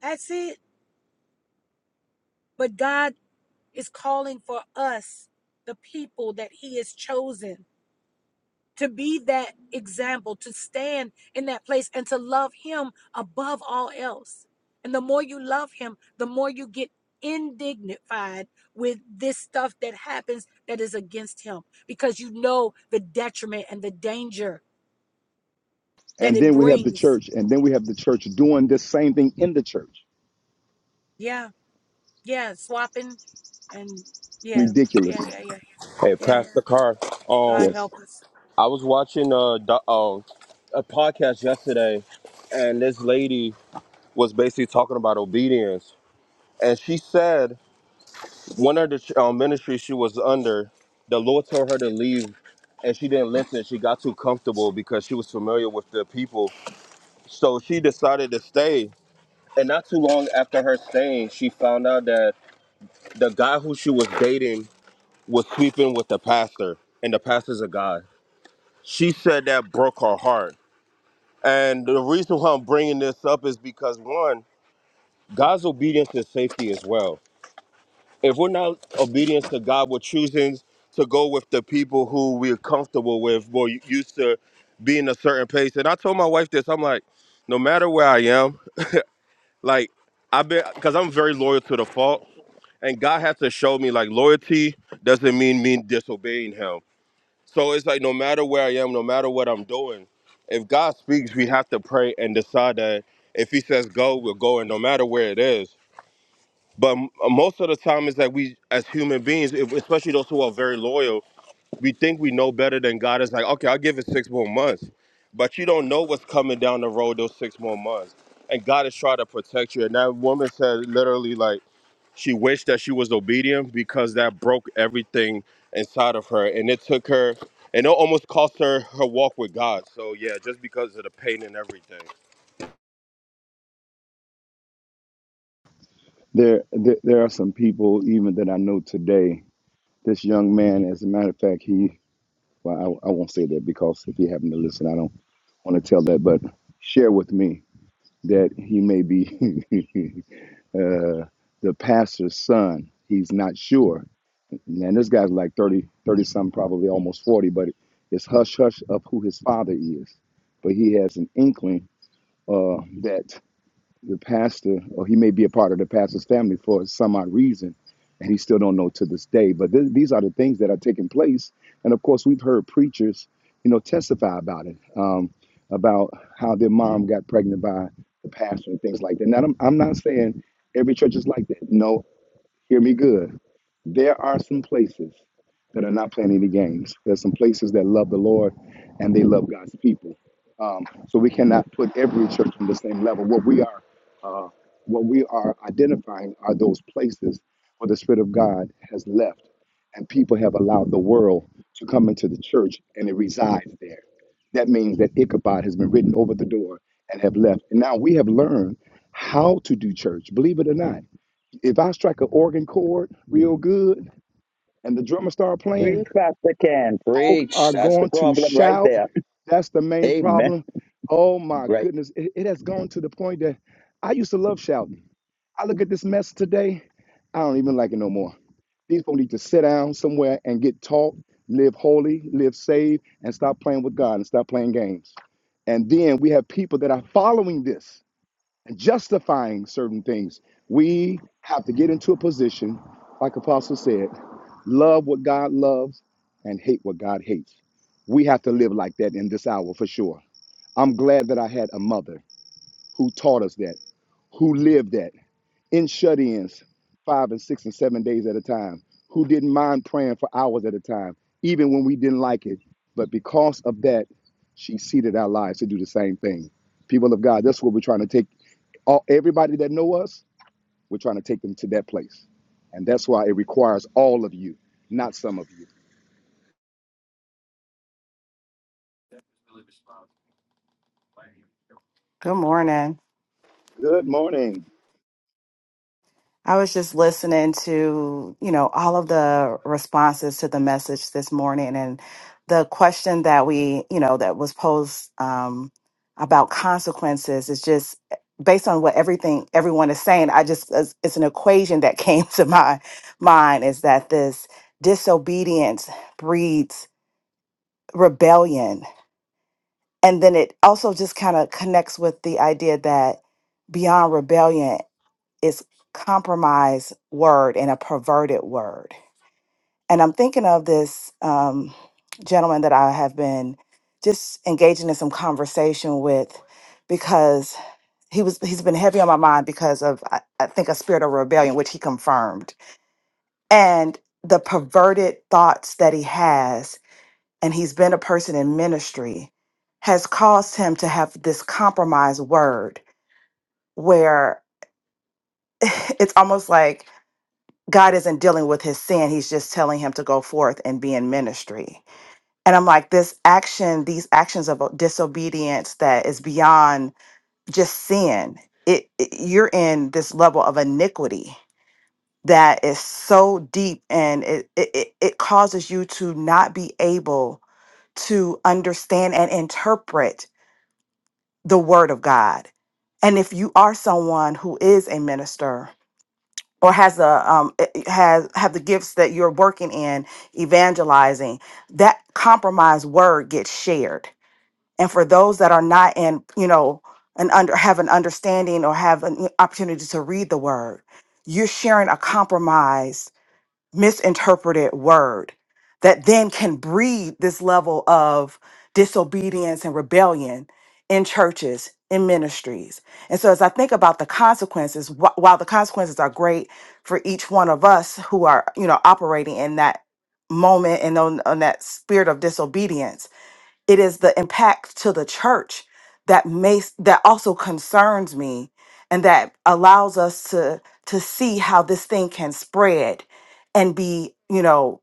that's it. But God is calling for us, the people that He has chosen to be that example, to stand in that place and to love him above all else. And the more you love him, the more you get indignified with this stuff that happens that is against him because you know the detriment and the danger that
and
it
then we have the
brings.
church, and then we have the church doing this same thing in the church.
Yeah, yeah, swapping and yeah, yeah,
Ridiculous.
yeah, yeah, yeah. God
Yes,
help us.
I was watching a do- uh, a podcast yesterday, and this lady was basically talking about obedience, and she said one of the uh, ministries she was under, the Lord told her to leave, and she didn't listen. She got too comfortable because she was familiar with the people, so she decided to stay. And not too long after her staying, she found out that the guy who she was dating was sleeping with the pastor, and the pastor's a guy. She said that broke her heart And the reason why I'm bringing this up is because one, God's obedience is safety as well. If we're not obedience to God, we're choosing to go with the people who we're comfortable with, we're used to being a certain pace. And I told my wife this. I'm like, no matter where I am, like I've been, because I'm very loyal to the fault. And God had to show me like loyalty doesn't mean me disobeying Him So it's like no matter where I am, no matter what I'm doing, if God speaks, we have to pray and decide that if He says go, we'll go, and no matter where it is. But m- most of the time, is that we as human beings, if- especially those who are very loyal we think we know better than God. It's like, okay, I'll give it six more months. But you don't know what's coming down the road those six more months. And God is trying to protect you. And that woman said literally like she wished that she was obedient because that broke everything inside of her. And it took her and it almost cost her her walk with God. So yeah, just because of the pain and everything.
there there, there are some people even that I know today. This young man, as a matter of fact, he Well, I, I won't say that because if you happen to listen, I don't want to tell that, but share with me that he may be uh, the pastor's son. He's not sure. And this guy's like 30, 30 something, probably almost 40, but it's hush hush of who his father is. But he has an inkling uh, that the pastor, or he may be a part of the pastor's family for some odd reason, and he still don't know to this day. But th- these are the things that are taking place, and of course, we've heard preachers, you know, testify about it, um, about how their mom got pregnant by the pastor and things like that. Now, I'm, I'm not saying every church is like that. No, Hear me good. There are some places that are not playing any games. There's some places that love the Lord and they love God's people. Um, so we cannot put every church on the same level. What we are, uh, what we are identifying are those places where the Spirit of God has left, and people have allowed the world to come into the church, and it resides there. That means that Ichabod has been written over the door and have left. And now we have learned how to do church. Believe it or not if I strike an organ chord real good and the drummer start playing, folk are
Preach
going to
right
shout. That's the main problem. Oh my goodness, it, it has gone to the point that I used to love shouting. I look at this mess today, I don't even like it no more. These people need to sit down somewhere and get taught, live holy, live saved, and stop playing with God and stop playing games. And then we have people that are following this justifying certain things. We have to get into a position, like Apostle said, love what God loves and hate what God hates. We have to live like that in this hour for sure. I'm glad that I had a mother who taught us that, who lived that in shut ins, five and six and seven days at a time, who didn't mind praying for hours at a time, even when we didn't like it. But because of that, she seeded our lives to do the same thing. People of God, that's what we're trying to take all everybody that know us, we're trying to take them to that place. And that's why it requires all of you, not some of you.
Good morning.
Good morning.
I was just listening to, you know, all of the responses to the message this morning and the question that we, you know, that was posed um, about consequences is just based on what everything everyone is saying. I just, it's, it's an equation that came to my mind is that this disobedience breeds rebellion. And then it also just kind of connects with the idea that beyond rebellion. is compromise word and a perverted word. And I'm thinking of this um, gentleman that I have been just engaging in some conversation with because he was he's been heavy on my mind because of I, I think a spirit of rebellion which he confirmed and the perverted thoughts that he has and he's been a person in ministry has caused him to have this compromise word where it's almost like God isn't dealing with his sin. He's just telling him to go forth and be in ministry. And I'm like, this action, these actions of disobedience that is beyond just sin, it, it- you're in this level of iniquity that is so deep and it, it, it it causes you to not be able to understand and interpret the word of God. And if you are someone who is a minister or has a um eh, eh, has have the gifts that you're working in evangelizing that compromise word gets shared and for those that are not in you know and under have an understanding or have an opportunity to read the word you're sharing a compromise misinterpreted word that then can breed this level of disobedience and rebellion in churches in ministries and so as i think about the consequences wh- while the consequences are great for each one of us who are you know operating in that moment and on, on that spirit of disobedience it is the impact to the church that makes that also concerns me and that allows us to to see how this thing can spread and be you know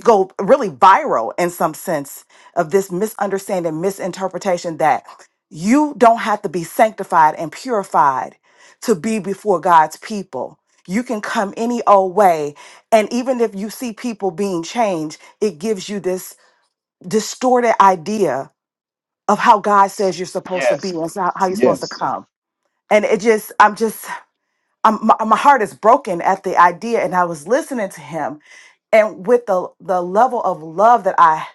go really viral in some sense of this misunderstanding misinterpretation that you don't have to be sanctified and purified to be before God's people you can come any old way and even if you see people being changed it gives you this distorted idea of how God says you're supposed to be
Yes.
and how, how you're supposed to
Yes.
come. And it just, I'm just, I'm, my, my heart is broken at the idea. And I was listening to him, and with the the level of love that I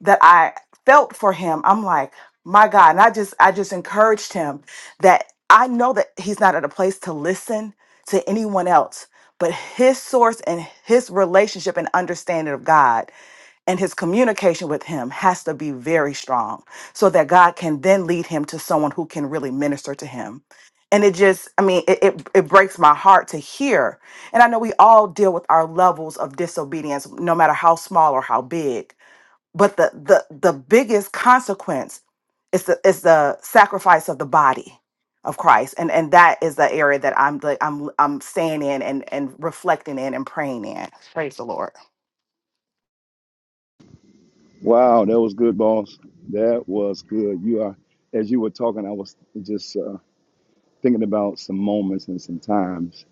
that I felt for him, I'm like, my God. And I just, I just encouraged him that I know that he's not at a place to listen to anyone else, but his source and his relationship and understanding of God and his communication with him has to be very strong so that God can then lead him to someone who can really minister to him. And it just, I mean, it, it, it breaks my heart to hear. And I know we all deal with our levels of disobedience, no matter how small or how big. But the the the biggest consequence is the is the sacrifice of the body of Christ. And and that is the area that I'm like I'm I'm staying in and, and reflecting in and praying in, Lord.
Wow, that was good, boss. That was good. You are, as you were talking, I was just uh, thinking about some moments and some times,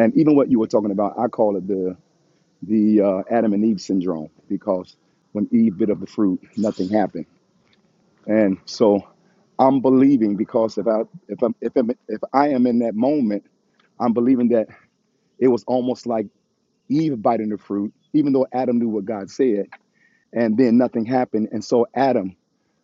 and even what you were talking about. I call it the the uh, Adam and Eve syndrome because when Eve bit of the fruit, nothing happened, and so I'm believing because if I if I'm if I'm, if I am in that moment, I'm believing that it was almost like Eve biting the fruit, even though Adam knew what God said, and then nothing happened, and so Adam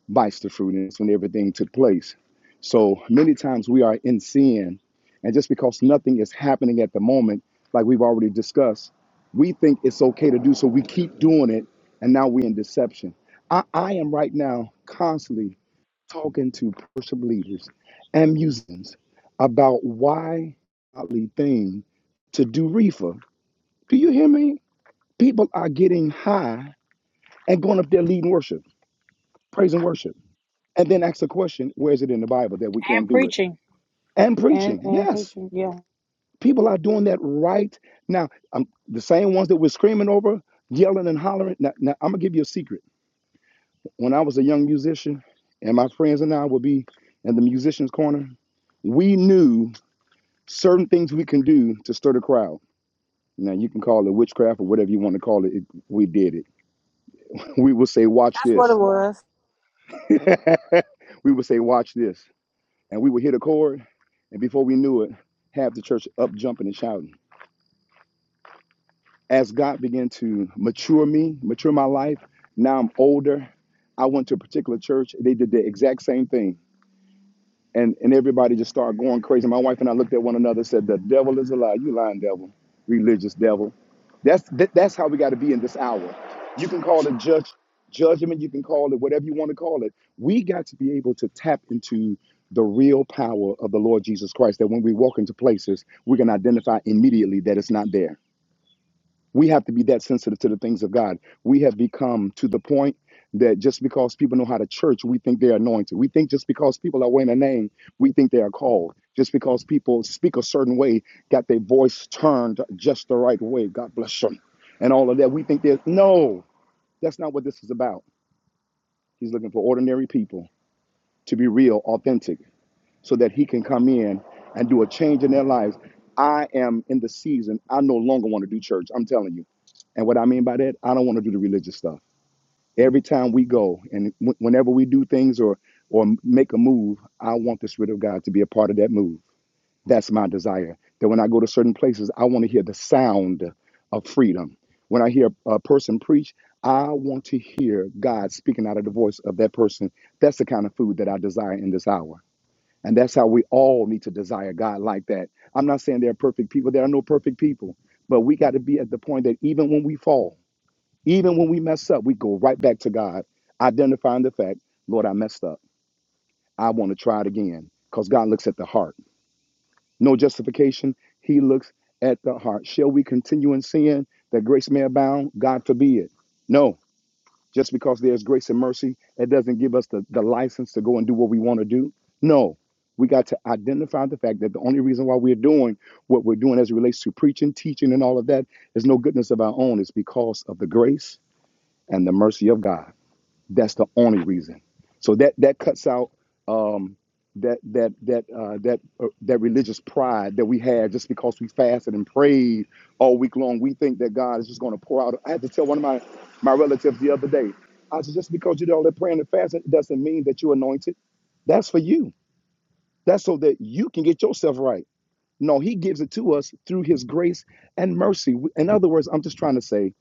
bites the fruit, and it's when everything took place. So many times we are in sin, and just because nothing is happening at the moment, like we've already discussed, we think it's okay to do so. We keep doing it, and now we're in deception. I, I am right now constantly talking to worship leaders and musicians about why godly thing to do reefer. Do you hear me? People are getting high and going up there leading worship, praise and worship and then ask the question where is it in the bible that we can't do it and preaching yes people are doing that right now um, the same ones that we're screaming over yelling and hollering now, now i'm gonna give you a secret when i was a young musician and my friends and i would be in the musicians corner we knew certain things we can do to stir the crowd now you can call it witchcraft or whatever you want to call it, it we did it we would say watch
That's what it
this
was.
we would say watch this and we would hit a chord, and before we knew it, half the church up jumping and shouting. As God began to mature me, mature my life, now I'm older. I went to a particular church. They did the exact same thing and and everybody just started going crazy. My wife and I looked at one another, and said, "The devil is a lie. You lying devil, religious devil." That's that, that's how we got to be in this hour. You can call it judge judgment. You can call it whatever you want to call it. We got to be able to tap into the real power of the Lord Jesus Christ. That when we walk into places, we can identify immediately that it's not there. We have to be that sensitive to the things of God. We have become to the point that just because people know how to church, we think they're anointed. We think just because people are wearing a name, we think they are called. Just because people speak a certain way, got their voice turned just the right way. God bless them. And all of that. We think there's no, that's not what this is about. He's looking for ordinary people to be real, authentic so that he can come in and do a change in their lives. I am in the season. I no longer want to do church. I'm telling you. And what I mean by that, I don't want to do the religious stuff. Every time we go and w- whenever we do things or or make a move, I want the spirit of God to be a part of that move. That's my desire. That when I go to certain places, I want to hear the sound of freedom. When I hear a person preach, I want to hear God speaking out of the voice of that person. That's the kind of food that I desire in this hour. And that's how we all need to desire God like that. I'm not saying they're perfect people. There are no perfect people. But we got to be at the point that even when we fall, even when we mess up, we go right back to God, identifying the fact, Lord, I messed up. I want to try it again. Because God looks at the heart. No justification. He looks at the heart. Shall we continue in sin that grace may abound? God forbid. No. Just because there's grace and mercy, it doesn't give us the, the license to go and do what we want to do. No, we got to identify the fact that the only reason why we're doing what we're doing as it relates to preaching, teaching, and all of that is no goodness of our own. It's because of the grace and the mercy of God. That's the only reason. So that that cuts out um, that that that uh, that uh, that religious pride that we have just because we fasted and prayed all week long. We think that God is just going to pour out. I had to tell one of my my relatives the other day. I said, just because you did all that praying and fasting, it doesn't mean that you're anointed. That's for you. That's so that you can get yourself right. No, he gives it to us through his grace and mercy. In other words, I'm just trying to say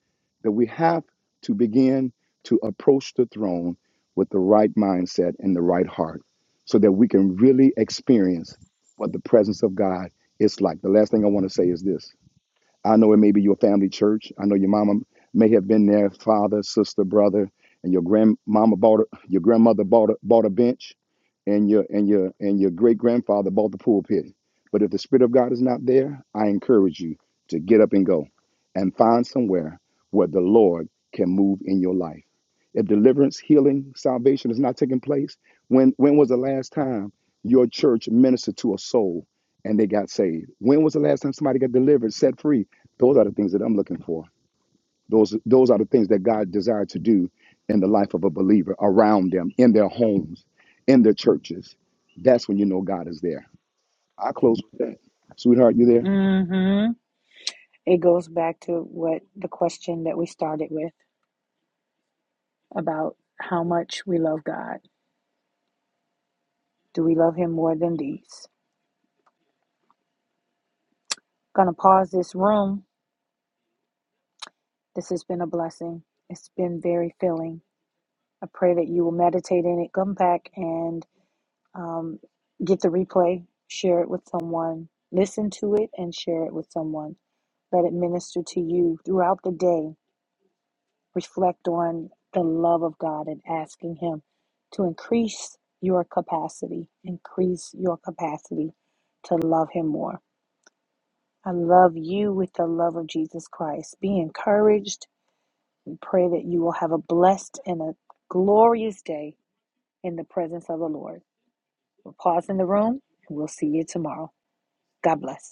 that we have to begin to approach the throne with the right mindset and the right heart so that we can really experience what the presence of God is like. The last thing I want to say is this I know it may be your family church. I know your mama may have been there, father, sister, brother, and your grandmama bought a, your grandmother bought a, bought a bench, and your and your and your great grandfather bought the pulpit. But if the spirit of God is not there, I encourage you to get up and go, and find somewhere where the Lord can move in your life. If deliverance, healing, salvation is not taking place, when when was the last time your church ministered to a soul and they got saved? When was the last time somebody got delivered, set free? Those are the things that I'm looking for. Those those are the things that God desired to do in the life of a believer around them, in their homes, in their churches. That's when you know God is there. I close with that. Sweetheart, you there?
This room, this has been a blessing. It's been very filling. I pray that you will meditate in it, come back and um, get the replay, share it with someone, listen to it, and share it with someone. Let it minister to you throughout the day. Reflect on the love of God and asking Him to increase your capacity, increase your capacity to love Him more. I love you with the love of Jesus Christ. Be encouraged. and pray that you will have a blessed and a glorious day in the presence of the Lord. We'll pause in the room and we'll see you tomorrow. God bless.